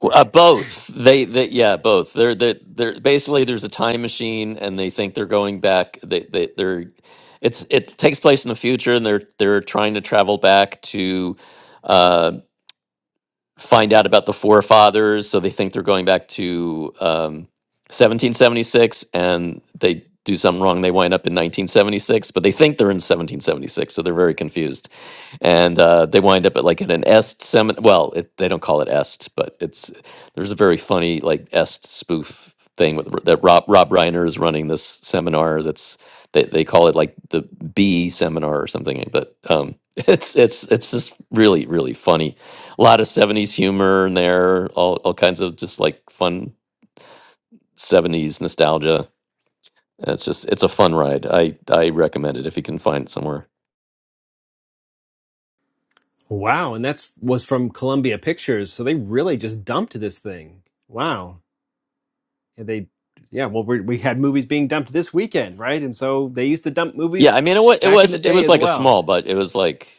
D: Well, Uh, both they, they yeah both they're they are they they're- basically there's a time machine and they think they're going back they they they're it's it takes place in the future and they're they're trying to travel back to uh, find out about the forefathers, so they think they're going back to um, 1776, and they do something wrong. They wind up in 1976, but they think they're in 1776, so they're very confused and uh, they wind up at like at an est seminar well it, they don't call it est but it's there's a very funny like est spoof thing with that rob rob reiner is running this seminar that's they, they call it like the b seminar or something but um [laughs] it's it's it's just really really funny a lot of 70s humor in there all, all kinds of just like fun 70s nostalgia And it's just it's a fun ride i i recommend it if you can find it somewhere
A: Wow, and that's was from Columbia Pictures, so they really just dumped this thing. Wow, and they, yeah, well, we we had movies being dumped this weekend, right? And so they used to dump
D: yeah
A: movies
D: i mean it was it
A: back in
D: was
A: the
D: it
A: day
D: was
A: as
D: like a
A: well.
D: small but it was like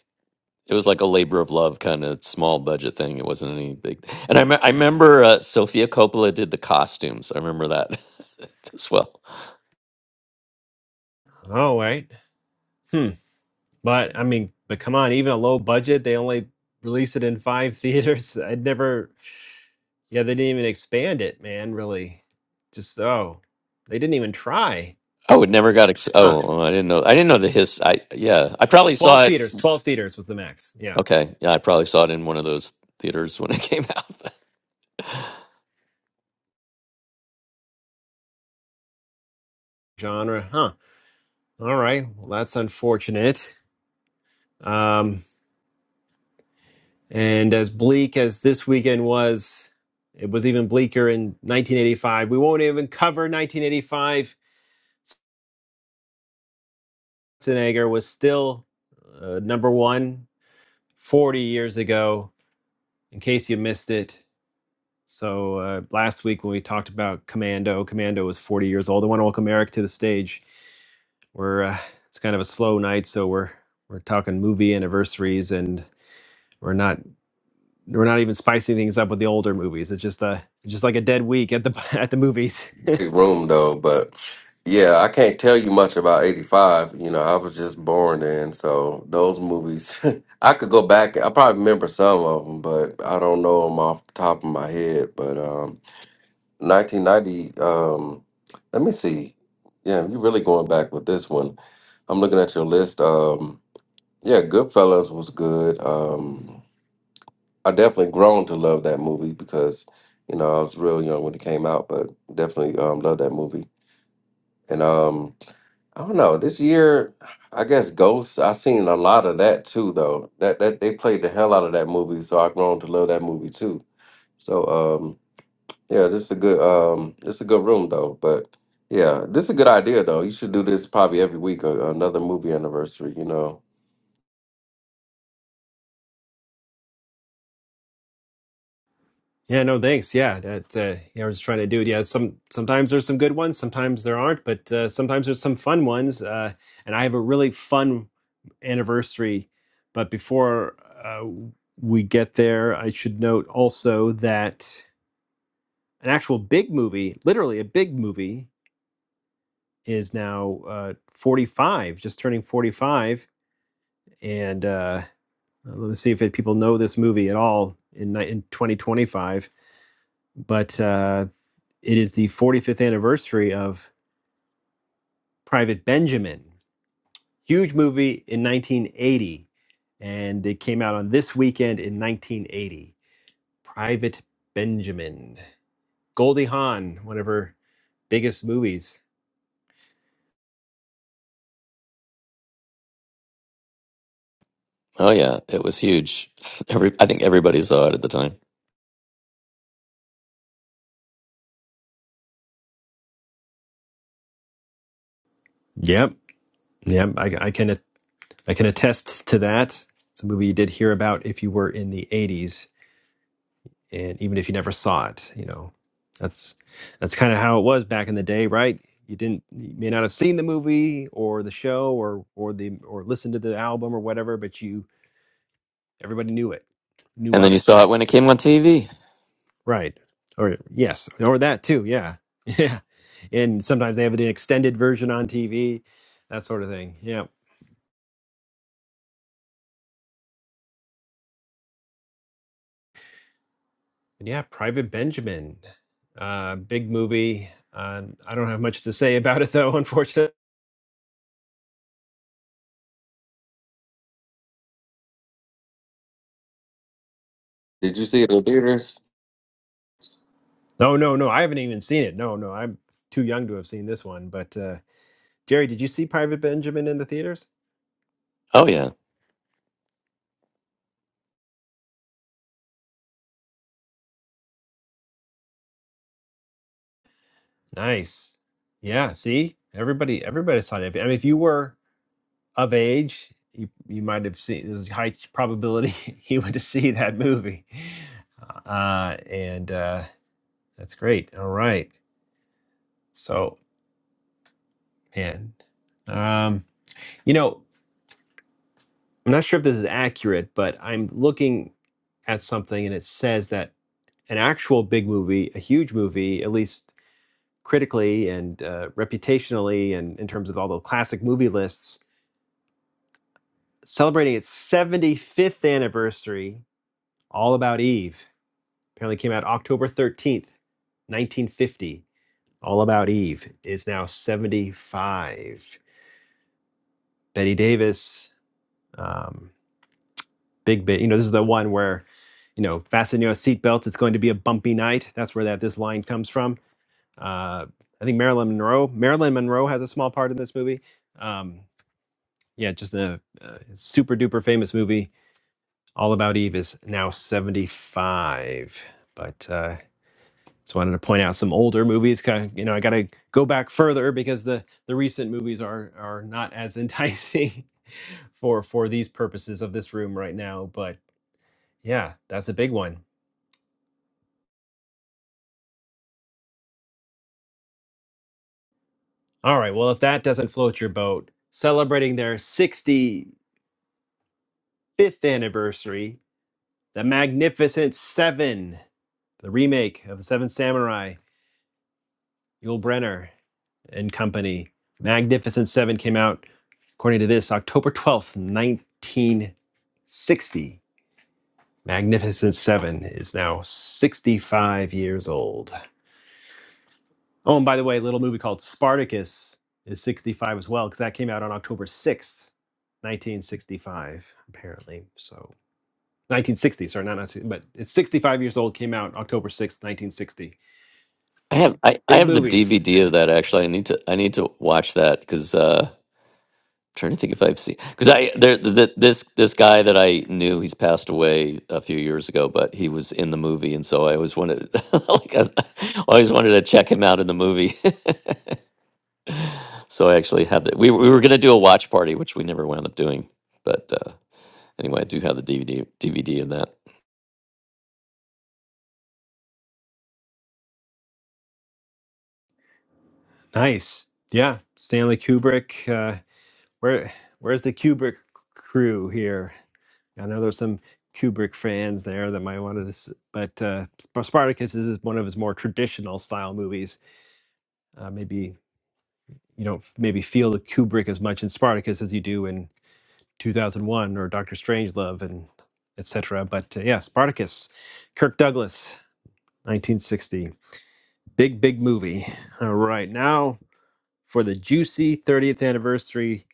D: It was like a labor of love kind of small budget thing. It wasn't any big. And I, me- I remember uh, Sofia Coppola did the costumes. I remember that [laughs] as well.
A: Oh, right. Hmm. But I mean, but come on, even a low budget, they only released it in five [laughs] theaters. I'd never, yeah, they didn't even expand it, man. Really, just oh, they didn't even try,
D: Oh, it never got. Ex-
A: huh?
D: oh, oh, I didn't know. I didn't know the his. I yeah. I probably
A: Twelve
D: saw it.
A: theaters, twelve theaters was the max. Yeah,
D: Okay, yeah. I probably saw it in one of those theaters when it [laughs] came out.
A: genre, huh? All right. Well, that's unfortunate. Um, and as bleak as this weekend was, it was even bleaker in 1985. We won't even cover 1985. Schwarzenegger was still uh, number one 40 years ago, in case you missed it. So uh, last week when we talked about Commando, Commando was 40 years old. I want to welcome Eric to the stage. We're uh, it's kind of a slow night, so we're we're talking movie anniversaries and we're not we're not even spicing things up with the older movies. It's just a just like a dead week at the [laughs] at the movies. [laughs]
H: Big room though, but yeah, I can't tell you much about 85. You know, I was just born then, so those movies, [laughs] I could go back. I probably remember some of them, but I don't know them off the top of my head. But um, 1990, um, let me see. Yeah, you're really going back with this one. I'm looking at your list. Um, yeah, Goodfellas was good. Um, I definitely grown to love that movie because, you know, I was real young when it came out, but definitely um, love that movie. And um, I don't know. This year, I guess Ghosts. I seen a lot of that too, though. That that they played the hell out of that movie, so I've grown to love that movie too. So um, yeah, this is a good um, this is a good room though. But yeah, this is a good idea though. You should do this probably every week, a, another movie anniversary. You know?
A: yeah, no thanks. Yeah, that uh, yeah, we're just trying to do it. Yeah, some sometimes there's some good ones, sometimes there aren't, but uh, sometimes there's some fun ones. Uh, and I have a really fun anniversary. But before uh, we get there, I should note also that an actual big movie, literally a big movie, is now uh, 45, just turning 45, and. uh, Uh, let's see if it, people know this movie at all in, in 2025. But uh, it is the 45th anniversary of Private Benjamin. Huge movie in 1980. And it came out on this weekend in 1980. Private Benjamin. Goldie Hawn, one of her biggest movies.
D: oh yeah, it was huge. Every I think everybody saw it at the time.
A: Yep. Yep. I, I can I can attest to that. It's a movie you did hear about if you were in the 80s. and even if you never saw it you know that's that's kind of how it was back in the day right you didn't you may not have seen the movie or the show or or the or listened to the album or whatever but you everybody knew it knew
D: And then
A: of
D: you
A: it
D: saw it when it came on TV.
A: right or yes or that too yeah [laughs] yeah and sometimes they have an extended version on tv that sort of thing yeah and yeah private benjamin uh big movie uh, i don't have much to say about it though [laughs] unfortunately
H: Did you see it in theaters?
A: No, no, no. I haven't even seen it. No, no. I'm too young to have seen this one. But uh, Jerry, did you see Private Benjamin in the theaters?
D: Oh yeah.
A: Nice. Yeah. See, everybody, everybody saw it. I mean, if you were of age, you you might have seen. There's a high probability [laughs] you went to see that movie. Uh, and uh, that's great. All right. So, man, um, you know, I'm not sure if this is accurate, but I'm looking at something, and it says that an actual big movie, a huge movie, at least critically and uh, reputationally, and in terms of all the classic movie lists, celebrating its 75th anniversary, All About Eve. Apparently came out October 13th, 1950. All About Eve is now 75. Betty Davis, um, big bit. You know, this is the one where, you know, fasten your seatbelts. It's going to be a bumpy night. That's where that this line comes from Uh, I think Marilyn Monroe. Marilyn Monroe has a small part in this movie. Um, yeah, just a, uh super duper famous movie. All About Eve is now 75. But uh, just wanted to point out some older movies. Kind of, you know, I got to go back further because the the recent movies are are not as enticing [laughs] for for these purposes of this room right now. But yeah, that's a big one. All right. Well, if that doesn't float your boat, celebrating their 65th anniversary The Magnificent Seven, the remake of The Seven Samurai, Yul Brynner and Company. Magnificent Seven came out, according to this, October 12th, 1960. Magnificent Seven is now 65 years old. Oh, and by the way, a little movie called Spartacus is 65 as well, because that came out on October 6th, 1965, apparently. So 1960, sorry, not 1960, but it's 65 years old, came out October 6th, 1960.
D: I have I, I
A: Big
D: have the
A: movies.
D: DVD of that actually. I need to I need to watch that because. trying to think if I've seen because I there the, this this guy that I knew he's passed away a few years ago, but he was in the movie, and so I always wanted [laughs] like I was- I always wanted to check him out in the movie. [laughs] so I actually have that. We were- we were gonna do a watch party, which we never wound up doing, but uh, anyway, I do have the DVD DVD of that.
A: Nice. Yeah. Stanley Kubrick. Uh, where where's the Kubrick crew here? I know there's some Kubrick fans there that might want to, s- but uh, Sp- Spartacus is one of his more traditional style movies. Uh, maybe you don't f- maybe feel the Kubrick as much in Spartacus as you do in 2001 or Doctor Strangelove and etc. But uh, yeah, Spartacus, Kirk Douglas, 1960, big big movie. All right, now for the juicy 30th anniversary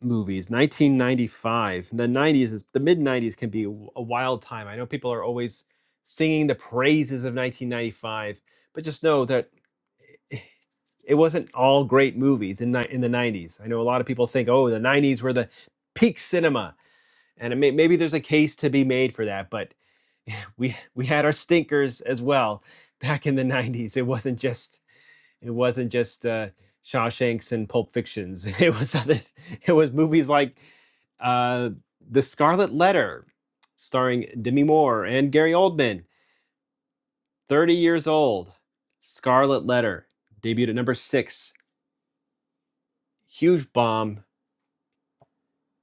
A: movies 1995 the 90s is the mid 90s can be a wild time i know people are always singing the praises of 1995 but just know that [sighs] it wasn't all great movies in, ni- in the 90s i know a lot of people think oh the 90s were the peak cinema and it may, maybe there's a case to be made for that but [laughs] we we had our stinkers as well back in the 90s it wasn't just it wasn't just uh, Shawshanks and Pulp Fictions. [laughs] It was other, it was movies like uh, The Scarlet Letter, starring Demi Moore and Gary Oldman. Thirty years old, Scarlet Letter debuted at number six. Huge bomb.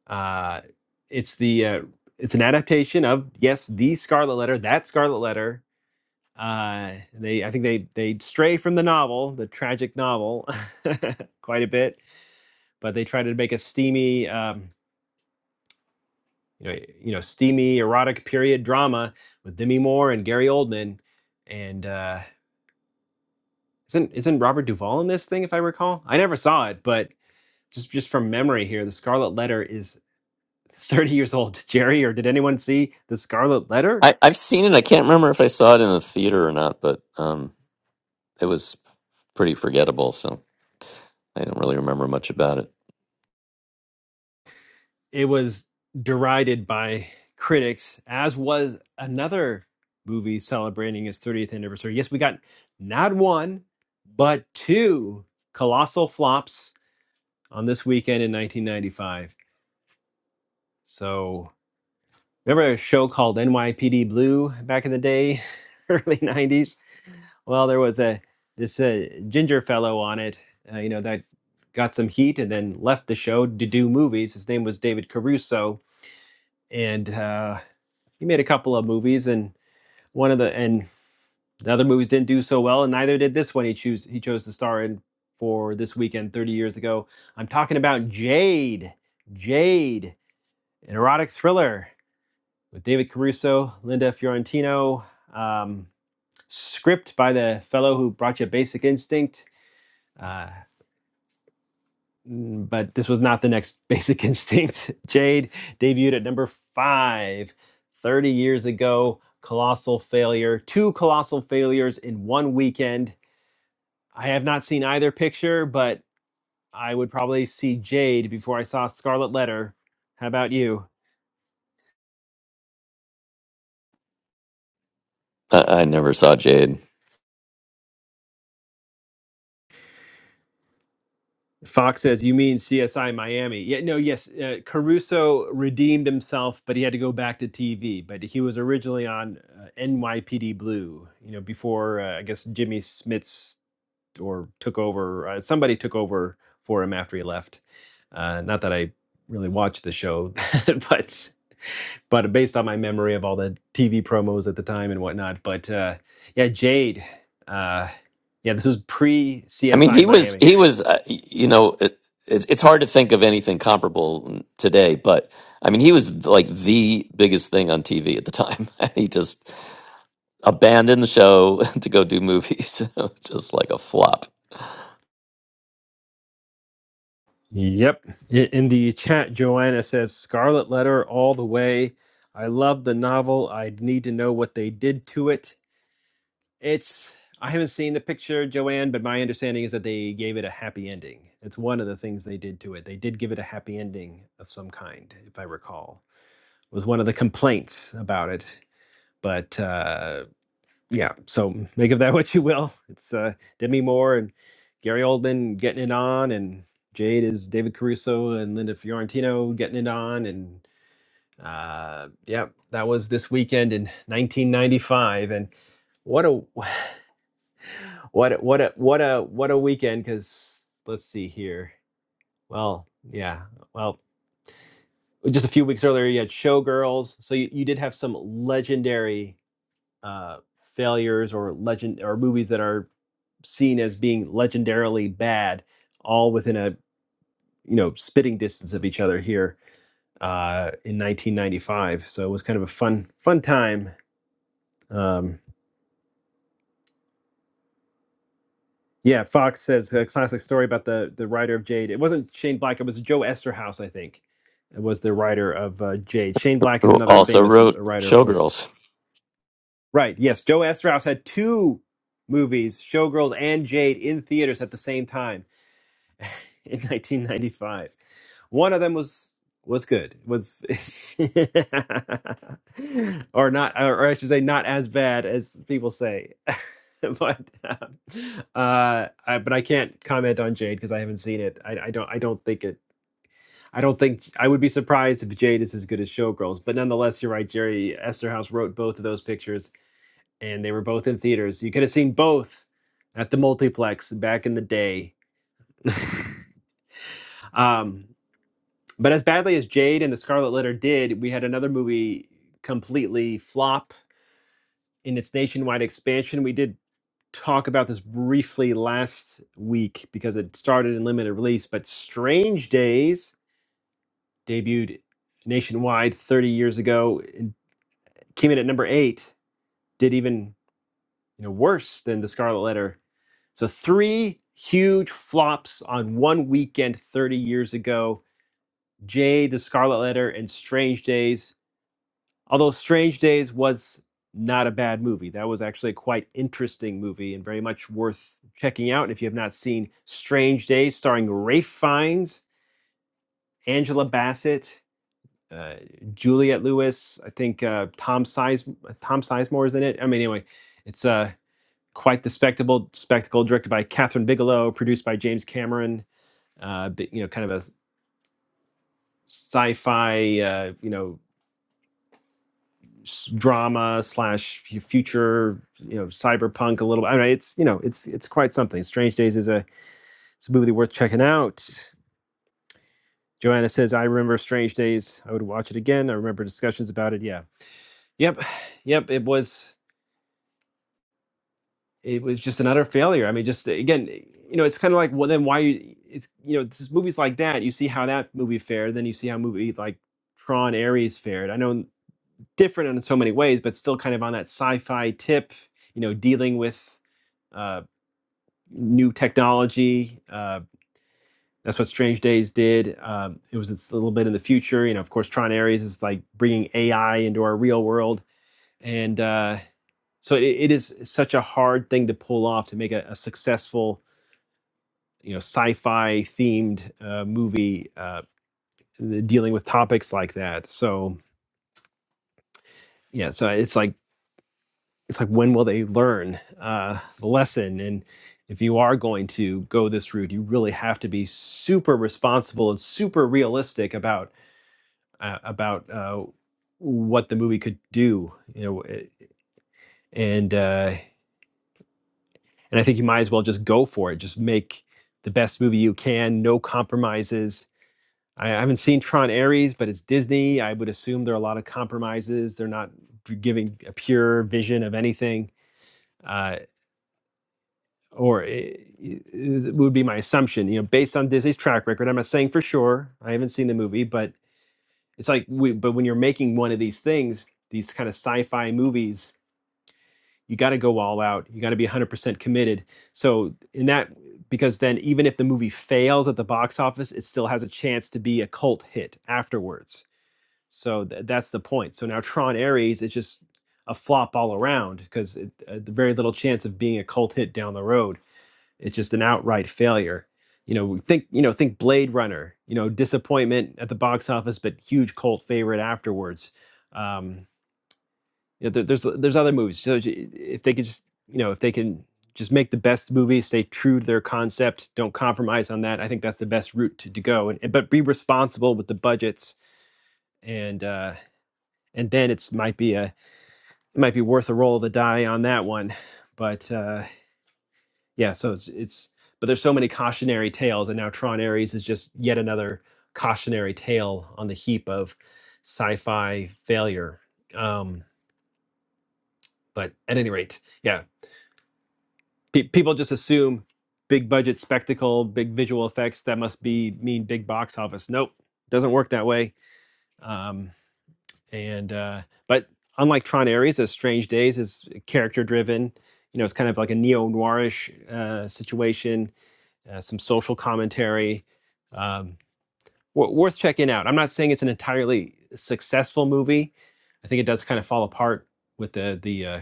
A: Uh, it's the uh, it's an adaptation of yes, the Scarlet Letter. That Scarlet Letter. Uh, they I think they they stray from the novel, the tragic novel, [laughs] quite a bit but they tried to make a steamy, um, you know, you know, steamy erotic period drama with Demi Moore and Gary Oldman, and uh, isn't isn't Robert Duvall in this thing? If I recall, I never saw it, but just just from memory here, the Scarlet Letter is [laughs] 30 years old. [laughs] Did Jerry, or did anyone see the Scarlet Letter?
D: I I've seen it. I can't remember if I saw it in the theater or not, but um, it was pretty forgettable, so I don't really remember much about it.
A: It was derided by critics, as was another movie celebrating its 30th anniversary. Yes, we got not one, but two colossal flops on this weekend in 1995. So remember a show called NYPD Blue back in the day, [laughs] early 90s? Well, there was a this uh, ginger fellow on it, uh, you know, that got some heat and then left the show to do movies. His name was David Caruso, and uh, he made a couple of movies, and one of the and the other movies didn't do so well, and neither did this one. He chose he chose to star in for this weekend 30 years ago. I'm talking about Jade. Jade an erotic thriller with David Caruso, Linda Fiorentino, um, script by the fellow who brought you Basic Instinct. Uh, mm, but this was not the next Basic Instinct. [laughs] Jade debuted at number five 30 years ago. Colossal failure. Two colossal failures in one weekend. I have not seen either picture, but I would probably see Jade before I saw Scarlet Letter. How about you?
D: I, I never saw Jade.
A: Fox says, "You mean CSI Miami?" Yeah, no, yes. Uh, Caruso redeemed himself, but he had to go back to TV. But he was originally on uh, NYPD Blue, you know, before uh, I guess Jimmy Smits or took over. Uh, somebody took over for him after he left. Uh, not that I really watched the show, [laughs] but but based on my memory of all the TV promos at the time and whatnot. But uh, yeah, Jade. Uh, yeah, this was pre
D: I mean,
A: CSI
D: he was
A: Miami.
D: he was uh, you know it, it's it's hard to think of anything comparable today, but I mean, he was like the biggest thing on TV at the time. [laughs] he just abandoned the show [laughs] to go do movies, [laughs] just like a flop.
A: Yep. In the chat, Joanna says Scarlet Letter all the way. I love the novel. I need to know what they did to it. It's I haven't seen the picture, Joanne, but my understanding is that they gave it a happy ending. It's one of the things they did to it. They did give it a happy ending of some kind, if I recall. It was one of the complaints about it. But uh yeah, so make of that [laughs] what you will. It's uh, Demi Moore and Gary Oldman getting it on, and Jade is David Caruso and Linda Fiorentino getting it on, and uh, yeah, that was this weekend in 1995, and what a [sighs] [laughs] what a, what a what a what a weekend! Because let's see here. Well, yeah, well, just a few weeks earlier you had Showgirls, so you, you did have some legendary uh, failures or legend or movies that are seen as being legendarily bad, all within a you know spitting distance of each other here uh, in 1995. So it was kind of a fun fun time. Um, yeah, Fox says a classic story about the the writer of Jade. It wasn't Shane Black. It was Joe Esterhaus, I think. It was the writer of uh, Jade. Shane Black is another
D: Also
A: famous
D: wrote
A: uh, writer, of course.
D: Showgirls.
A: Right. Yes, Joe Esterhaus had two movies, Showgirls and Jade, in theaters at the same time in [laughs] 1995. One of them was was good. Was [laughs] or not or I should say not as bad as people say. [laughs] but um, uh I, but I can't comment on Jade because I haven't seen it. I, I don't I don't think it I don't think I would be surprised if Jade is as good as Showgirls. But nonetheless, you're right, Jerry Esterhaus wrote both of those pictures and they were both in theaters. You could have seen both at the multiplex back in the day. Um, But as badly as Jade and the Scarlet Letter did, we had another movie completely flop in its nationwide expansion. We did talk about this briefly last week because it started in limited release, but Strange Days debuted nationwide 30 years ago and came in at number 8, did even, you know, worse than the Scarlet Letter. So three huge flops on one weekend 30 years ago. Jade, the Scarlet Letter and Strange Days Although Strange Days was not a bad movie. That was actually a quite interesting movie and very much worth checking out. And if you have not seen Strange Days, starring Rafe Fiennes, Angela Bassett, uh, Juliette Lewis, I think uh, Tom Size uh, Tom Sizemore is in it. I mean, anyway, it's uh, quite the spectacle. Spectacle directed by Catherine Bigelow, produced by James Cameron. Uh, you know, kind of a sci-fi, uh, you know, drama slash future, you know, cyberpunk a little. bit. I mean, it's you know, it's it's quite something. Strange Days is a it's a movie worth checking out. Joanna says, "I remember Strange Days. I would watch it again. I remember discussions about it. Yeah, yep, yep. It was it was just another failure. I mean, just again, you know, it's kind of like well, then why you- it's you know, it's just movies like that. You see how that movie fared, then you see how movie like Tron Ares fared. I know different in so many ways, but still kind of on that sci-fi tip. You know, dealing with uh, new technology. Uh, that's what Strange Days did. Um, it was it's a little bit in the future. You know, of course, Tron Ares is like bringing AI into our real world, and uh, so it, it is such a hard thing to pull off to make a, a successful, you know, sci-fi themed uh, movie uh, dealing with topics like that. So yeah, so it's like it's like when will they learn uh, the lesson and if you are going to go this route you really have to be super responsible and super realistic about uh, about uh, what the movie could do you know it- and uh, and i think you might as well just go for it just make the best movie you can no compromises i I haven't seen tron ares but it's disney i would assume there are a lot of compromises they're not giving a pure vision of anything Uh, or it, it would be my assumption, you know, based on Disney's track record. I'm not saying for sure. I haven't seen the movie, but it's like, we, but when you're making one of these things, these kind of sci-fi movies, you got to go all out. You got to be 100% committed. So in that, because then even if the movie fails at the box office, it still has a chance to be a cult hit afterwards. So th- that's the point. So now Tron Ares is just a flop all around because uh, very little chance of being a cult hit down the road it's just an outright failure. You know, think you know, think Blade Runner. You know, disappointment at the box office, but huge cult favorite afterwards. Um, you know, there, there's there's other movies. So if they could just you know if they can just make the best movie, stay true to their concept, don't compromise on that. I think that's the best route to, to go. And, and- but be responsible with the budgets, and uh, and then it's might be a it might be worth a roll of the die on that one. But uh, Yeah, so it's it's but there's so many cautionary tales, and now Tron Ares is just yet another cautionary tale on the heap of sci-fi failure. Um, but at any rate, yeah, pe- people just assume big budget spectacle, big visual effects that must be mean big box office. Nope, doesn't work that way. Um, and uh, but unlike Tron Ares, as Strange Days is character driven. You know, it's kind of like a neo noirish uh, situation uh, some social commentary. Um, worth checking out. I'm not saying it's an entirely successful movie. I think it does kind of fall apart with the the uh,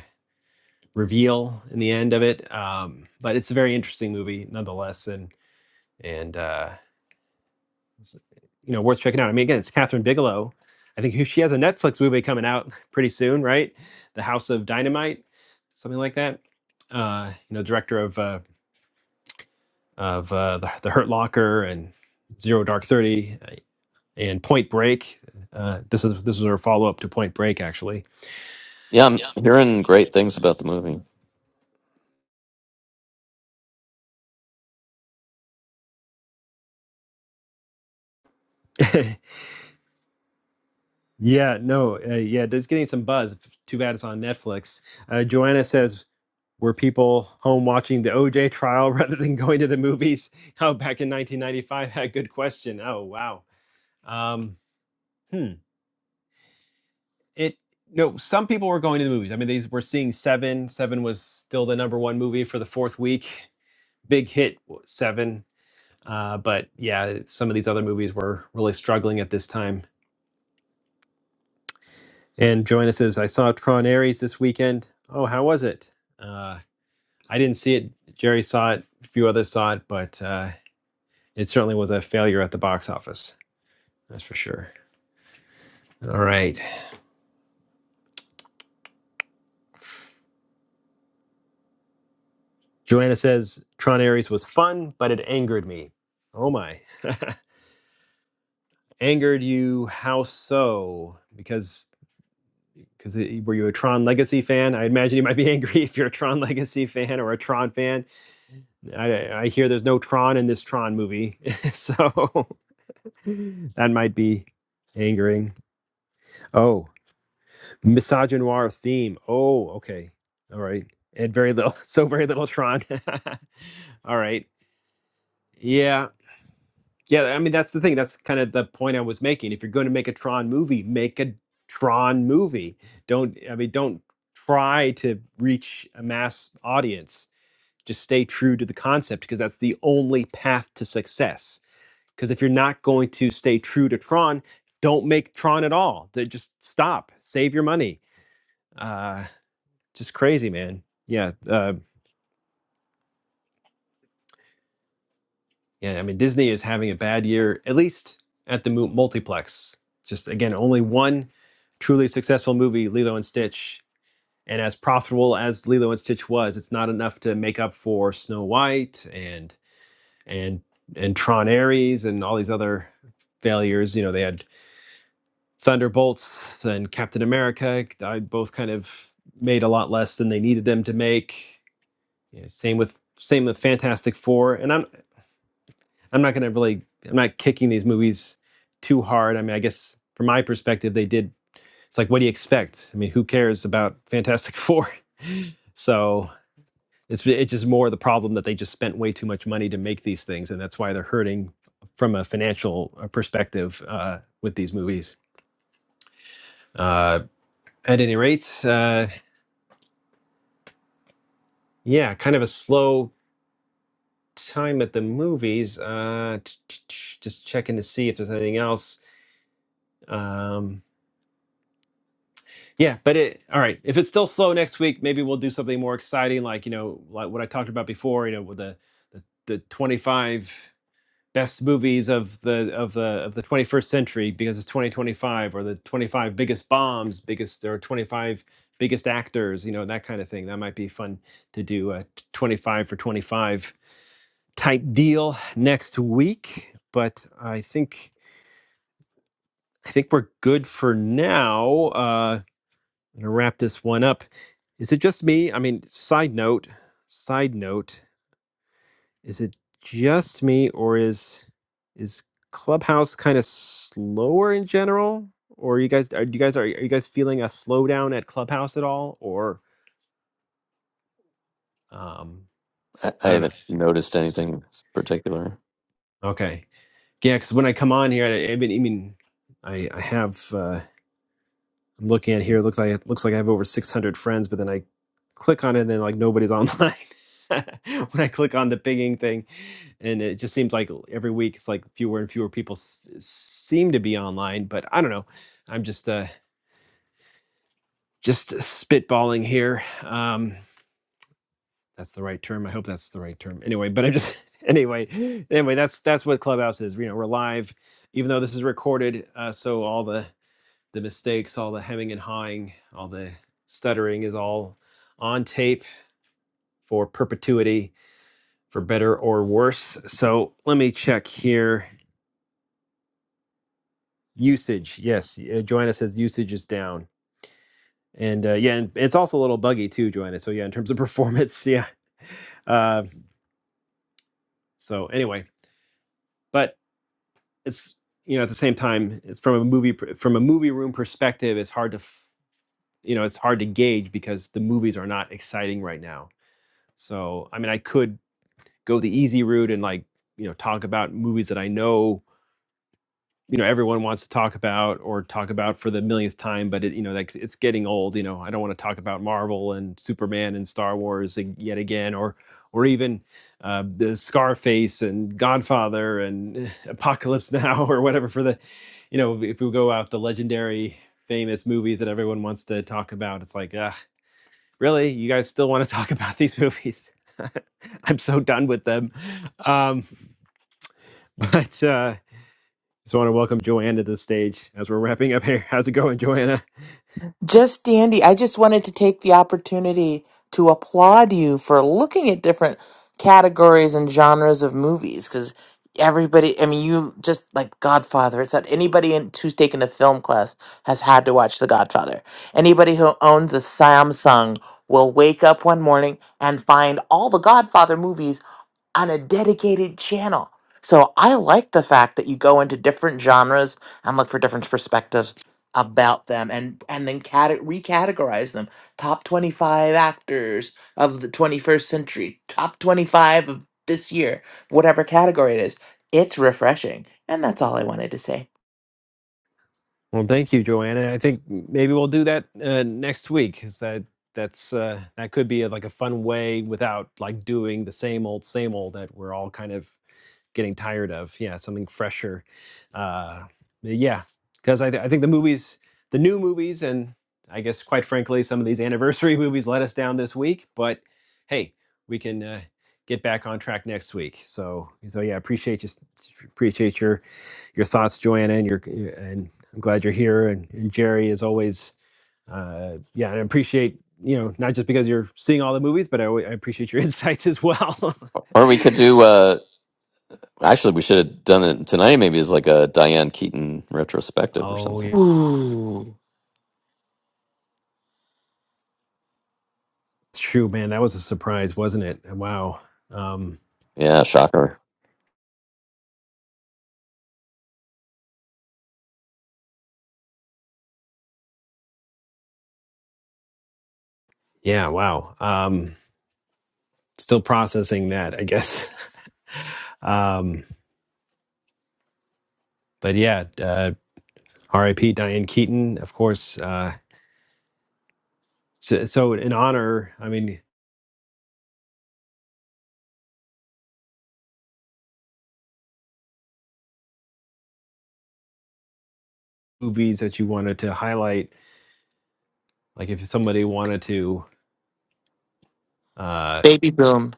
A: reveal in the end of it. Um, but it's a very interesting movie nonetheless, and and uh, you know worth checking out. I mean, again, it's Catherine Bigelow. I think she has a Netflix movie coming out pretty soon, right? The House of Dynamite, something like that. Uh, you know, director of uh, of uh, the, the Hurt Locker and Zero Dark Thirty. Uh, and Point Break. Uh, this is this was our follow up to Point Break, actually.
D: Yeah, I'm hearing great things about the movie.
A: [laughs] yeah, no, uh, yeah, it's getting some buzz. Too bad it's on Netflix. Uh, Joanna says, "Were people home watching the OJ trial [laughs] rather than going to the movies?" [laughs] How oh, back in 1995? [laughs] Good question. Oh wow. Um, hmm. It no. Some people were going to the movies. I mean, these were seeing Seven. Seven was still the number one movie for the fourth week. Big hit Seven Uh, but yeah, some of these other movies were really struggling at this time. And Joanna says, I saw Tron Ares this weekend. Oh, how was it? Uh, I didn't see it. Jerry saw it. A few others saw it, but uh, it certainly was a failure at the box office. That's for sure. All right. Joanna says, Tron Ares was fun, but it angered me. Oh my. [laughs] angered you? How so? Because because it- were you a Tron Legacy fan? I imagine you might be [laughs] angry if you're a Tron Legacy fan or a Tron fan I, I hear there's no Tron in this Tron movie, [laughs] so [laughs] that might be angering. Oh, misogynoir theme. Oh, okay, all right, and very little, [laughs] so very little Tron. [laughs] all right, yeah, yeah. I mean, that's the thing. That's kind of the point I was making. If you're going to make a Tron movie, make a Tron movie. Don't I mean, don't try to reach a mass audience. Just stay true to the concept because that's the only path to success Because if you're not going to stay true to Tron, don't make Tron at all. They just stop. Save your money. Uh, just crazy, man. Yeah, uh, yeah. I mean, Disney is having a bad year, at least at the mu- multiplex. Just again, only one truly successful movie, Lilo and Stitch. And as profitable as Lilo and Stitch was, it's not enough to make up for Snow White and and and Tron Ares and all these other failures. You know, they had Thunderbolts and Captain America, I both kind of made a lot less than they needed them to make. You know, same with same with Fantastic Four, and I'm I'm not going to really I'm not kicking these movies too hard. I mean, I guess from my perspective, they did. It's like, what do you expect? I mean, who cares about Fantastic Four? [laughs] so it's it's just more the problem that they just spent way too much money to make these things, and that's why they're hurting from a financial uh, perspective uh, with these movies. Uh, at any rate, uh, Yeah, kind of a slow time at the movies. Uh, t- t- t- just checking to see if there's anything else. Um, yeah, but it all right. If it's still slow next week, maybe we'll do something more exciting, like you know, like what I talked about before. You know, with the the, the 25 best movies of the of the of the 21st century because it's 2025, or the 25 biggest bombs, biggest or 25 biggest actors. You know, that kind of thing. That might be fun to do. Uh, 25 for 25 type deal next week. But I think I think we're good for now. Uh, I'm gonna wrap this one up. Is it just me? I mean, side note, side note, is it just me or is is Clubhouse kind of slower in general? Or you guys are you guys are, are you guys feeling a slowdown at Clubhouse at all? Or um,
D: I, I
A: I don't know.
D: haven't noticed anything particular.
A: Okay, yeah, because when I come on here, I, I mean, I mean, I, I have. Uh, I'm looking at here. It looks like it looks like I have over 600 friends, but then I click on it, and then like nobody's online. [laughs] when I click on the pinging thing, and it just seems like every week it's like fewer and fewer people s- seem to be online. But I don't know. I'm just uh just spitballing here. Um, that's the right term. I hope that's the right term. Anyway, but I'm just [laughs] anyway anyway that's that's what Clubhouse is. You know, we're live, even though this is recorded. Uh, so all the the mistakes, all the hemming and hawing, all the stuttering is all on tape for perpetuity, for better or worse. So let me check here. Usage, yes. uh, Joanna says usage is down, and uh, yeah, and it's also a little buggy too, Joanna. So yeah, in terms of [laughs] performance, yeah. Uh, so anyway, but it's you know at the same time, it's from a movie from a movie room perspective, it's hard to you know it's hard to gauge because the movies are not exciting right now. So I mean, I could go the easy route and like you know talk about movies that I know you know everyone wants to talk about or talk about for the millionth time. But it, you know like it's getting old. You know I don't want to talk about Marvel and Superman and Star Wars ag- yet again or or even uh, the Scarface and Godfather and [laughs] Apocalypse Now or whatever for the you know if we go out the legendary famous movies that everyone wants to talk about it's like ah, really you guys still want to [laughs] talk about these movies [laughs] i'm so done with them um [laughs] But uh, just want to welcome Joanna to the stage as we're wrapping up here. How's it going, Joanna?
I: Just dandy. I just wanted to take the opportunity to applaud you for looking at different categories and genres of movies because everybody, I mean, you just like Godfather. It's not anybody in, who's taken a film class has had to watch The Godfather. Anybody who owns a Samsung will wake up one morning and find all the Godfather movies on a dedicated channel. So I like the fact that you go into different genres and look for different perspectives about them and and then cate- recategorize them top 25 actors of the 21st century top 25 of this year whatever category it is it's refreshing and that's all i wanted to say
A: Well, thank you, Joanna. I think maybe we'll do that uh, next week. Is that that's uh, that could be a, like a fun way without like doing the same old, same old that we're all kind of getting tired of. Yeah, something fresher. Uh, yeah, because I, th- I think the movies, the new movies, and I guess quite frankly, some of these [laughs] anniversary movies let us down this week. But hey, we can uh, get back on track next week. So so yeah, appreciate you appreciate your your thoughts, Joanna, and your and I'm glad you're here. And, and Jerry, as always, uh, yeah, and I appreciate you know not just because you're seeing all the movies, but I, alwa- I appreciate your [laughs] insights as well.
D: Or we could do. uh Actually, we should have done it tonight. Maybe as like a Diane Keaton
A: [laughs]
D: retrospective or
A: oh
D: something.
A: yeah.
I: ooh
A: True, man. That was a surprise, wasn't it? Wow. Um,
D: Yeah, shocker.
A: yeah, wow. Um, still processing that, I guess. [laughs] Um, but yeah, uh, RIP Diane Keaton, of course. Uh, so, so, in honor, I mean, movies that you wanted to highlight, like if somebody wanted to, uh,
I: baby boom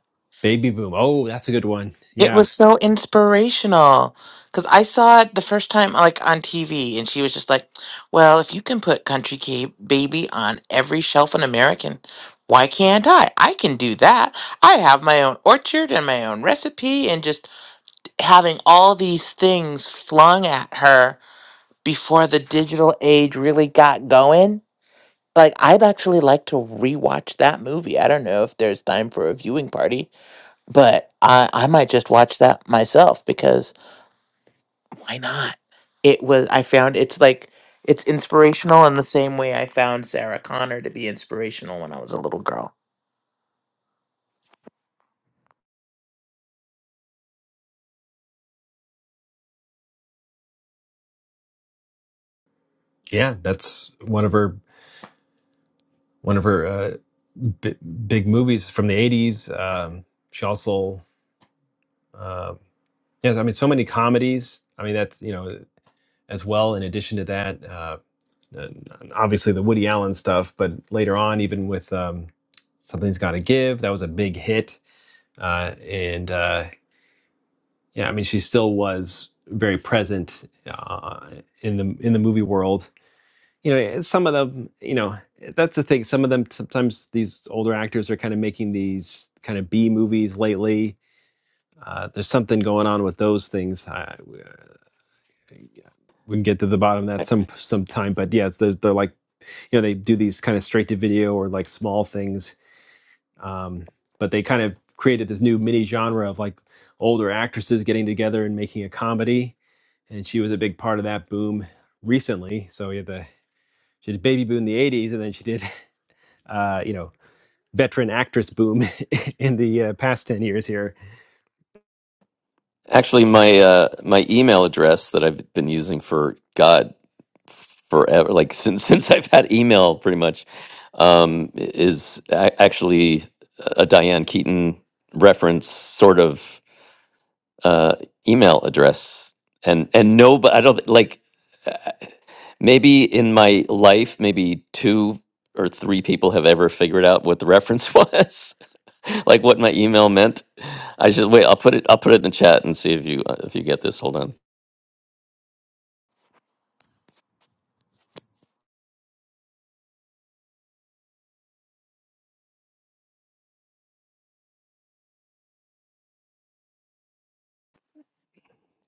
A: Baby Boom. Oh, that's a good one.
I: It
A: Yeah,
I: was so inspirational because I saw it the first time, like on TV, and she was just like, "Well, if you can put Country Ca- Baby on every shelf in American, why can't I? I can do that. I have my own orchard and my own recipe, and just having all these things flung at her before the digital age really got going." Like, I'd actually like to rewatch that movie. I don't know if there's time for a viewing party but I I might just watch that myself because why not? It was I found it's like it's inspirational in the same way I found Sarah Connor to be inspirational when I was a little girl.
A: yeah, that's one of her one of her uh, b- big movies from the '80s. Um, she also. Um, Yes, I mean, so many comedies. I mean, that's, you know, as well, in addition to that, uh, and and obviously the Woody Allen stuff, but later on, even with um, Something's Gotta Give, that was a big hit. Uh, and uh, yeah, I mean, she still was very present uh, in the in the movie world. You know, and some of them, you know, that's the thing. Some of them, sometimes these older actors are kind of making these kind of B movies lately. Uh, there's something going on with those things. I, Yeah. we can get to the bottom of that some sometime. But yeah, it's, they're like you know they do these kind of straight to video or like small things, um, but they kind of created this new mini genre of like older actresses getting together and making a comedy, and she was a big part of that boom recently. So we had the she did baby boom in the '80s, and then she did [laughs] uh, you know veteran actress boom [laughs] in the uh, past ten years here.
D: Actually, my uh, my email address that I've been using for God forever, like since [laughs] since I've had email, pretty much, um, is a- actually a Diane Keaton reference sort of uh, email address, and and no, but I don't thi- like uh, maybe in my life, maybe two or three people have ever figured out what the reference [laughs] was like what my email meant. I should wait. I'll put it. I'll put it in the chat and see if you uh, if you get this. Hold on.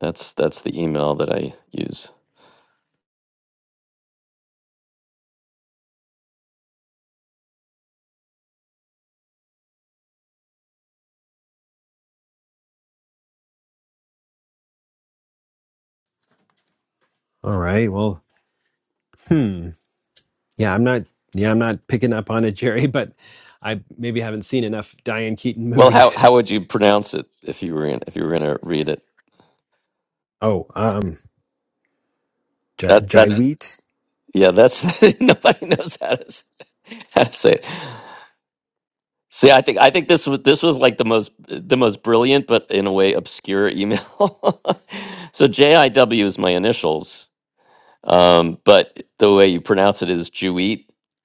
D: That's that's the email that I use.
A: All right, well, hmm. Yeah, I'm not. Yeah, I'm not picking up on it, Jerry. [laughs] But I maybe haven't seen enough Diane Keaton
D: Well, how
A: movies.
D: how
A: [laughs]
D: would you pronounce it if you were in, if you were gonna read it?
A: Oh, um, Jai,
D: That
A: Jai
D: that's
A: Wheat.
D: yeah. That's [laughs] nobody knows how to s- how to say it. See, I think I think this was this was like the most the most brilliant, but in a way obscure email. [laughs] so JIW is my initials, Um, but the way you pronounce it is Jewett, [laughs]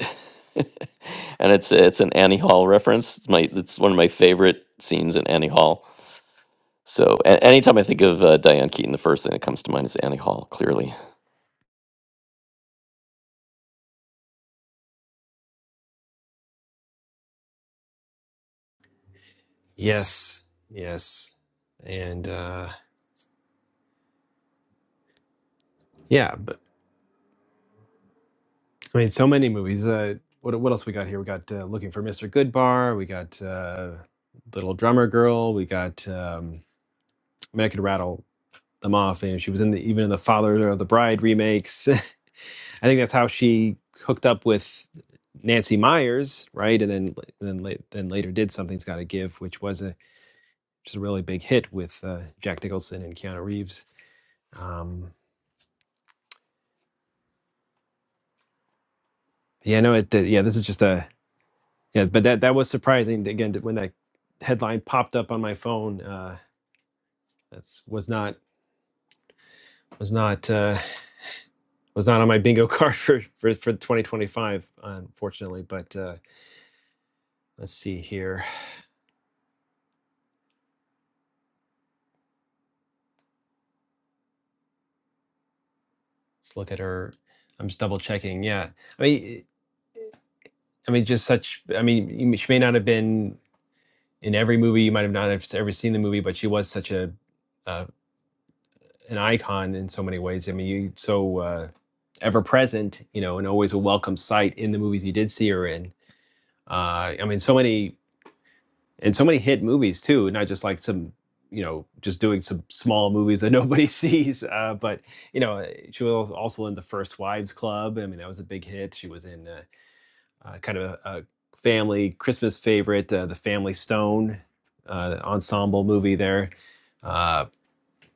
D: and it's it's an Annie Hall reference. It's my it's one of my favorite scenes in Annie Hall. So a- anytime I think of uh, Diane Keaton, the first thing that comes to mind is Annie Hall. Clearly,
A: Yes, yes, and uh, yeah. But I mean, so many movies. Uh, what what else we got here? We got uh, Looking for Mr. Goodbar. We got uh, Little Drummer Girl. We got. Um, I mean, I could rattle them off. And she was in the even in the Father of the Bride remakes. [laughs] I think that's how she hooked up with Nancy Myers, right? And then and then late, then later did something's got to give, which was a just a really big hit with uh, Jack Nicholson and Keanu Reeves. Um, yeah, no, it, yeah, this is just a yeah, but that that was surprising again that when that headline popped up on my phone. Uh, that's was not was not uh, was not on my bingo [laughs] card for for, for 2025, unfortunately. But uh, let's see here. Let's look at her. I'm just double checking. Yeah, I mean, I mean, just such. I mean, she may not have been in every movie. You might have not have ever seen the movie, but she was such a uh, an icon in so many ways. I mean, you so uh, ever present, you know, and always a welcome sight in the movies you did see her in. Uh, I mean, so many and so many hit movies too, not just like some you know just doing some small movies that nobody [laughs] sees uh, but you know she was also in the first wives club i mean that was a big hit she was in uh, uh, kind of a, a family Christmas favorite, uh, the Family Stone uh, ensemble movie there. Uh,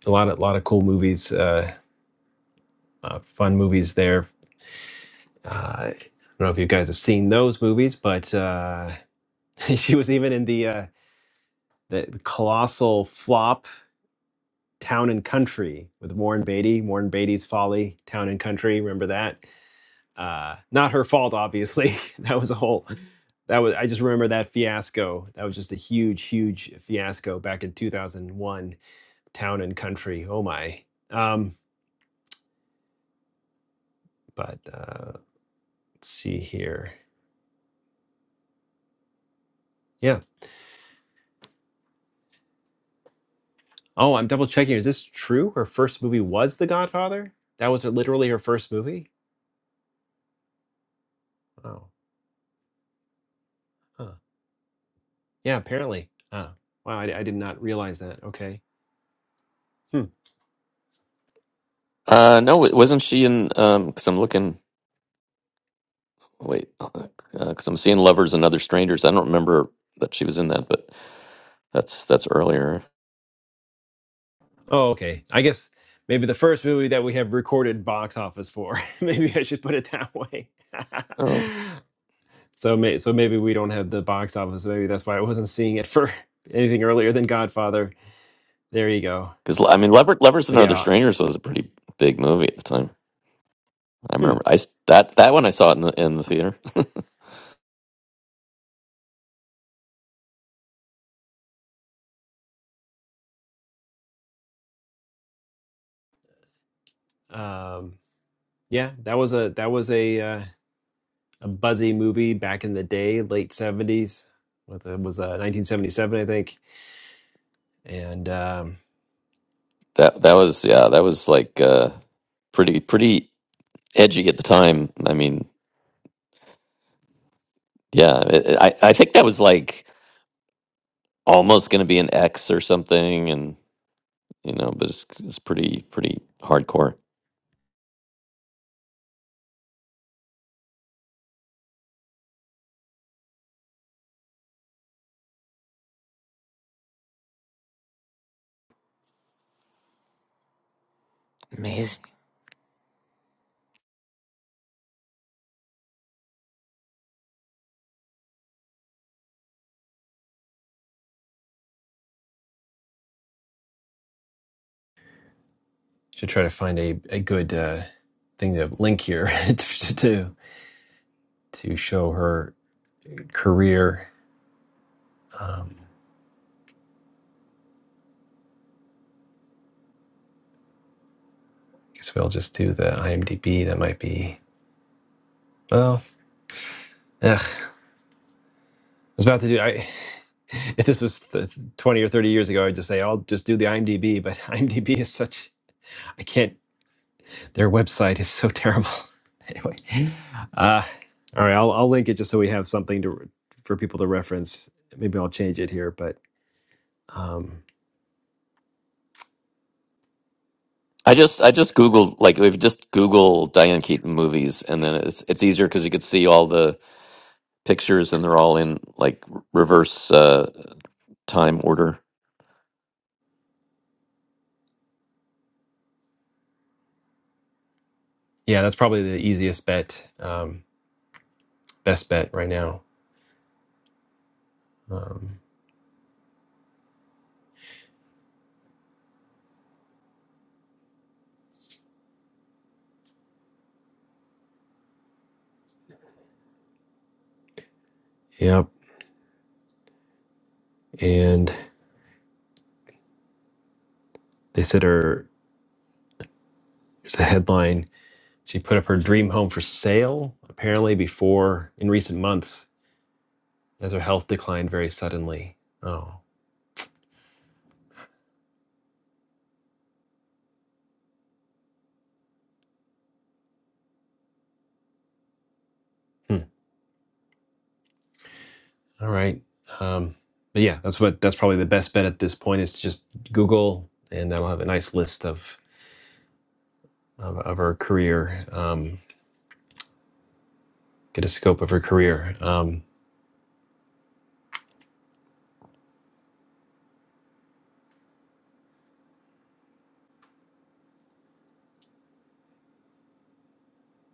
A: a lot of lot of cool movies, uh, uh, fun movies there. Uh, I don't know if you guys have seen those movies, but uh, [laughs] she was even in the, uh, the the colossal flop Town and Country with Warren Beatty, Warren Beatty's Folly, Town and Country. Remember that? Uh, not her fault, obviously. [laughs] that was a whole. That was. I just remember that fiasco. That was just a huge, huge fiasco back in 2001. Town and Country. Oh my. Um, but uh, let's see here. Yeah. Oh, I'm double checking. Is this true? Her first movie was The Godfather. That was her, literally her first movie. Wow. Huh. Yeah. Apparently. Ah. Wow. I, I did not realize that. Okay. Hmm.
D: uh, no, wa- wasn't she in? Because I'm looking. Wait, because I'm seeing Lovers and Other Strangers. I don't remember that she was in that, but that's that's earlier.
A: Oh, okay. I guess maybe the first movie that we have recorded box office for. [laughs] maybe I should put it that way.
D: Oh.
A: [laughs] so may, so maybe we don't have the box office. Maybe that's why I wasn't seeing it for [laughs] anything earlier than Godfather. There you go.
D: Because I mean, Lever, Lovers and
A: But
D: Other
A: yeah,
D: Strangers was a pretty big movie at the time. I
A: hmm.
D: remember I s- that that one I saw it in the in the theater. [laughs]
A: Um, yeah, that was a that was a uh, a buzzy movie back in the day, late seventies. What the- It was uh, nineteen seventy seven, I think. And um,
D: That that was yeah, that was like uh, pretty pretty edgy at the time. I mean, yeah, it, it- I I think that was like almost going to be an X or something, and you know, but it's it's pretty pretty hardcore.
I: Amazing.
A: should try to find a a good uh, thing to link here [laughs] to. to show her career. Um, I guess we'll just do the IMDb. That might be well. Ugh, I was about to do. I [laughs] if this was th- twenty or thirty years ago, I'd just say I'll just do the IMDb. But [laughs] IMDb is such. I can't. Their website is so terrible. [laughs] anyway, uh, all right. I'll I'll link it just so we have something to for people to reference. Maybe I'll change it here, but um,
D: I just I just googled like if you just Google Diane Keaton movies, and then it's it's easier because you could see all the pictures, and they're all in like r- reverse uh, time order.
A: yeah, that's probably the easiest bet. Um, best bet right now. Um, yep. and they said her there's a headline she put up her dream home for sale apparently before in recent months as her health declined very suddenly oh hmm. all right um, but yeah that's what that's probably the best bet at this point is to just google and that'll have a nice list of of, of her career um, get a scope of her career um,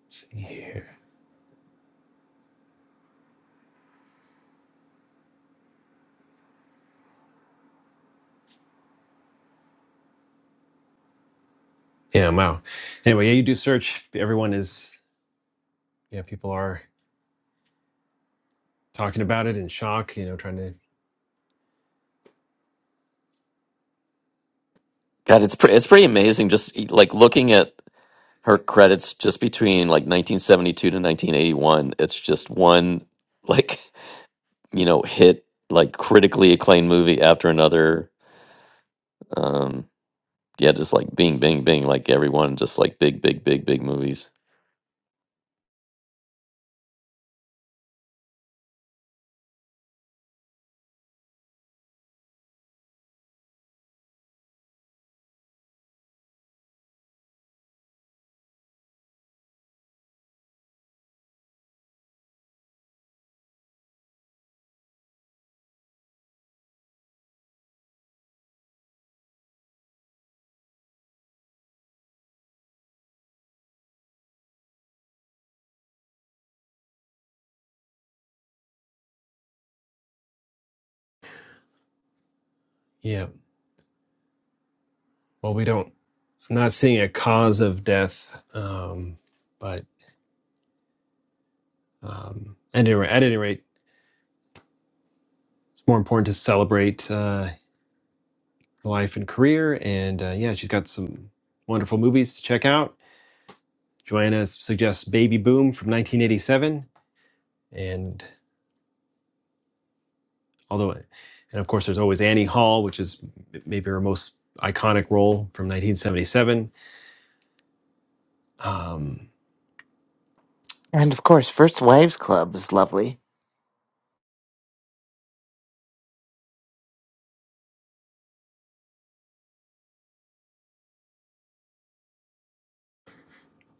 A: let's see here yeah wow anyway yeah you do search everyone is yeah people are talking about it in shock you know trying to
D: God, it's pretty, it's pretty amazing. Just e, like looking at her credits, just between like 1972 to 1981, it's just one like [laughs] you know hit, like critically acclaimed movie after another. Um, yeah, just like Bing, Bing, Bing, like everyone, just like big, big, big, big movies.
A: yeah well, we don't, I'm not seeing a cause of death. Um, but um, at, any, at any rate, it's more important to celebrate uh, life and career. And uh, yeah, she's got some wonderful movies to check out. Joanna suggests Baby Boom from 1987. And although, and of course, there's always Annie Hall, which is maybe her most iconic role from 1977. Um,
I: And of course, First Wives Club is lovely.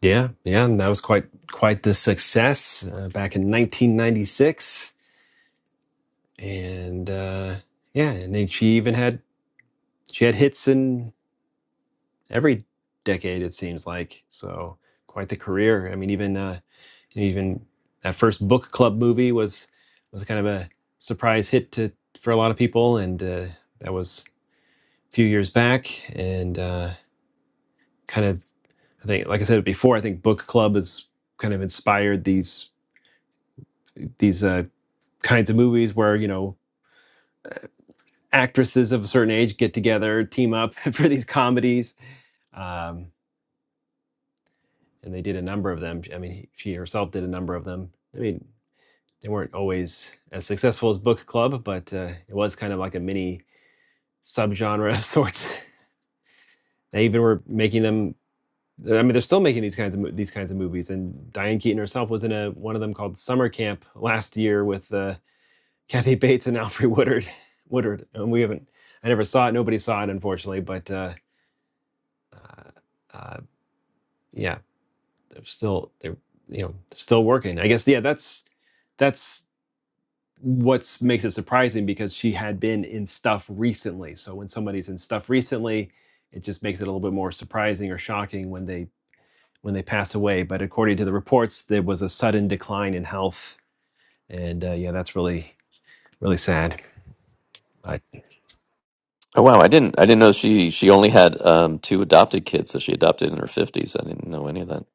A: yeah, yeah, and that was quite quite the success uh, back in 1996 and uh, yeah, and then she even had she had hits in every decade it seems like. So quite the career. I mean, even uh, even that first book club movie was was kind of a surprise hit to for a lot of people, and uh, that was a few years back, and uh, kind of I think like I said before, I think book club has kind of inspired these these uh, kinds of movies where you know actresses of a certain age get together team up [laughs] for these comedies um, and they did a number of them. I mean, she herself did a number of them. I mean, they weren't always as successful as book club, but uh, it was kind of like a mini subgenre [laughs] of sorts. They even were making them. I mean, they're still making these kinds of these kinds of movies. And Diane Keaton herself was in a one of them called Summer Camp last year with uh, Kathy Bates and [laughs] Alfred Woodard. Woodard, and we haven't. I never saw it. Nobody saw it, unfortunately. But uh, uh, uh, yeah, they're still they're you know still working. I guess yeah, that's that's what makes it surprising because she had been in stuff recently. So when somebody's in stuff recently, it just makes it a little bit more surprising or shocking when they when they pass away. But according to the reports, there was a sudden decline in health, and uh, yeah, that's really really sad. But
D: Oh wow, I didn't, I didn't know she she only had um, two adopted kids that she adopted in her 50s. I didn't know any of that.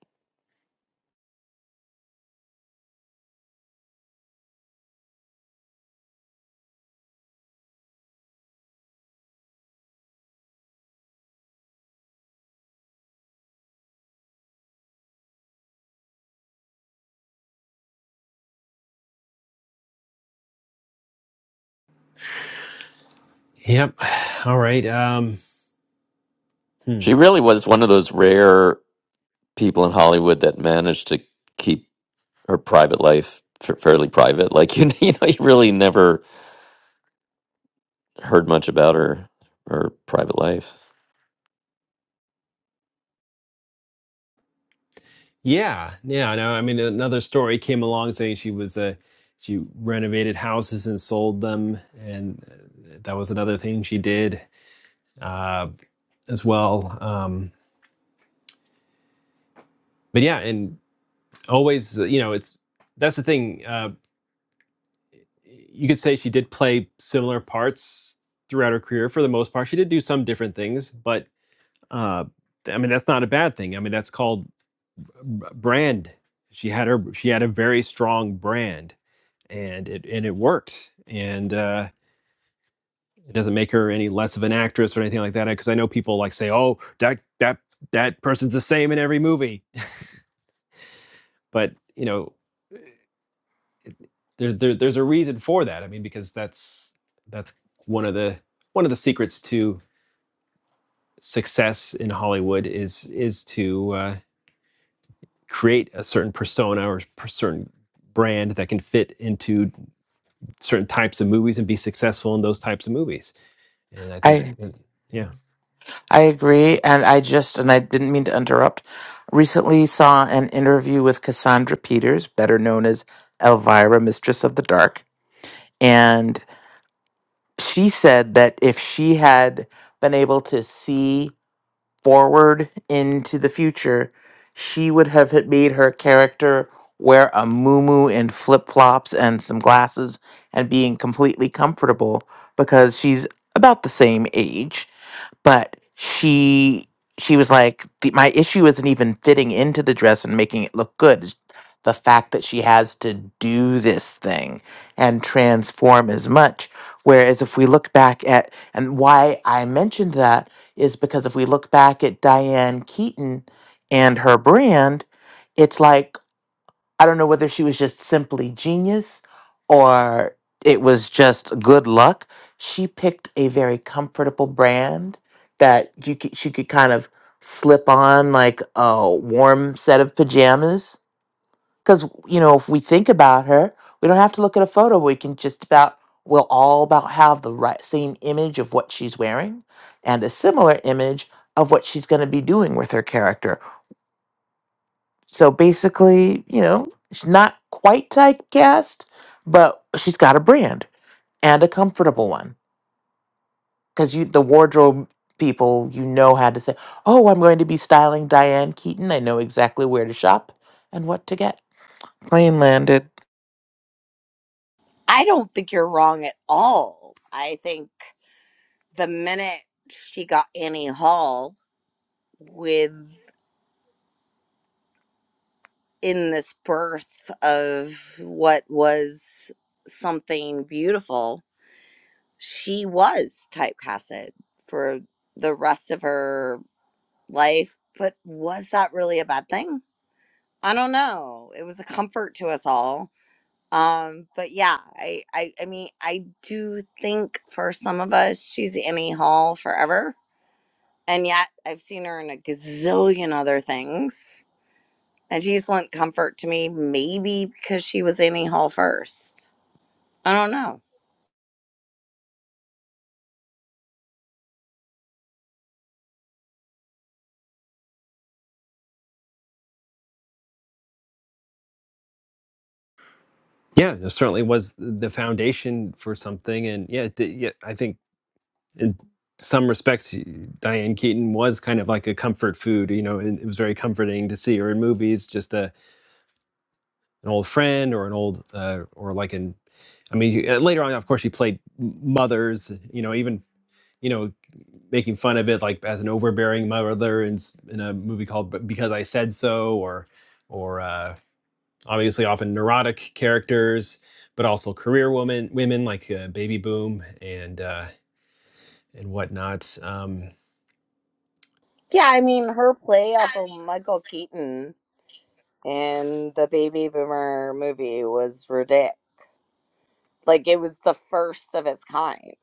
A: yep, [sighs] all right. Um, hmm.
D: She really was one of those rare people in Hollywood that managed to keep her private life f- fairly private. Like you, [laughs] you know, you really never heard much about her her private life.
A: Yeah, yeah. No, I mean another story came along saying she was uh, she renovated houses and sold them, and uh, that was another thing she did uh, as well. Um, but yeah, and always, uh, you know, it's that's the thing. Uh, you could say she did play similar parts throughout her career for the most part. She did do some different things, but uh, I mean that's not a bad thing. I mean that's called uh, b- brand. She had her she had a very strong brand and it and it worked and uh it doesn't make her any less of an actress or anything like that because i know people like say oh that that that person's the same in every movie but you know there, there there's a reason for that i mean because that's that's one of the one of the secrets to success in hollywood is is to uh, create a certain persona or per- certain brand that can fit into certain types of movies and be successful in those types of movies And I think, s-
I: I
A: and- yeah.
I: I agree and I just and I didn't mean to interrupt. Recently saw an interview with Cassandra Peters, better known as Elvira, Mistress of the Dark, and she said that if she had been able to see forward into the future, she would have had made her character wear a muumuu and flip flops and some glasses and being completely comfortable because she's about the same age but she she was like the, my issue isn't even fitting into the dress and making it look good It's the fact that she has to do this thing and transform as much whereas if we look back at and why i mentioned that is because if we look back at diane keaton and her brand it's like I don't know whether she was just simply genius or it was just good luck. She picked a very comfortable brand that you could, she could kind of slip on like a warm set of pajamas. Because, you know, if we think about her, we don't have to look at a photo. We can just about, we'll all about have the right same image of what she's wearing and a similar image of what she's going to be doing with her character so basically, you know, she's not quite typecast, but she's got a brand and a comfortable one. Because you, the wardrobe people, you know how to say, "Oh, I'm going to be styling Diane Keaton. I know exactly where to shop and what to get." Plane landed.
J: I don't think you're wrong at all. I think the minute she got Annie Hall with in this birth of what was something beautiful, she was typecasted for the rest of her life. But was that really a bad thing? I don't know. It was a comfort to us all. Um, but yeah, I, I, I mean, I do think for some of us, she's Annie Hall forever And yet I've seen her in a gazillion other things. And she's lent comfort to me, maybe because she was Annie Hall first. I don't know.
A: Yeah, it certainly was the foundation for something, and yeah, the, yeah, I think in some respects, y- Diane Keaton was kind of like a comfort food. You know, and it was very comforting to see her in movies, just a, an old friend or an old, uh, or like an. I mean, uh, later on, of course, she played m- mothers. You know, even you know, making fun of it like as an overbearing mother in in a movie called Because I Said So, or or uh, obviously often neurotic characters, but also career women women like uh, Baby Boom and uh, and whatnot. Um,
J: Yeah, I mean, her play off of Michael Keaton in the Baby Boomer movie was ridiculous. Like, it was the first of its kind.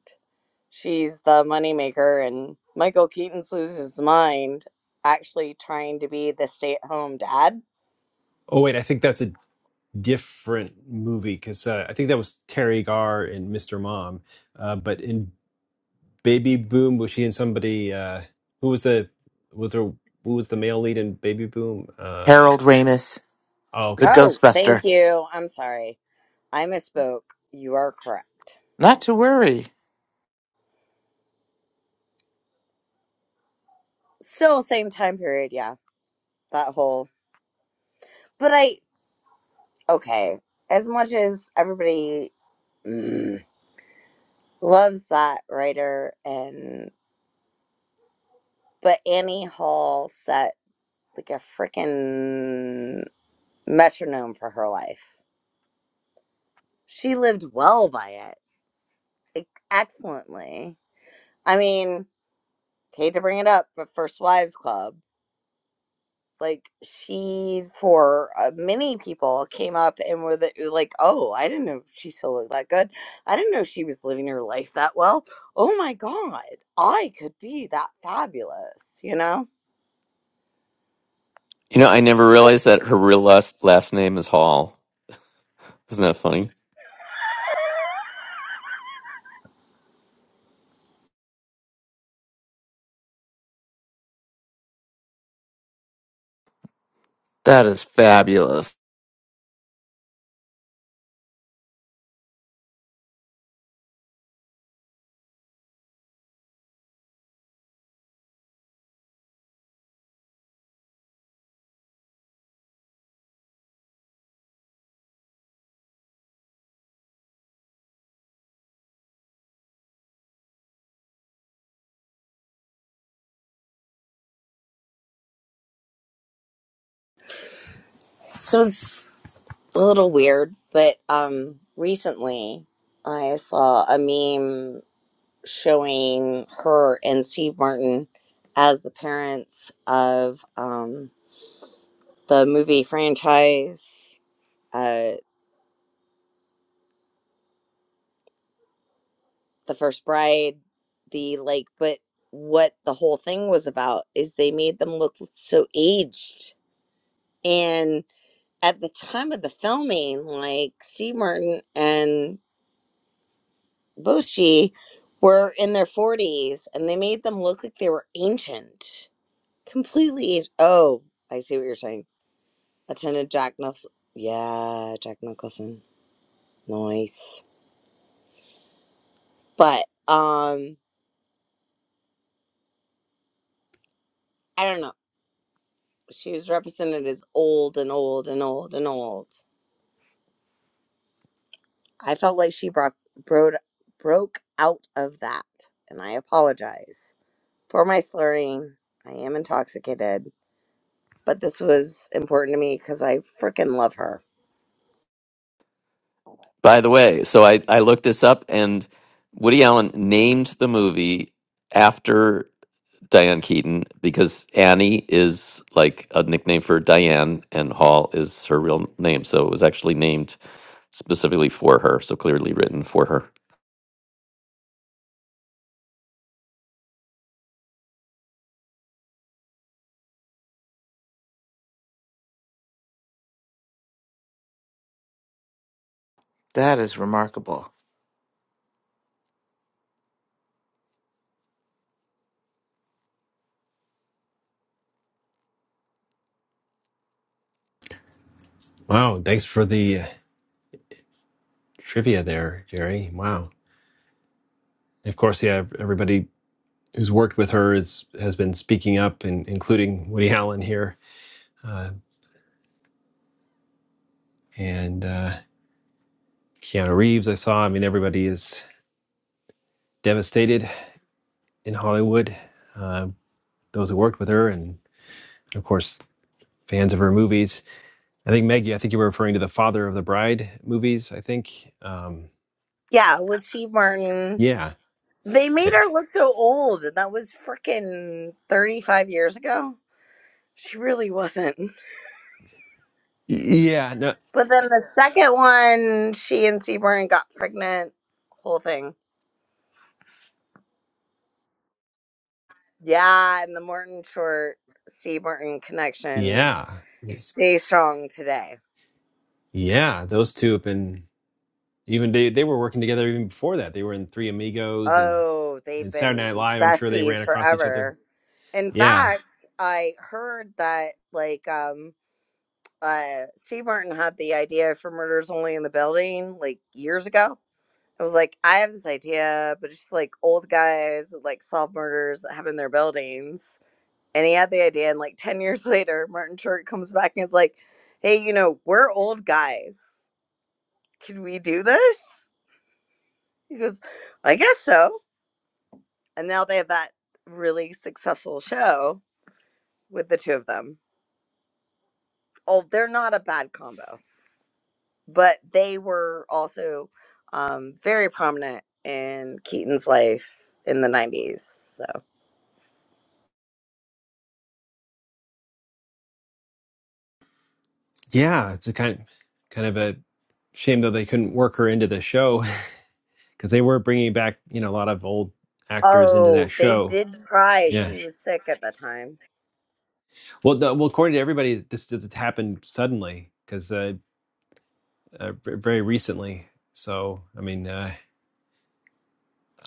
J: She's the moneymaker, and Michael Keaton loses his mind actually trying to be the stay at home dad.
A: oh wait, I think that's a different movie because uh, I think that was Terry Garr and Mr. Mom, uh, but in Baby Boom was she and somebody uh, who was the was there who was the male lead in Baby Boom? Uh,
I: Harold Ramis,
A: oh,
I: the
A: okay
J: Oh, thank
I: Ghostbuster.
J: you. I'm sorry. I misspoke. You are correct.
I: Not to worry.
J: Still same time period, yeah. That whole but I okay. As much as everybody mm, loves that writer and but Annie Hall set like a freaking metronome for her life. She lived well by it. Like, excellently. I mean, hate to bring it up, but First Wives Club. like she for uh, many people came up and were the, uh, like oh i didn't know she still looked that good i didn't know she was living her life that well oh my god i could be that fabulous you know
D: You know, I never
J: but
D: realized that her real last last name is Hall. Isn't that funny?
I: That is fabulous.
J: so it's a little weird but um recently i saw a meme showing her and steve martin as the parents of um the movie franchise Uh. the first bride the like but what the whole thing was about is they made them look so aged and at the time of the filming like c martin and Boshi were in their 40s and they made them look like they were ancient completely aged. oh i see what you're saying attended jack nicholson yeah jack nicholson nice but um i don't know she was represented as old and old and old and old I felt like she broke, broke, broke out of that, and I apologize for my slurring. I am intoxicated, but this was important to me because I freaking love her.
D: By the way, so I I looked this up, and Woody Allen named the movie after Diane Keaton because Annie is like a nickname for Diane, and Hall is her real name. So it was actually named specifically for her. So clearly written for her.
I: That is remarkable.
A: Wow, thanks for the trivia there, Jerry. Wow. Of course, yeah, everybody who's worked with her is has been speaking up, and including Woody Allen here, uh, and uh, Keanu Reeves. I saw. I mean, everybody is devastated in Hollywood. Uh, those who worked with her, and of course, fans of her movies. I think Maggie. I think you were referring to the Father of the Bride movies. I think. Um,
J: Yeah, with Steve Martin.
A: yeah.
J: They made her look so old, and that was freaking 35 years ago. She really wasn't.
A: Yeah. No.
J: But then the second one, she and Steve Martin got pregnant, whole thing. Yeah, and the Morton Short Steve Martin connection
A: Yeah. Yes.
J: stays strong today.
A: Yeah. Those two have been. Even they they were working together even before that. They were in Three Amigos and
J: Oh, they've
A: and Saturday Night
J: been
A: Live. I'm sure they
J: besties
A: ran across each other.
J: forever. In
A: Yeah,
J: fact, I heard that like um uh Steve Martin had the idea for Murders Only in the Building like years ago. I was like, I have this idea, but it's just like old guys that like solve murders that happen in their buildings. And he had the idea, and like ten [laughs] years later, Martin Short comes back and it's like, "Hey, you know, we're old guys. Can we do this?" He goes, "I guess so." and now they have that really successful show with the two of them. Oh, they're not a bad combo, but they were also um, very prominent in Keaton's life in the '90s. So,
A: yeah. It's a kind kind of a shame though they couldn't work her into the show [laughs] because they were bringing back you know a lot of old actors into that
J: oh, they
A: show.
J: did try.
A: yeah.
J: She was sick at the time.
A: Well, the, well, according to everybody, this just happened suddenly because uh, uh, v- very recently. So, I mean, uh,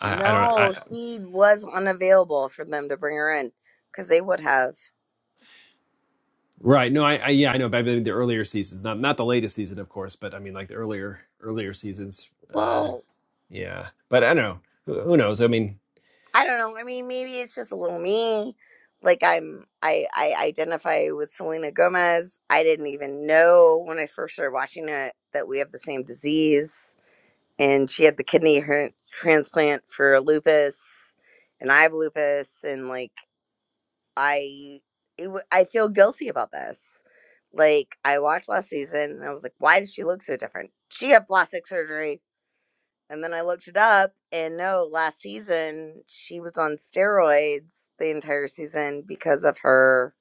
A: I, I don't.
J: No,
A: I,
J: she was unavailable for them to bring her in because they would have.
A: Right. No, I, I yeah, I know. But I mean, the earlier seasons, not not the latest season, of course, but I mean, like the earlier earlier seasons. Uh,
J: Well,
A: yeah, but I don't know. Who, who knows? I mean,
J: I don't know. I mean, maybe it's just a little me. Like I'm, I I identify with Selena Gomez. I didn't even know when I first started watching it that we have the same disease, and she had the kidney her- transplant for lupus, and I have lupus, and like I, it, w- I feel guilty about this. Like I watched last season, and I was like, why does she look so different? She had plastic surgery and then I looked it up, and no, last season she was on steroids the entire season because of her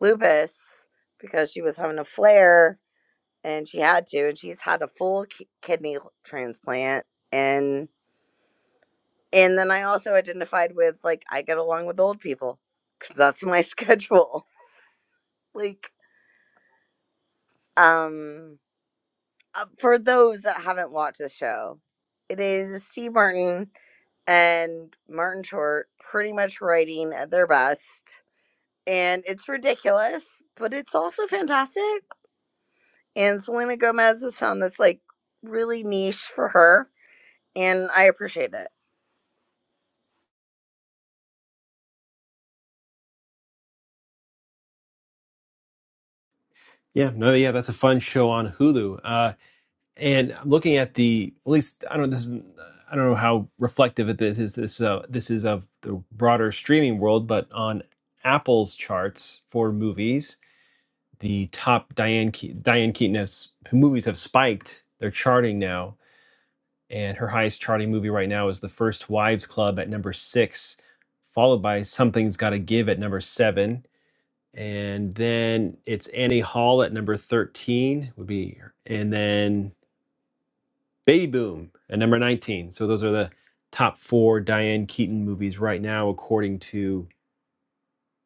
J: lupus, because she was having a flare and she had to, and she's had a full ki- kidney transplant. And and then I also identified with like I get along with old people because that's my schedule. [laughs] Like, um, uh, for those that haven't watched the show, it is Steve Martin and Martin Short pretty much writing at their best. And it's ridiculous, but it's also fantastic. And Selena Gomez has found this like really niche for her, and I appreciate it.
A: yeah, no, yeah, that's a fun show on Hulu. Uh, and I'm looking at the at least I don't know. This is I don't know how reflective it is. This this, uh, this is of the broader streaming world, but on Apple's charts for movies, the top Diane Ke- Diane Keaton's movies have spiked. They're charting now and her highest charting movie right now is The First Wives Club at number six, followed by Something's Gotta Give at number seven. And then it's Annie Hall at number 13 would be and then Baby Boom at number 19. So those are the top four Diane Keaton movies right now, according to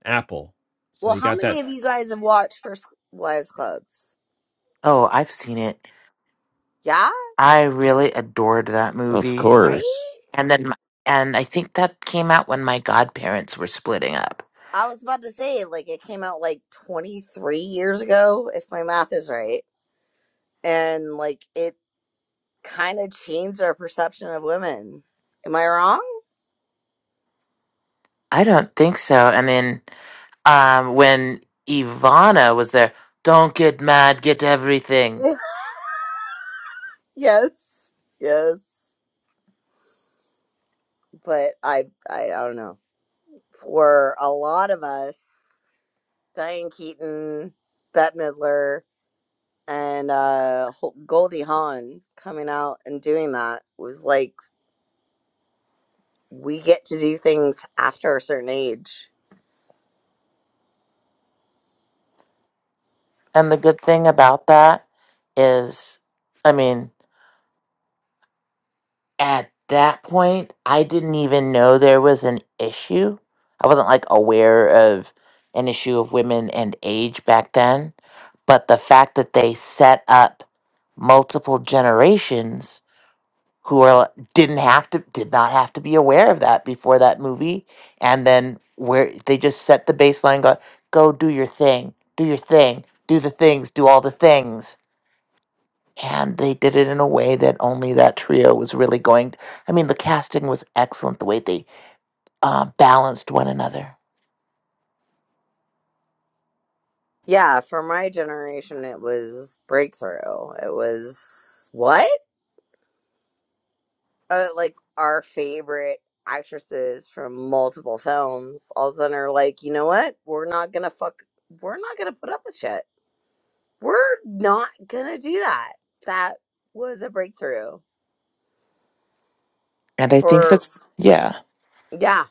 A: Apple. So
J: Well,
A: you
J: how
A: got
J: many
A: that.
J: of you guys have watched First Wives Clubs?
I: Oh, I've seen it.
J: Yeah,
I: I really adored that
D: Of
I: movie.
J: right?
D: course.
I: And then, my- and I think that came out when my godparents were splitting up.
J: I was about to say, like, it came out like 23 years ago, if my math is right. And, like, it kind of changed our perception of women. Am I wrong?
I: I don't think so. I mean, um, when Ivana was there, don't get mad, get
J: [laughs]
I: everything.
J: Yes, yes. But I, I, I don't know. For a lot of us, Diane Keaton, Bette Midler, and uh, Ho- Goldie Hawn coming out and doing that was like we get to do things after a certain age.
I: And the good thing about that is, I mean, at that point, I didn't even know there was an issue. I wasn't like aware of an issue of women and age back then. But the fact that they set up multiple generations who are didn't have to did not have to be aware of that before that movie and then where they just set the baseline go go do your thing do your thing do the things do all the things and they did it in a way that only that trio was really going i mean the casting was excellent the way they uh, balanced one another
J: Yeah, for my generation, it was breakthrough. It was what? uh, like our favorite actresses from multiple films all of a sudden are like, you know what? We're not gonna fuck. We're not gonna put up with shit. We're not gonna do that. That was a breakthrough
I: and i think
J: for
I: that's yeah
J: yeah,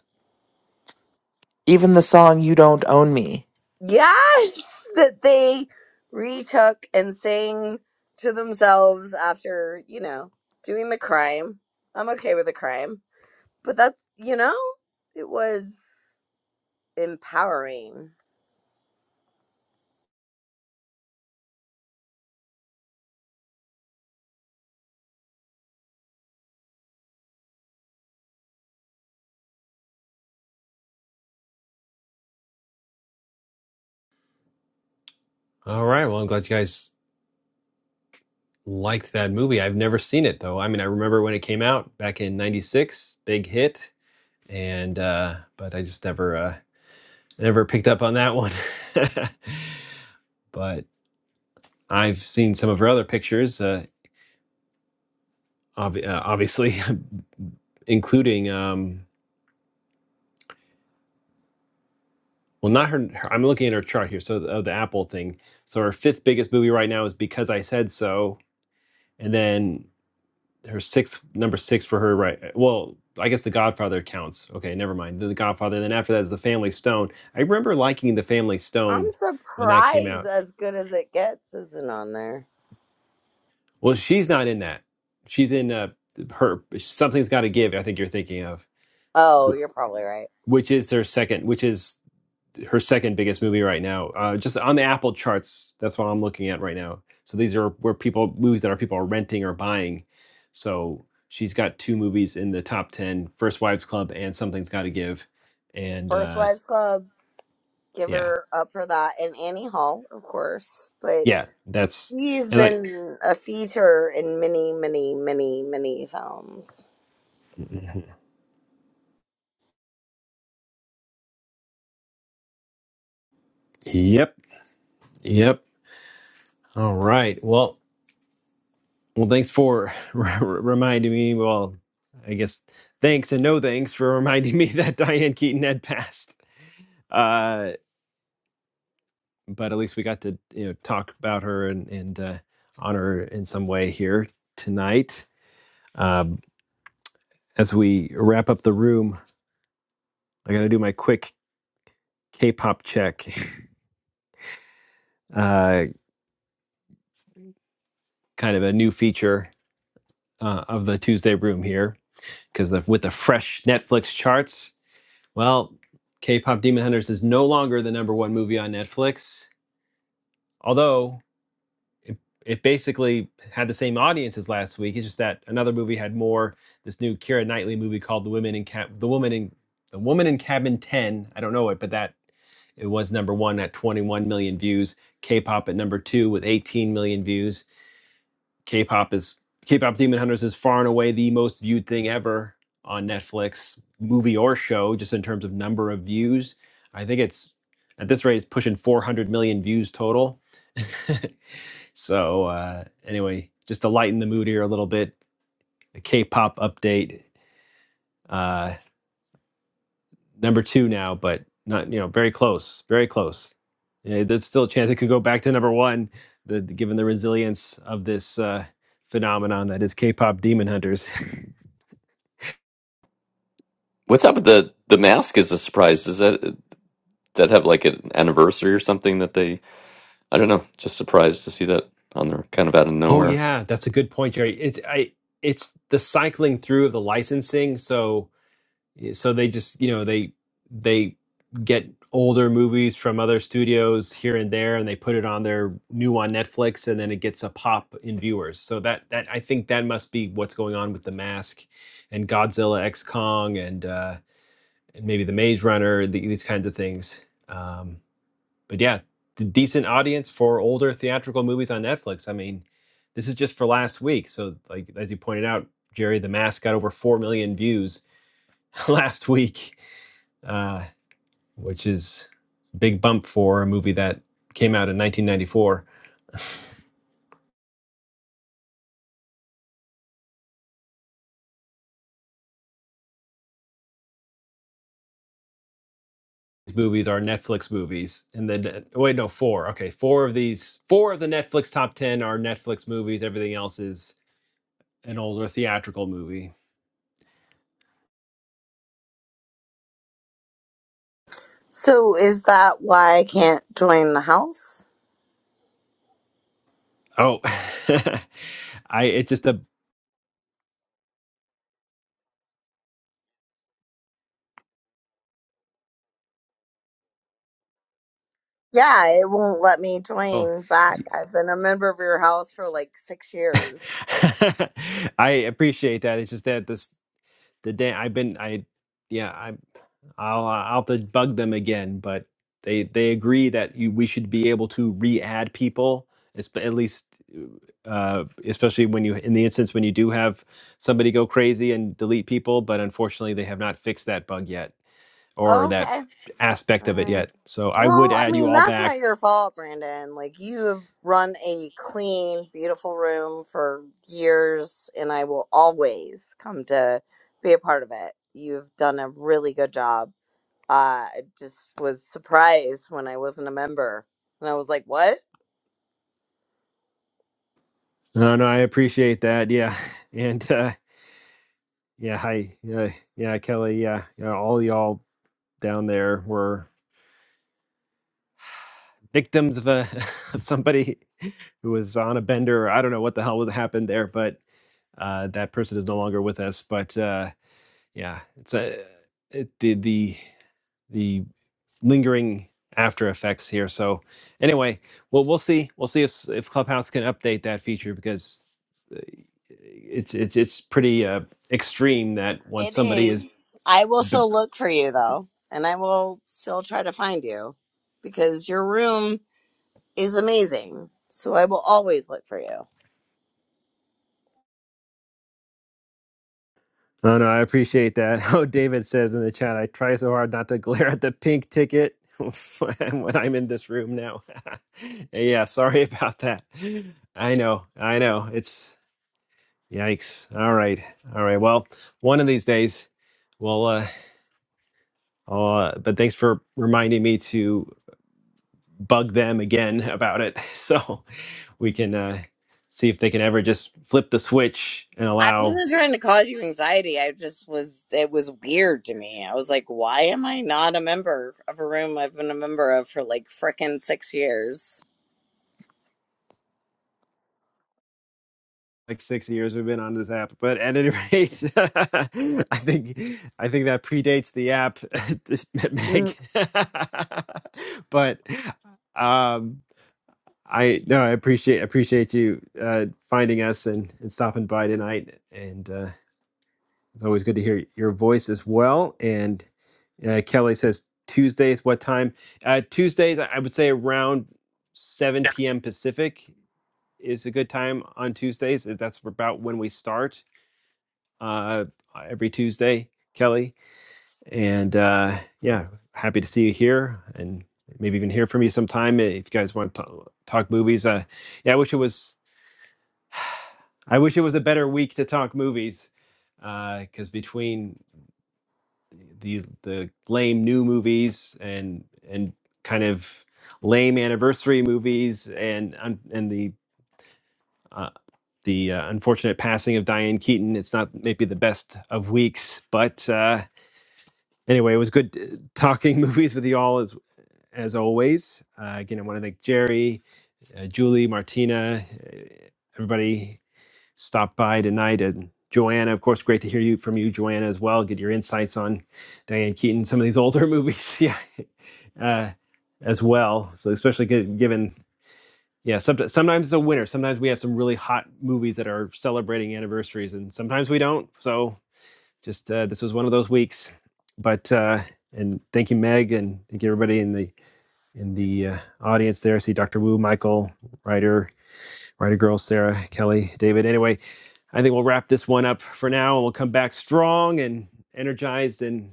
I: even the song you don't own me
J: yes, [laughs] that they retook and sang to themselves after you know doing the crime. I'm okay with the crime, but that's you know it was empowering
A: All right. Well, I'm glad you guys liked that movie. I've never seen it though. I mean, I remember when it came out back in 96, big hit and uh, but I just never uh, never picked up on that one. [laughs] but I've seen some of her other pictures, uh, obvi- uh, obviously, [laughs] including um, well, not her, her. I'm looking at her chart here, so the, oh, the Apple thing. So her fifth biggest movie right now is Because I Said So, and then her sixth number six for her right. Well, I guess The Godfather counts. Okay, never mind. The Godfather. Then after that is The Family Stone. I remember liking The Family
J: I'm
A: Stone when that came
J: surprised
A: out.
J: as good as it gets isn't on there.
A: Well, she's not in that. She's in uh, her something's got to give. I think you're thinking of
J: Oh, you're probably right.
A: which is her second, which is her second biggest movie right now. Uh, just on the Apple charts, that's what I'm looking at right now. So these are where people movies that our people are renting or buying. So she's got two movies in the top ten: First Wives Club and Something's Got to Give. And
J: First
A: uh,
J: Wives Club, give
A: yeah,
J: her up for that. And Annie Hall, of course. But
A: yeah, that's
J: she's
A: and like,
J: been a feature in many, many, many, many films.
A: [laughs] yep, yep. All right. Well. Well, thanks for [laughs] r- r- reminding me. Well, I guess thanks and no thanks for [laughs] reminding me that Diane Keaton had passed. Uh, but at least we got to you know talk about her and and uh, honor her in some way here tonight. Um, as we wrap up the room, I got to do my quick K-pop check. [laughs] Uh, kind of a new feature uh, of the Tuesday room here because with the fresh Netflix charts. Well, K-pop Demon Hunters is no longer the number one movie on Netflix, although it, it basically had the same audience as last week. It's just that another movie had more. This new Keira Knightley movie called The Women in Cab- The Woman in The Woman in Cabin Ten. I don't know it, but that it was number one at 21 million views. K-pop at number two with 18 million views. K-pop is K-pop Demon Hunters is far and away the most viewed thing ever on Netflix, movie or show, just in terms of number of views. I think it's at this rate, it's pushing 400 million views total. [laughs] so uh, anyway, just to lighten the mood here a little bit, a K-pop update. Uh, number two now, but not you know very close, very close. Yeah, there's still a chance it could go back to number one, the, given the resilience of this uh, phenomenon that is K-pop Demon Hunters.
D: What's up with the the mask? Is a surprise. Does that does that have like an anniversary or something that they? I don't know. Just surprised to see that on there, kind of out of
A: [laughs] oh
D: nowhere.
A: yeah, that's a good point, Jerry. It's I it's the cycling through of the licensing, so. so they just you know they they get older movies from other studios here and there and they put it on their new on netflix and then it gets a pop in viewers so that that i think that must be what's going on with the mask and godzilla x kong and uh and maybe the maze runner the, these kinds of things um but yeah d- decent audience for older theatrical movies on netflix i mean this is just for last week so like as you pointed out jerry the mask got over 4 million views [laughs] last week uh, which is a big bump for a movie that came out in 1994. These movies are Netflix movies, and then oh, wait, no, four. Okay, four of these, four of the Netflix top ten are Netflix movies. Everything else is an older theatrical movie.
J: So is that why I can't join the house?
A: Oh, [laughs] I it's just a
J: Yeah, it won't let me
A: oh.
J: join back. I've been a member of your house for like six
A: [laughs]
J: years.
A: I appreciate that. It's just that this the day I've been I yeah I. I'll uh, I'll have to bug them again, but they they agree that you we should be able to re-add people, esp- at least uh, especially when you in the instance when you do have somebody go crazy and delete people. But unfortunately, they have not fixed that bug yet or that
J: Okay.
A: aspect of it
J: Right.
A: yet. So I would
J: Well, I
A: add you
J: mean,
A: all
J: that's
A: back.
J: not your fault, Brandon. Like, you have run a clean, beautiful room for years, and I will always come to be a part of it. You've done a really good job. Uh, I just was surprised when I wasn't a member. And I was like, what?
A: No, no, I appreciate that. Yeah, [laughs] and uh, yeah, hi, yeah, yeah, Kelly, yeah, yeah, all y'all down there were. victims of a [laughs] of somebody who was on a bender. Or I don't know what the hell was happened there, but uh, that person is no longer with us. But uh, yeah, it's a it, the the the lingering after effects here. So anyway, well we'll see we'll see if s- if Clubhouse can update that feature because uh, it's it's it's pretty uh, extreme that once
J: It
A: somebody is
J: is. I will
A: b-
J: still look for you, though, and I will still try to find you because your room is amazing. So I will always look for you.
A: Oh no, I appreciate that. [laughs] Oh, David says in the chat, I try so hard not to glare at the pink ticket [laughs] when I'm in this room now. [laughs] yeah, sorry about that. I know, I know. It's yikes. All right, all right. Well, one of these days, well, uh, I'll, uh, but thanks for reminding me to bug them again about it, [laughs] so we can uh, see if they can ever just flip the switch and
J: I
A: allow
J: wasn't trying to cause you anxiety. I just was, it was weird to me. I was like, why am I not a member of a room I've been a member of for like frickin' six years?
A: like six years we've been on this app. But at any rate, [laughs] I think I think that predates the app, [laughs] Meg. [laughs] but um, I no, I appreciate appreciate you uh, finding us and, and stopping by tonight. And uh, it's always good to hear your voice as well. And uh, Kelly says Tuesdays. What time? Uh, Tuesdays, I would say around seven p.m. Pacific is a good time on Tuesdays. That's about when we start uh, every Tuesday, Kelly. And uh, yeah, happy to see you here and maybe even hear from you sometime if you guys want to talk, talk movies. Uh, yeah, I wish it was. [sighs] I wish it was a better week to talk movies, because between the the lame new movies and and kind of lame anniversary movies and un- and the uh, the uh, unfortunate passing of Diane Keaton, it's not maybe the best of weeks, but. Uh, Anyway, it was good uh, talking [laughs] movies with you all as as always. Uh, again, I want to thank Jerry, uh, Julie, Martina, uh, everybody stopped by tonight, and Joanna. Of course, great to hear you from you, Joanna, as well. Get your insights on Diane Keaton, some of these older [laughs] movies, yeah, uh, as well. So especially gi- given. Yeah, somet- sometimes it's a winner. Sometimes we have some really hot movies that are celebrating anniversaries, and sometimes we don't. So just uh, this was one of those weeks, but uh, and thank you, Meg, and thank you everybody in the in the uh, audience there. I see Dr. Wu, Michael, Ryder, Ryder Girl, Sarah, Kelly, David. Anyway, I think we'll wrap this one up for now, and we'll come back strong and energized, and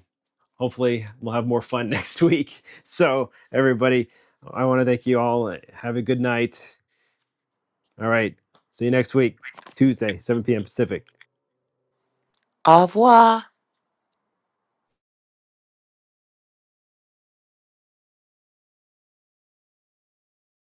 A: hopefully we'll have more fun [laughs] next week. So everybody, I want to thank you all. Have a good night. All right, see you next week, Tuesday, 7 p.m. Pacific.
I: au revoir